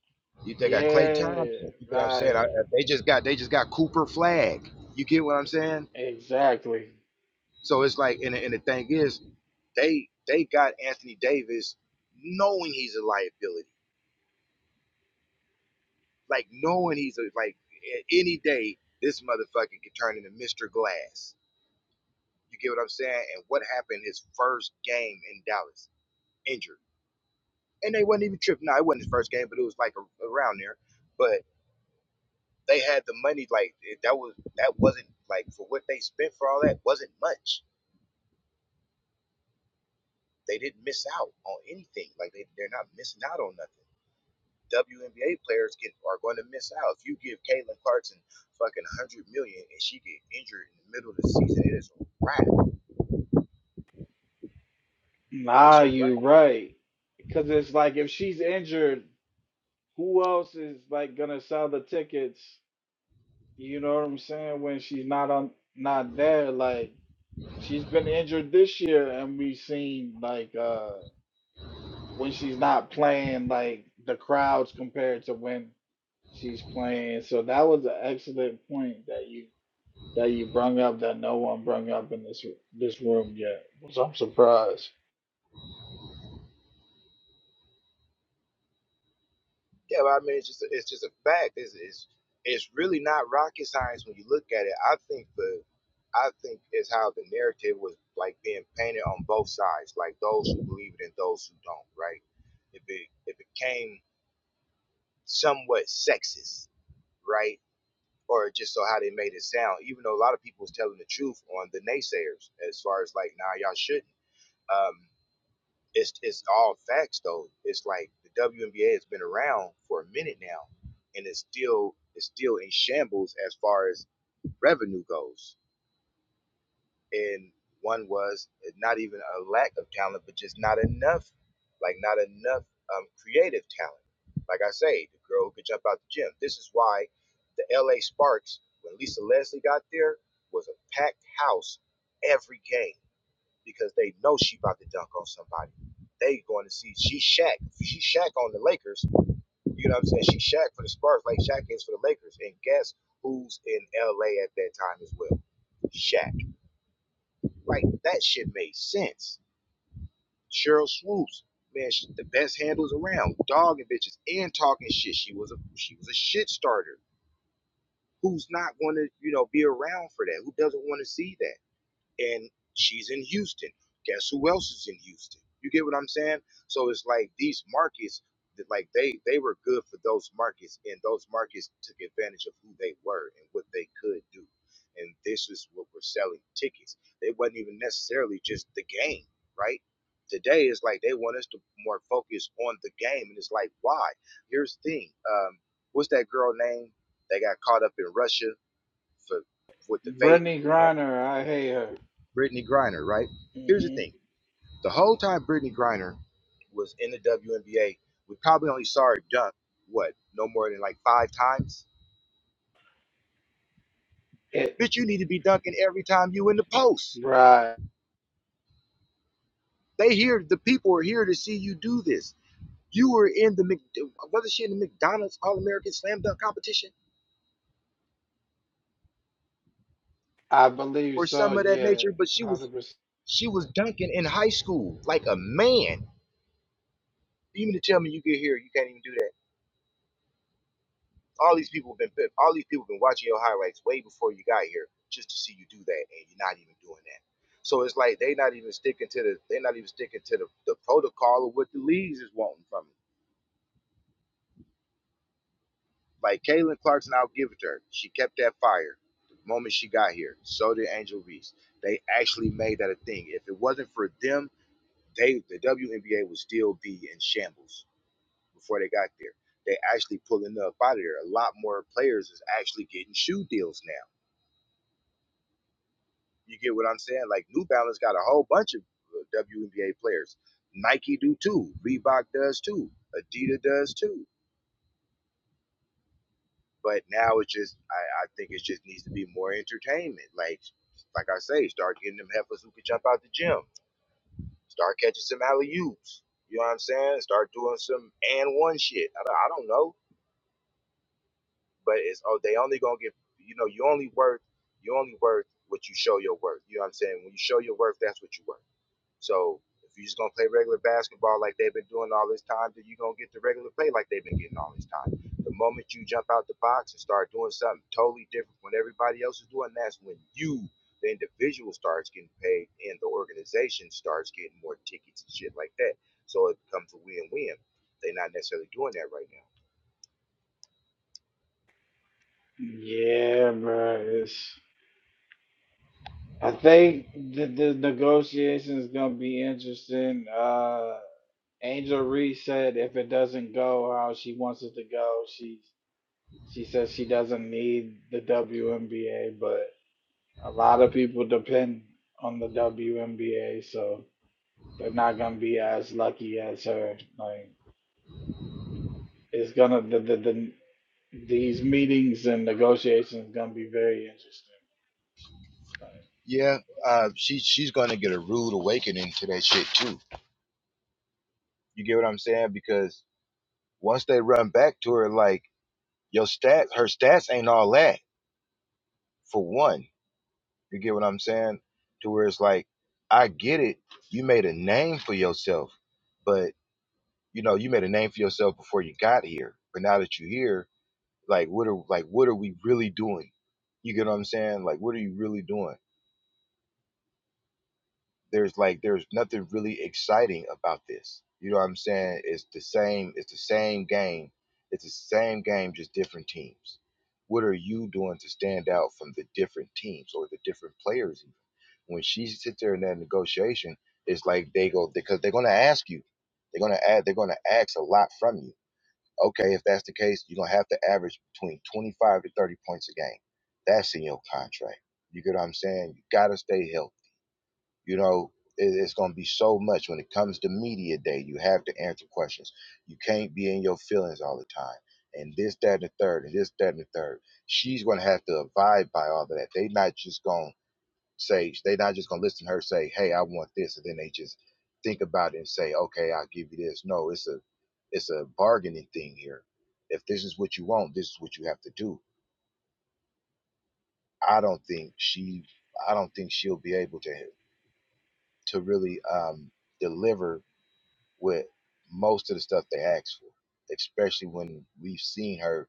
You they got Klay
Yeah,
Thompson. You get what I'm saying? I,
right.
uh, they just got they just got Cooper Flag. You get what I'm saying?
Exactly.
So it's like and, and the thing is they they got Anthony Davis knowing he's a liability, like knowing he's a, like any day this motherfucker could turn into Mr. Glass. You get what I'm saying? And what happened his first game in Dallas? Injured, and they wasn't even tripping. No, it wasn't his first game, but it was like a, around there. they had the money like that was that wasn't like for what they spent for all that wasn't much. They didn't miss out on anything. Like they they're not missing out on nothing. WNBA players get are going to miss out. If you give Caitlin Clarkson fucking a hundred million and she get injured in the middle of the season, it is a wrap. It's
Nah,
a wrap.
you right. Because it's like if she's injured. who else is like gonna sell the tickets? You know what I'm saying? When she's not on, not there, like she's been injured this year, and we've seen like uh when she's not playing, like the crowds compared to when she's playing. So that was an excellent point that you that you brung up that no one brung up in this this room yet. So I'm surprised.
Yeah, but I mean, it's just a, it's just a fact. It's, it's it's really not rocket science when you look at it. I think the I think is how the narrative was like being painted on both sides, like those who believe it and those who don't. Right? It be, it became somewhat sexist, right? Or just so how they made it sound, even though a lot of people was telling the truth on the naysayers as far as like, nah, y'all shouldn't. Um, it's it's all facts though. It's like the WNBA has been around for a minute now, and it's still it's still in shambles as far as revenue goes. And one was eh, not even a lack of talent, but just not enough, like not enough um, creative talent. Like I say, the girl who could jump out the gym. This is why the LA Sparks, when Lisa Leslie got there, was a packed house every game because they know she about to dunk on somebody. They going to see she Shaq. She Shaq on the Lakers. You know what I'm saying? She Shaq for the Spurs, like Shaq is for the Lakers. And guess who's in LA at that time as well? Shaq. Like that shit made sense. Cheryl Swoops, man, she, the best handles around, dogging bitches and talking shit. She was a she was a shit starter. Who's not going to you know be around for that? Who doesn't want to see that? and she's in Houston. Guess who else is in Houston? You get what I'm saying? So it's like these markets, that like they they were good for those markets, and those markets took advantage of who they were and what they could do. And this is what we're selling tickets. They wasn't even necessarily just the game, right? Today is like they want us to more focus on the game, and it's like why? Here's the thing. Um, what's that girl name? They got caught up in Russia for with the vape.
Brittany
Had
Griner, I hate her.
Brittany Griner, right? Here's the
hmm
thing: the whole time Brittany Griner was in the WNBA, we probably only saw her dunk what no more than like five times.
It
Bitch, you need to be dunking every time you in the post.
right,
They here, the people are here to see you do this. You were in the Mc, was she in the McDonald's All American Slam Dunk competition
I believe
or
so.
some of that
Yeah,
nature? But she was
hundred percent.
she was dunking in high school like a man. Even to tell me you get here, you can't even do that All these people have been pimped. all these people have been watching your highlights way before you got here just to see you do that, and you're not even doing that. So it's like they not even sticking to the they not even sticking to the, the protocol of what the leagues is wanting from you. Like Kaylin Clarkson, I'll give it to her. She kept that fire the moment she got here. So did Angel Reese. They actually made that a thing. If it wasn't for them, they the WNBA would still be in shambles before they got there. They actually pulling up out of there. A lot more players is actually getting shoe deals now You get what I'm saying? Like New Balance got a whole bunch of uh, WNBA players. Nike do too. Reebok does too. Adidas does too. But now it's just I, I think it just needs to be more entertainment. Like like I say, start getting them heifers who can jump out the gym. Start catching some alley oops. You know what I'm saying? Start doing some and one shit. I don't, I don't know, but it's oh they only gonna get you know you only worth you only worth what you show your worth. You know what I'm saying? When you show your worth, that's what you worth. So if you're just gonna play regular basketball like they've been doing all this time, then you're gonna get the regular play like they've been getting all this time. The moment you jump out the box and start doing something totally different when everybody else is doing, that's when you, the individual, starts getting paid and the organization starts getting more tickets and shit like that. So it becomes a win-win. They're not necessarily doing that right now.
Yeah, bro. It's, I think the, the negotiation is gonna be interesting. Uh, Angel Reese said if it doesn't go how she wants it to go, she she says she doesn't need the WNBA, but a lot of people depend on the WNBA, so they're not gonna be as lucky as her. Like it's gonna the the, the these meetings and negotiations gonna be very interesting.
Yeah, uh, she she's gonna get a rude awakening to that shit too. You get what I'm saying? Because once they run back to her, like Your stats, her stats ain't all that. For one, you get what I'm saying. To where it's like, I get it. You made a name for yourself, but you know, you made a name for yourself before you got here. But now that you're here, like, what are like, what are we really doing? You get what I'm saying? Like, what are you really doing? there's like there's nothing really exciting about this. You know what I'm saying? It's the same. It's the same game. It's the same game, just different teams. What are you doing to stand out from the different teams or the different players? Even when she sits there in that negotiation, it's like they go because they're gonna ask you. They're gonna add. They're gonna ask a lot from you. Okay, if that's the case, you're gonna have to average between 25 to 30 points a game. That's in your contract. You get what I'm saying? You gotta stay healthy you know, it, it's going to be so much when it comes to media day. You have to answer questions. You can't be in your feelings all the time. And this, that, and the third, and this, that, and the third. She's going to have to abide by all of that. They not just going to say, they not just going to listen to her say, hey, I want this. And then they just think about it and say, okay, I'll give you this. No, it's a, it's a bargaining thing here. If this is what you want, this is what you have to do. I don't think she, I don't think she'll be able to, to really um, deliver with most of the stuff they ask for, especially when we've seen her,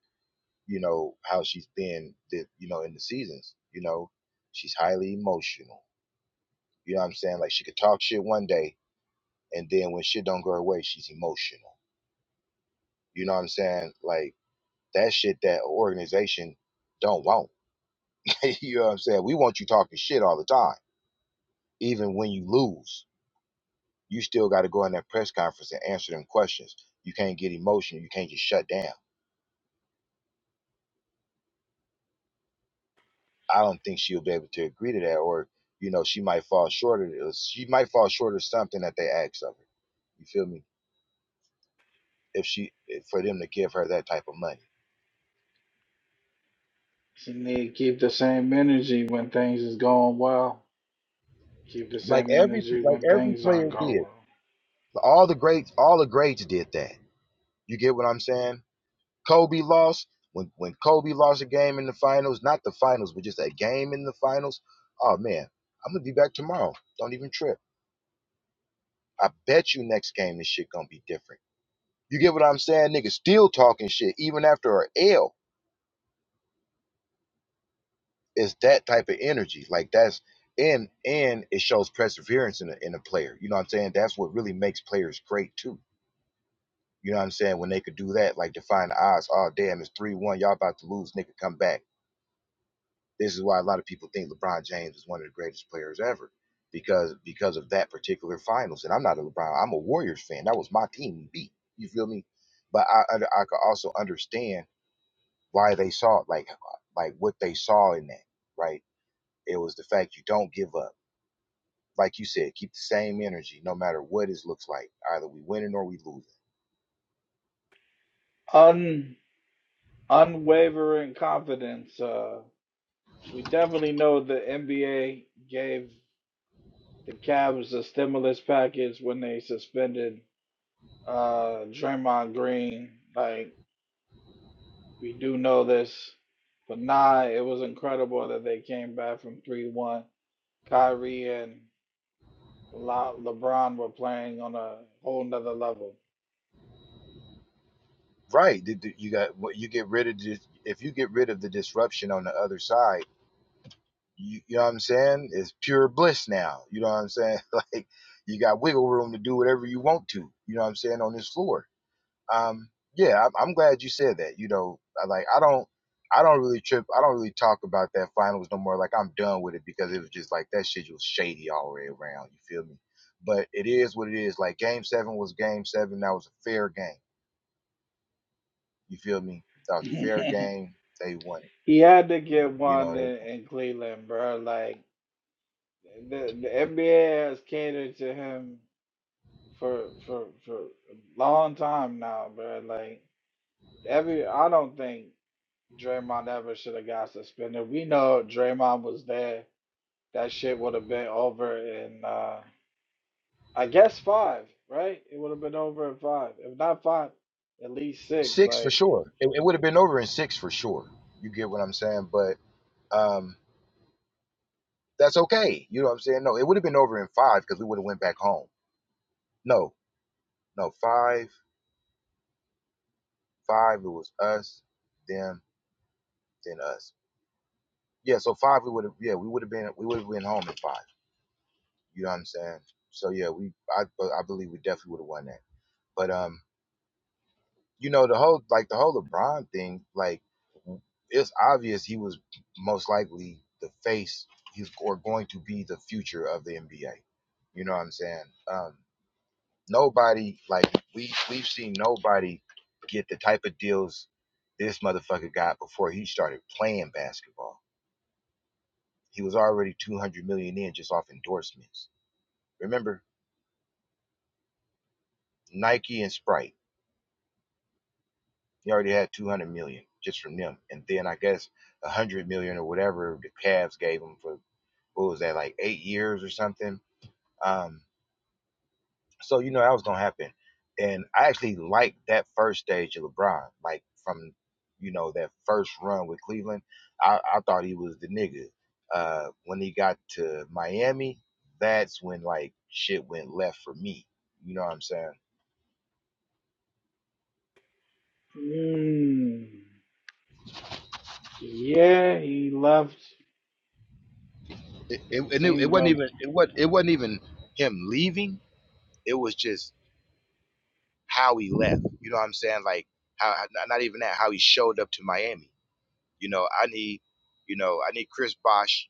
you know, how she's been, the, you know, in the seasons. You know, she's highly emotional. You know what I'm saying? Like she could talk shit one day, and then when shit don't go her way, she's emotional. You know what I'm saying? Like that shit that organization don't want. you know what I'm saying? We want you talking shit all the time, even when you lose. You still got to go in that press conference and answer them questions. You can't get emotional. You can't just shut down I don't think she'll be able to agree to that, or you know, she might fall short of uh, she might fall short of something that they ask of her. You feel me? If she for them to give her that type of money,
You need to keep the same energy when things is going well. Keep the
like
same
every
energy
like
when
every
things aren't
player
going
did,
well.
all the greats, all the greats did that. You get what I'm saying? Kobe lost when when Kobe lost a game in the finals, not the finals, but just a game in the finals. Oh man, I'm gonna be back tomorrow. Don't even trip. I bet you next game this shit gonna be different. You get what I'm saying? Niggas still talking shit even after a L. It's that type of energy. Like that's and and it shows perseverance in a in a player. You know what I'm saying? That's what really makes players great too. You know what I'm saying? When they could do that, like defying the odds, oh damn, it's three one, y'all about to lose, nigga, come back. This is why a lot of people think LeBron James is one of the greatest players ever. Because because of that particular finals. And I'm not a LeBron, I'm a Warriors fan. That was my team beat. You feel me? But I I, I could also understand why they saw it, like like what they saw in that, right? It was the fact you don't give up. Like you said, keep the same energy no matter what it looks like. Either we winning or we losing.
Un unwavering confidence. Uh, we definitely know the NBA gave the Cavs a stimulus package when they suspended uh Draymond Green. Like we do know this, but nah, it was incredible that they came back from three one. Kyrie and La- LeBron were playing on a whole nother level.
Right. You got you get rid of dis- if you get rid of the disruption on the other side, you, you know what I'm saying? It's pure bliss now. You know what I'm saying? Like you got wiggle room to do whatever you want to. You know what I'm saying on this floor um yeah I'm, I'm glad you said that you know I like i don't i don't really trip i don't really talk about that finals no more like i'm done with it because it was just like that shit was shady all the way around you feel me but it is what it is like game seven was game seven that was a fair game you feel me that was a fair game they won it
He had to get
you know
one
they
in,
won.
in Cleveland, bro. Like the the NBA has catered to him for for for a long time now, bro. Like every, I don't think Draymond ever should have got suspended. We know if Draymond was there. That shit would have been over in, uh, I guess five, right? It would have been over in five, if not five, at least six.
six for
Like,
sure it, it would have been over in six for sure you get what i'm saying but um that's okay you know what i'm saying no it would have been over in five because we would have went back home no no five Five, it was us, them, then us. Yeah, so five we would have yeah, we would have been we would have been home in five. You know what I'm saying? So yeah, we I I believe we definitely would have won that. But um, you know, the whole like the whole LeBron thing, like it's obvious he was most likely the face he's or going to be the future of the NBA. You know what I'm saying? Um, nobody like we we've seen nobody get the type of deals this motherfucker got before he started playing basketball. He was already 200 million in just off endorsements. Remember, Nike and Sprite, he already had 200 million just from them. And then I guess 100 million or whatever the Cavs gave him for, what was that, like eight years or something? Um, so, you know, that was going to happen. And I actually liked that first stage of LeBron, like from, you know, that first run with Cleveland. I, I thought he was the nigga. Uh, when he got to Miami, that's when like shit went left for me. You know what I'm saying?
mm, yeah, he left
It, it,
and
and it, it
seemed
wasn't
to
even it was not it wasn't even him leaving. It was just how he left. You know what I'm saying? Like how not even that how he showed up to Miami. You know, I need you know I need Chris Bosh.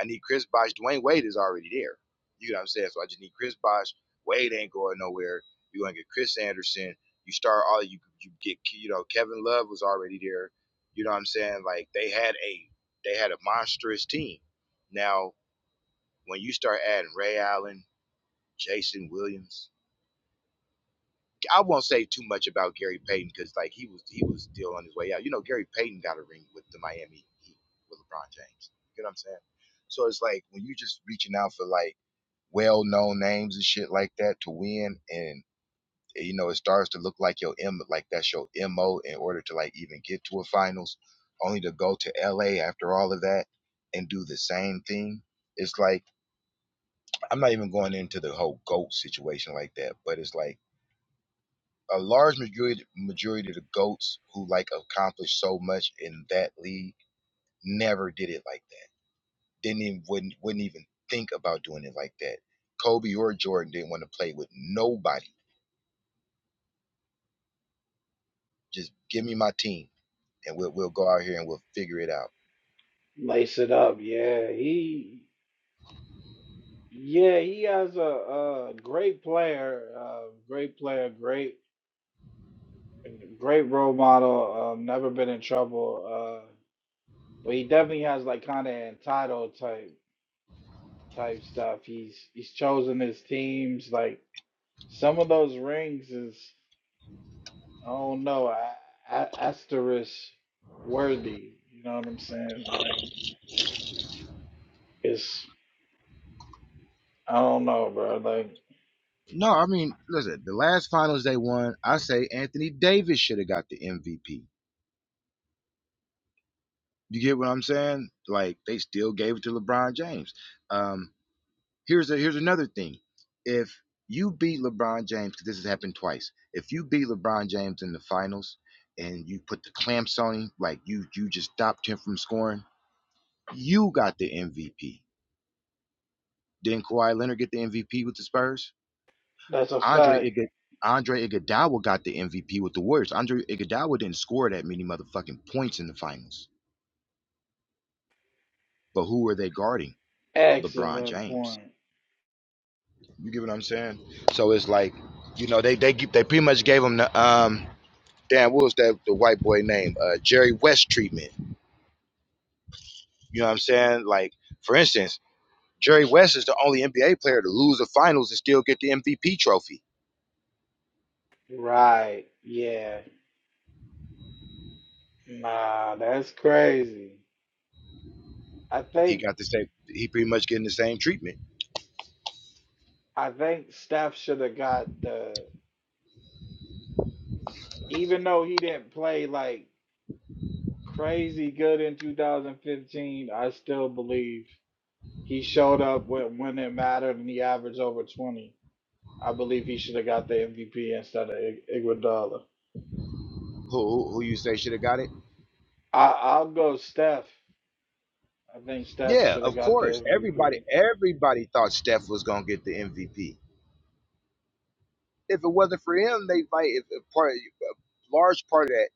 I need Chris Bosh. Dwayne Wade is already there. You know what I'm saying? So I just need Chris Bosh. Wade ain't going nowhere. You're gonna get Chris Anderson. You start all you you get you know Kevin Love was already there. You know what I'm saying? Like they had a they had a monstrous team. Now when you start adding Ray Allen Jason Williams. I won't say too much about Gary Payton because like he was he was still on his way out. You know, Gary Payton got a ring with the Miami Heat with LeBron James. You know what I'm saying? So it's like when you're just reaching out for like well known names and shit like that to win and eh, you know it starts to look like your M like that's your MO in order to like even get to a finals, only to go to LA after all of that and do the same thing. It's like I'm not even going into the whole GOAT situation like that, but it's like a large majority majority of the goats who like accomplished so much in that league never did it like that. Didn't even wouldn't wouldn't even think about doing it like that. Kobe or Jordan didn't want to play with nobody. Just give me my team and we'll we'll go out here and we'll figure it out.
Lace it up, yeah. He, yeah, he has a, a great player, uh, great player, great, great role model. Um, never been in trouble. Uh, but he definitely has like kind of entitled type type stuff. He's he's chosen his teams. Like some of those rings is, I don't know, a, a, asterisk worthy. You know what I'm saying? Like it's, I don't know, bro. Like
No, I mean, listen, the last finals they won, I say Anthony Davis should have got the MVP. You get what I'm saying? Like they still gave it to LeBron James. Um, here's a, here's another thing. If you beat LeBron James, because this has happened twice. If you beat LeBron James in the finals and you put the clamps on him, like you you just stopped him from scoring, you got the MVP. Didn't Kawhi Leonard get the MVP with the Spurs?
that's a
Andre
fact.
Iguod- Andre Iguodala got the MVP with the Warriors. Andre Iguodala didn't score that many motherfucking points in the finals. But who were they guarding? LeBron
Excellent
James.
point.
You get what I'm saying? So it's like, you know, they they they pretty much gave him the um damn, what was that the white boy name? Uh, Jerry West treatment. You know what I'm saying? Like, for instance, Jerry West is the only NBA player to lose the finals and still get the MVP trophy.
Right. Yeah. Nah, that's crazy. I
He
think
got the same. He pretty much getting the same treatment.
I think Steph should have got the even though he didn't play like crazy good in 2015, I still believe he showed up when when it mattered and he averaged over 20. I believe he should have got the MVP instead of Ig- Iguodala.
Who who, who you say should have got it?
I I'll go Steph. I think Steph
Yeah,
should have
of
got the
course.
MVP.
Everybody everybody thought Steph was gonna get the MVP. If it wasn't for him, they might. If, if part a large part of that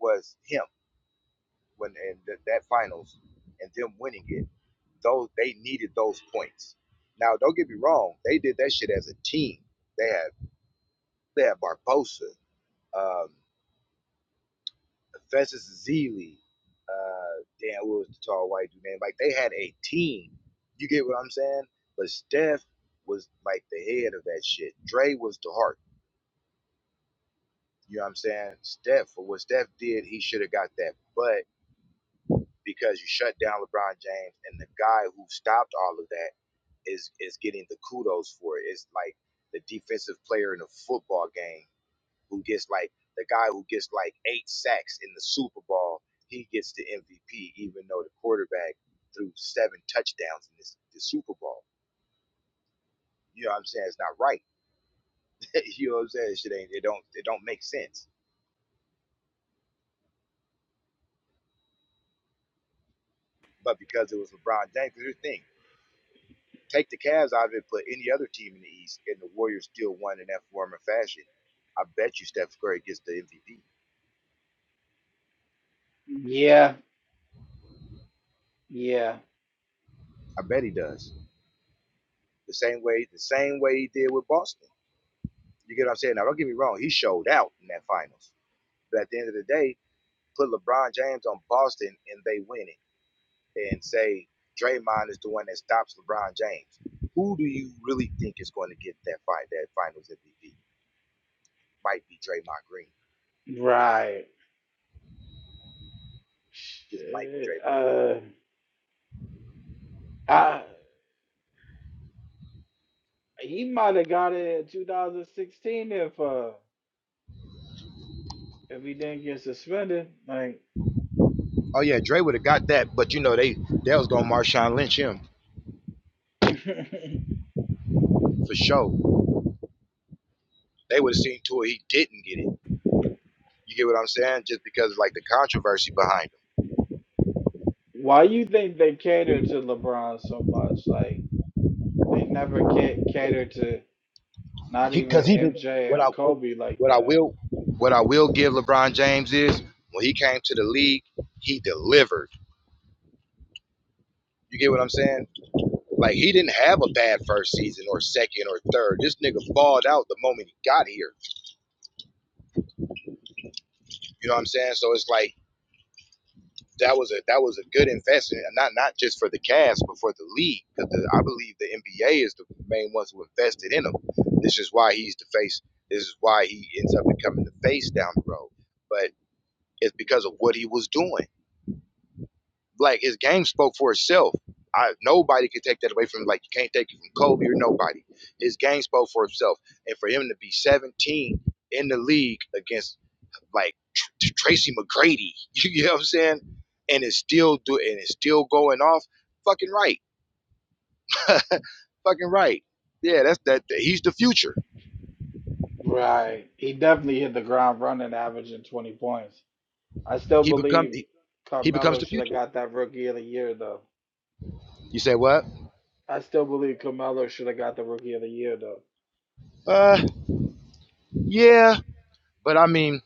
was him when and th- that finals and them winning it. Those they needed those points. Now, don't get me wrong; they did that shit as a team. They had they had Barbosa, um, Festus Zeeley, uh, Dan what was the tall white dude name. Like they had a team. You get what I'm saying? But Steph was like the head of that shit. Dre was the heart. You know what I'm saying? Steph, for what Steph did, he should have got that. But because you shut down LeBron James and the guy who stopped all of that is is getting the kudos for it. It's like the defensive player in a football game who gets like the guy who gets like eight sacks in the Super Bowl. He gets the MVP, even though the quarterback threw seven touchdowns in this the Super Bowl. You know what I'm saying? It's not right. you know what I'm saying? Shit ain't it don't it don't make sense. But because it was LeBron James, here's the thing. Take the Cavs out of it, put any other team in the East, and the Warriors still won in that form and fashion. I bet you Steph Curry gets the MVP.
Yeah. Yeah.
I bet he does. The same way, the same way he did with Boston. You get what I'm saying? Now, don't get me wrong. He showed out in that finals, but at the end of the day, put LeBron James on Boston and they win it, and say Draymond is the one that stops LeBron James. Who do you really think is going to get that fight, that Finals MVP? Might be Draymond Green.
Right.
Just might be
Shit,
Draymond Green.
Uh I he might have got it in 2016 if uh if he didn't get suspended. Like,
Oh yeah, Dray would have got that, but you know they they was gonna Marshawn Lynch him for sure. They would have seen to it he didn't get it. You get what I'm saying? Just because like the controversy behind him.
why you think they
You-
cater to LeBron so much? Like, they never ca- cater to not
because
even
he did
MJ
what
or
I what
Kobe like
what I
that.
will what I will give LeBron James is when he came to the league, he delivered. You get what I'm saying? Like he didn't have a bad first season or second or third. This nigga balled out the moment he got here. You know what I'm saying? So it's like that was a that was a good investment, and not not just for the Cavs, but for the league. Because I believe the NBA is the main ones who invested in him. This is why he's the face. This is why he ends up becoming the face down the road. But it's because of what he was doing. like his game spoke for itself. I, nobody could take that away from him. Like you can't take it from Kobe or nobody. His game spoke for itself, and for him to be 17 in the league against like Tr- Tracy McGrady, you know what I'm saying? And it's still do and it's still going off. Fucking right, fucking right. Yeah, that's that. He's the future.
Right. He definitely hit the ground running, averaging 20 points. I still
He become
believe
he, he becomes
Carmelo
the
should have
future.
got that Rookie of the Year though.
You say what?
I still believe Carmelo should have got the Rookie of the Year though.
Uh, yeah, but I mean,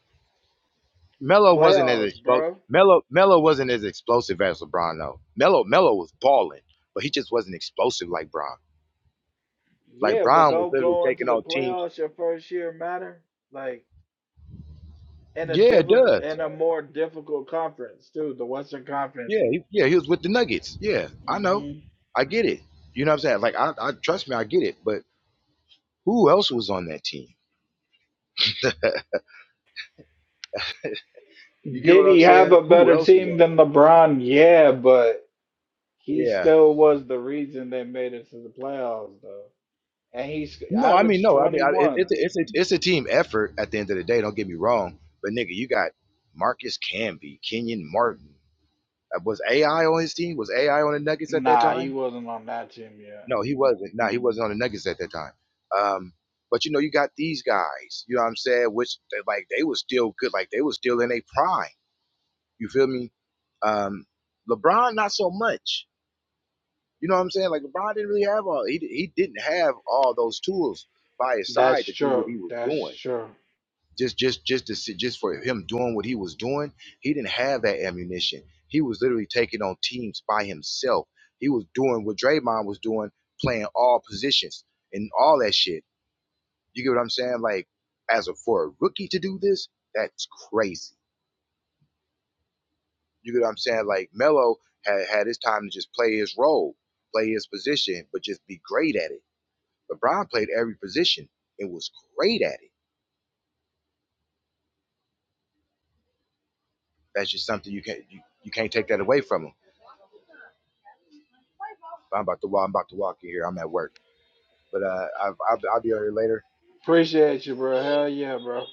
Melo wasn't as
Playoffs,
explosive.
bro.
Melo Melo wasn't as explosive as LeBron though. Melo Melo was balling, but he just wasn't explosive like Bron. Like
Yeah, but
Bron was
don't
literally
go into
taking
the
on teams.
playoffs your first year matter? Like in a
Yeah, it
difficult
does.
in a more difficult conference too, the Western Conference.
Yeah, he, yeah, he was with the Nuggets. Yeah, I know.
hmm
I get it. You know what I'm saying? Like I, I trust me, I get it. But who else was on that team? You get
Did
what I'm
he have
saying?
a
Who
better
else was
team
on that?
than LeBron? Yeah, but he
Yeah.
still was the reason they made it to the playoffs though. And he's
No, I mean
averaged
no. I mean
twenty
I, it,
one.
it's a, it's a, it's a team effort at the end of the day. Don't get me wrong. But nigga, you got Marcus Camby, Kenyon Martin. Uh, Was AI on his team? Was AI on the Nuggets at that
Nah, he
time?
wasn't on that team yet.
No, he wasn't. No, he wasn't on the Nuggets at that time. Um, but you know, you got these guys. You know what I'm saying? Which they, like they were still good. Like they were still in a prime. You feel me? Um, LeBron, not so much. You know what I'm saying? Like LeBron didn't really have all. He he didn't have all those tools by his
That's
side to do what
true.
he was
That's
doing.
true.
just just just to see just for him doing what he was doing he didn't have that ammunition he was literally taking on teams by himself he was doing what Draymond was doing playing all positions and all that shit you get what I'm saying like as a for a rookie to do this that's crazy you get what I'm saying like Melo had had his time to just play his role play his position but just be great at it LeBron played every position and was great at it that's just something you can't you, you can't take that away from him I'm about to walk. I'm about to walk in here. I'm at work, but uh, I've, I'll, I'll be out here later.
Appreciate you, bro. Hell yeah, bro.